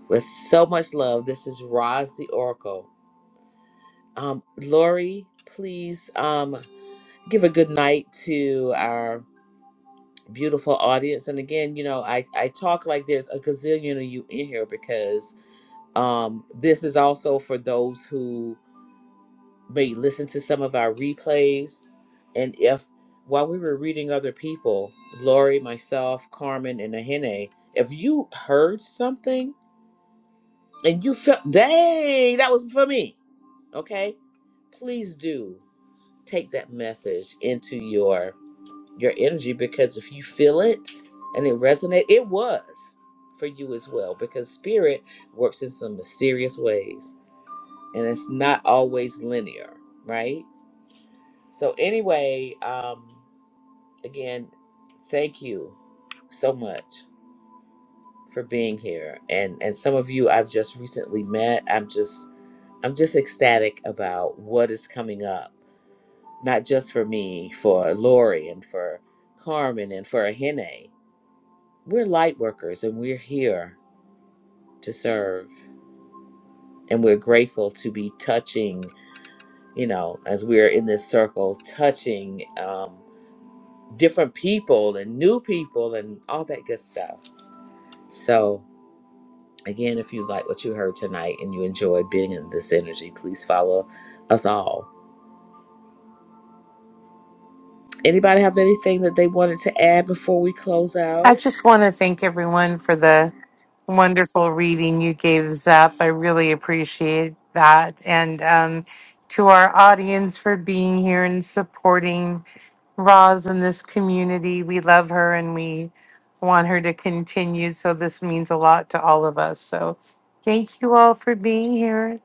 Speaker 1: with so much love. This is Roz the Oracle. Um, Lori, please um, give a good night to our beautiful audience. And again, you know, I, I talk like there's a gazillion of you in here because um, this is also for those who may listen to some of our replays. And if while we were reading other people, Lori, myself, Carmen, and Ahene, if you heard something and you felt, dang, that was for me okay please do take that message into your your energy because if you feel it and it resonates, it was for you as well because spirit works in some mysterious ways and it's not always linear right so anyway um again thank you so much for being here and and some of you I've just recently met I'm just I'm just ecstatic about what is coming up not just for me, for Lori and for Carmen and for Ahene. We're light workers and we're here to serve. And we're grateful to be touching, you know, as we're in this circle, touching um, different people and new people and all that good stuff. So, again, if you like what you heard tonight and you enjoyed being in this energy, please follow us all. Anybody have anything that they wanted to add before we close
Speaker 3: I
Speaker 1: out?
Speaker 3: just want to thank everyone for the wonderful reading you gave, Zep. I really appreciate that. And um, to our audience for being here and supporting Roz in this community. We love her and we want her to continue. So this means a lot to all of us. So thank you all for being here.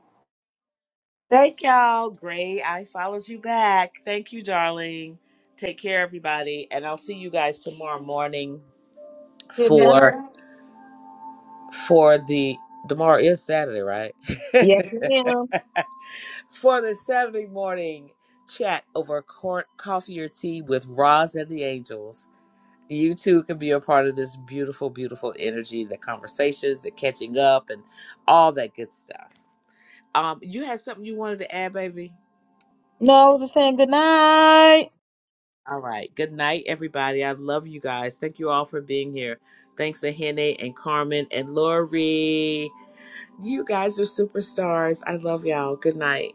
Speaker 1: Thank y'all. Gray, I follows you back. Thank you, darling. Take care, everybody, and I'll see you guys tomorrow morning
Speaker 5: Good
Speaker 1: for
Speaker 5: night.
Speaker 1: for the tomorrow is Saturday, right?
Speaker 5: Yes, ma'am.
Speaker 1: *laughs* for the Saturday morning chat over cor- coffee or tea with Roz and the Angels. You too can be a part of this beautiful, beautiful energy, the conversations, the catching up, and all that good stuff. Um, you had something you wanted to add, baby?
Speaker 5: No, I was just saying good night.
Speaker 1: All right. Good night, everybody. I love you guys. Thank you all for being here. Thanks to Hene and Carmen and Lori. You guys are superstars. I love y'all. Good night.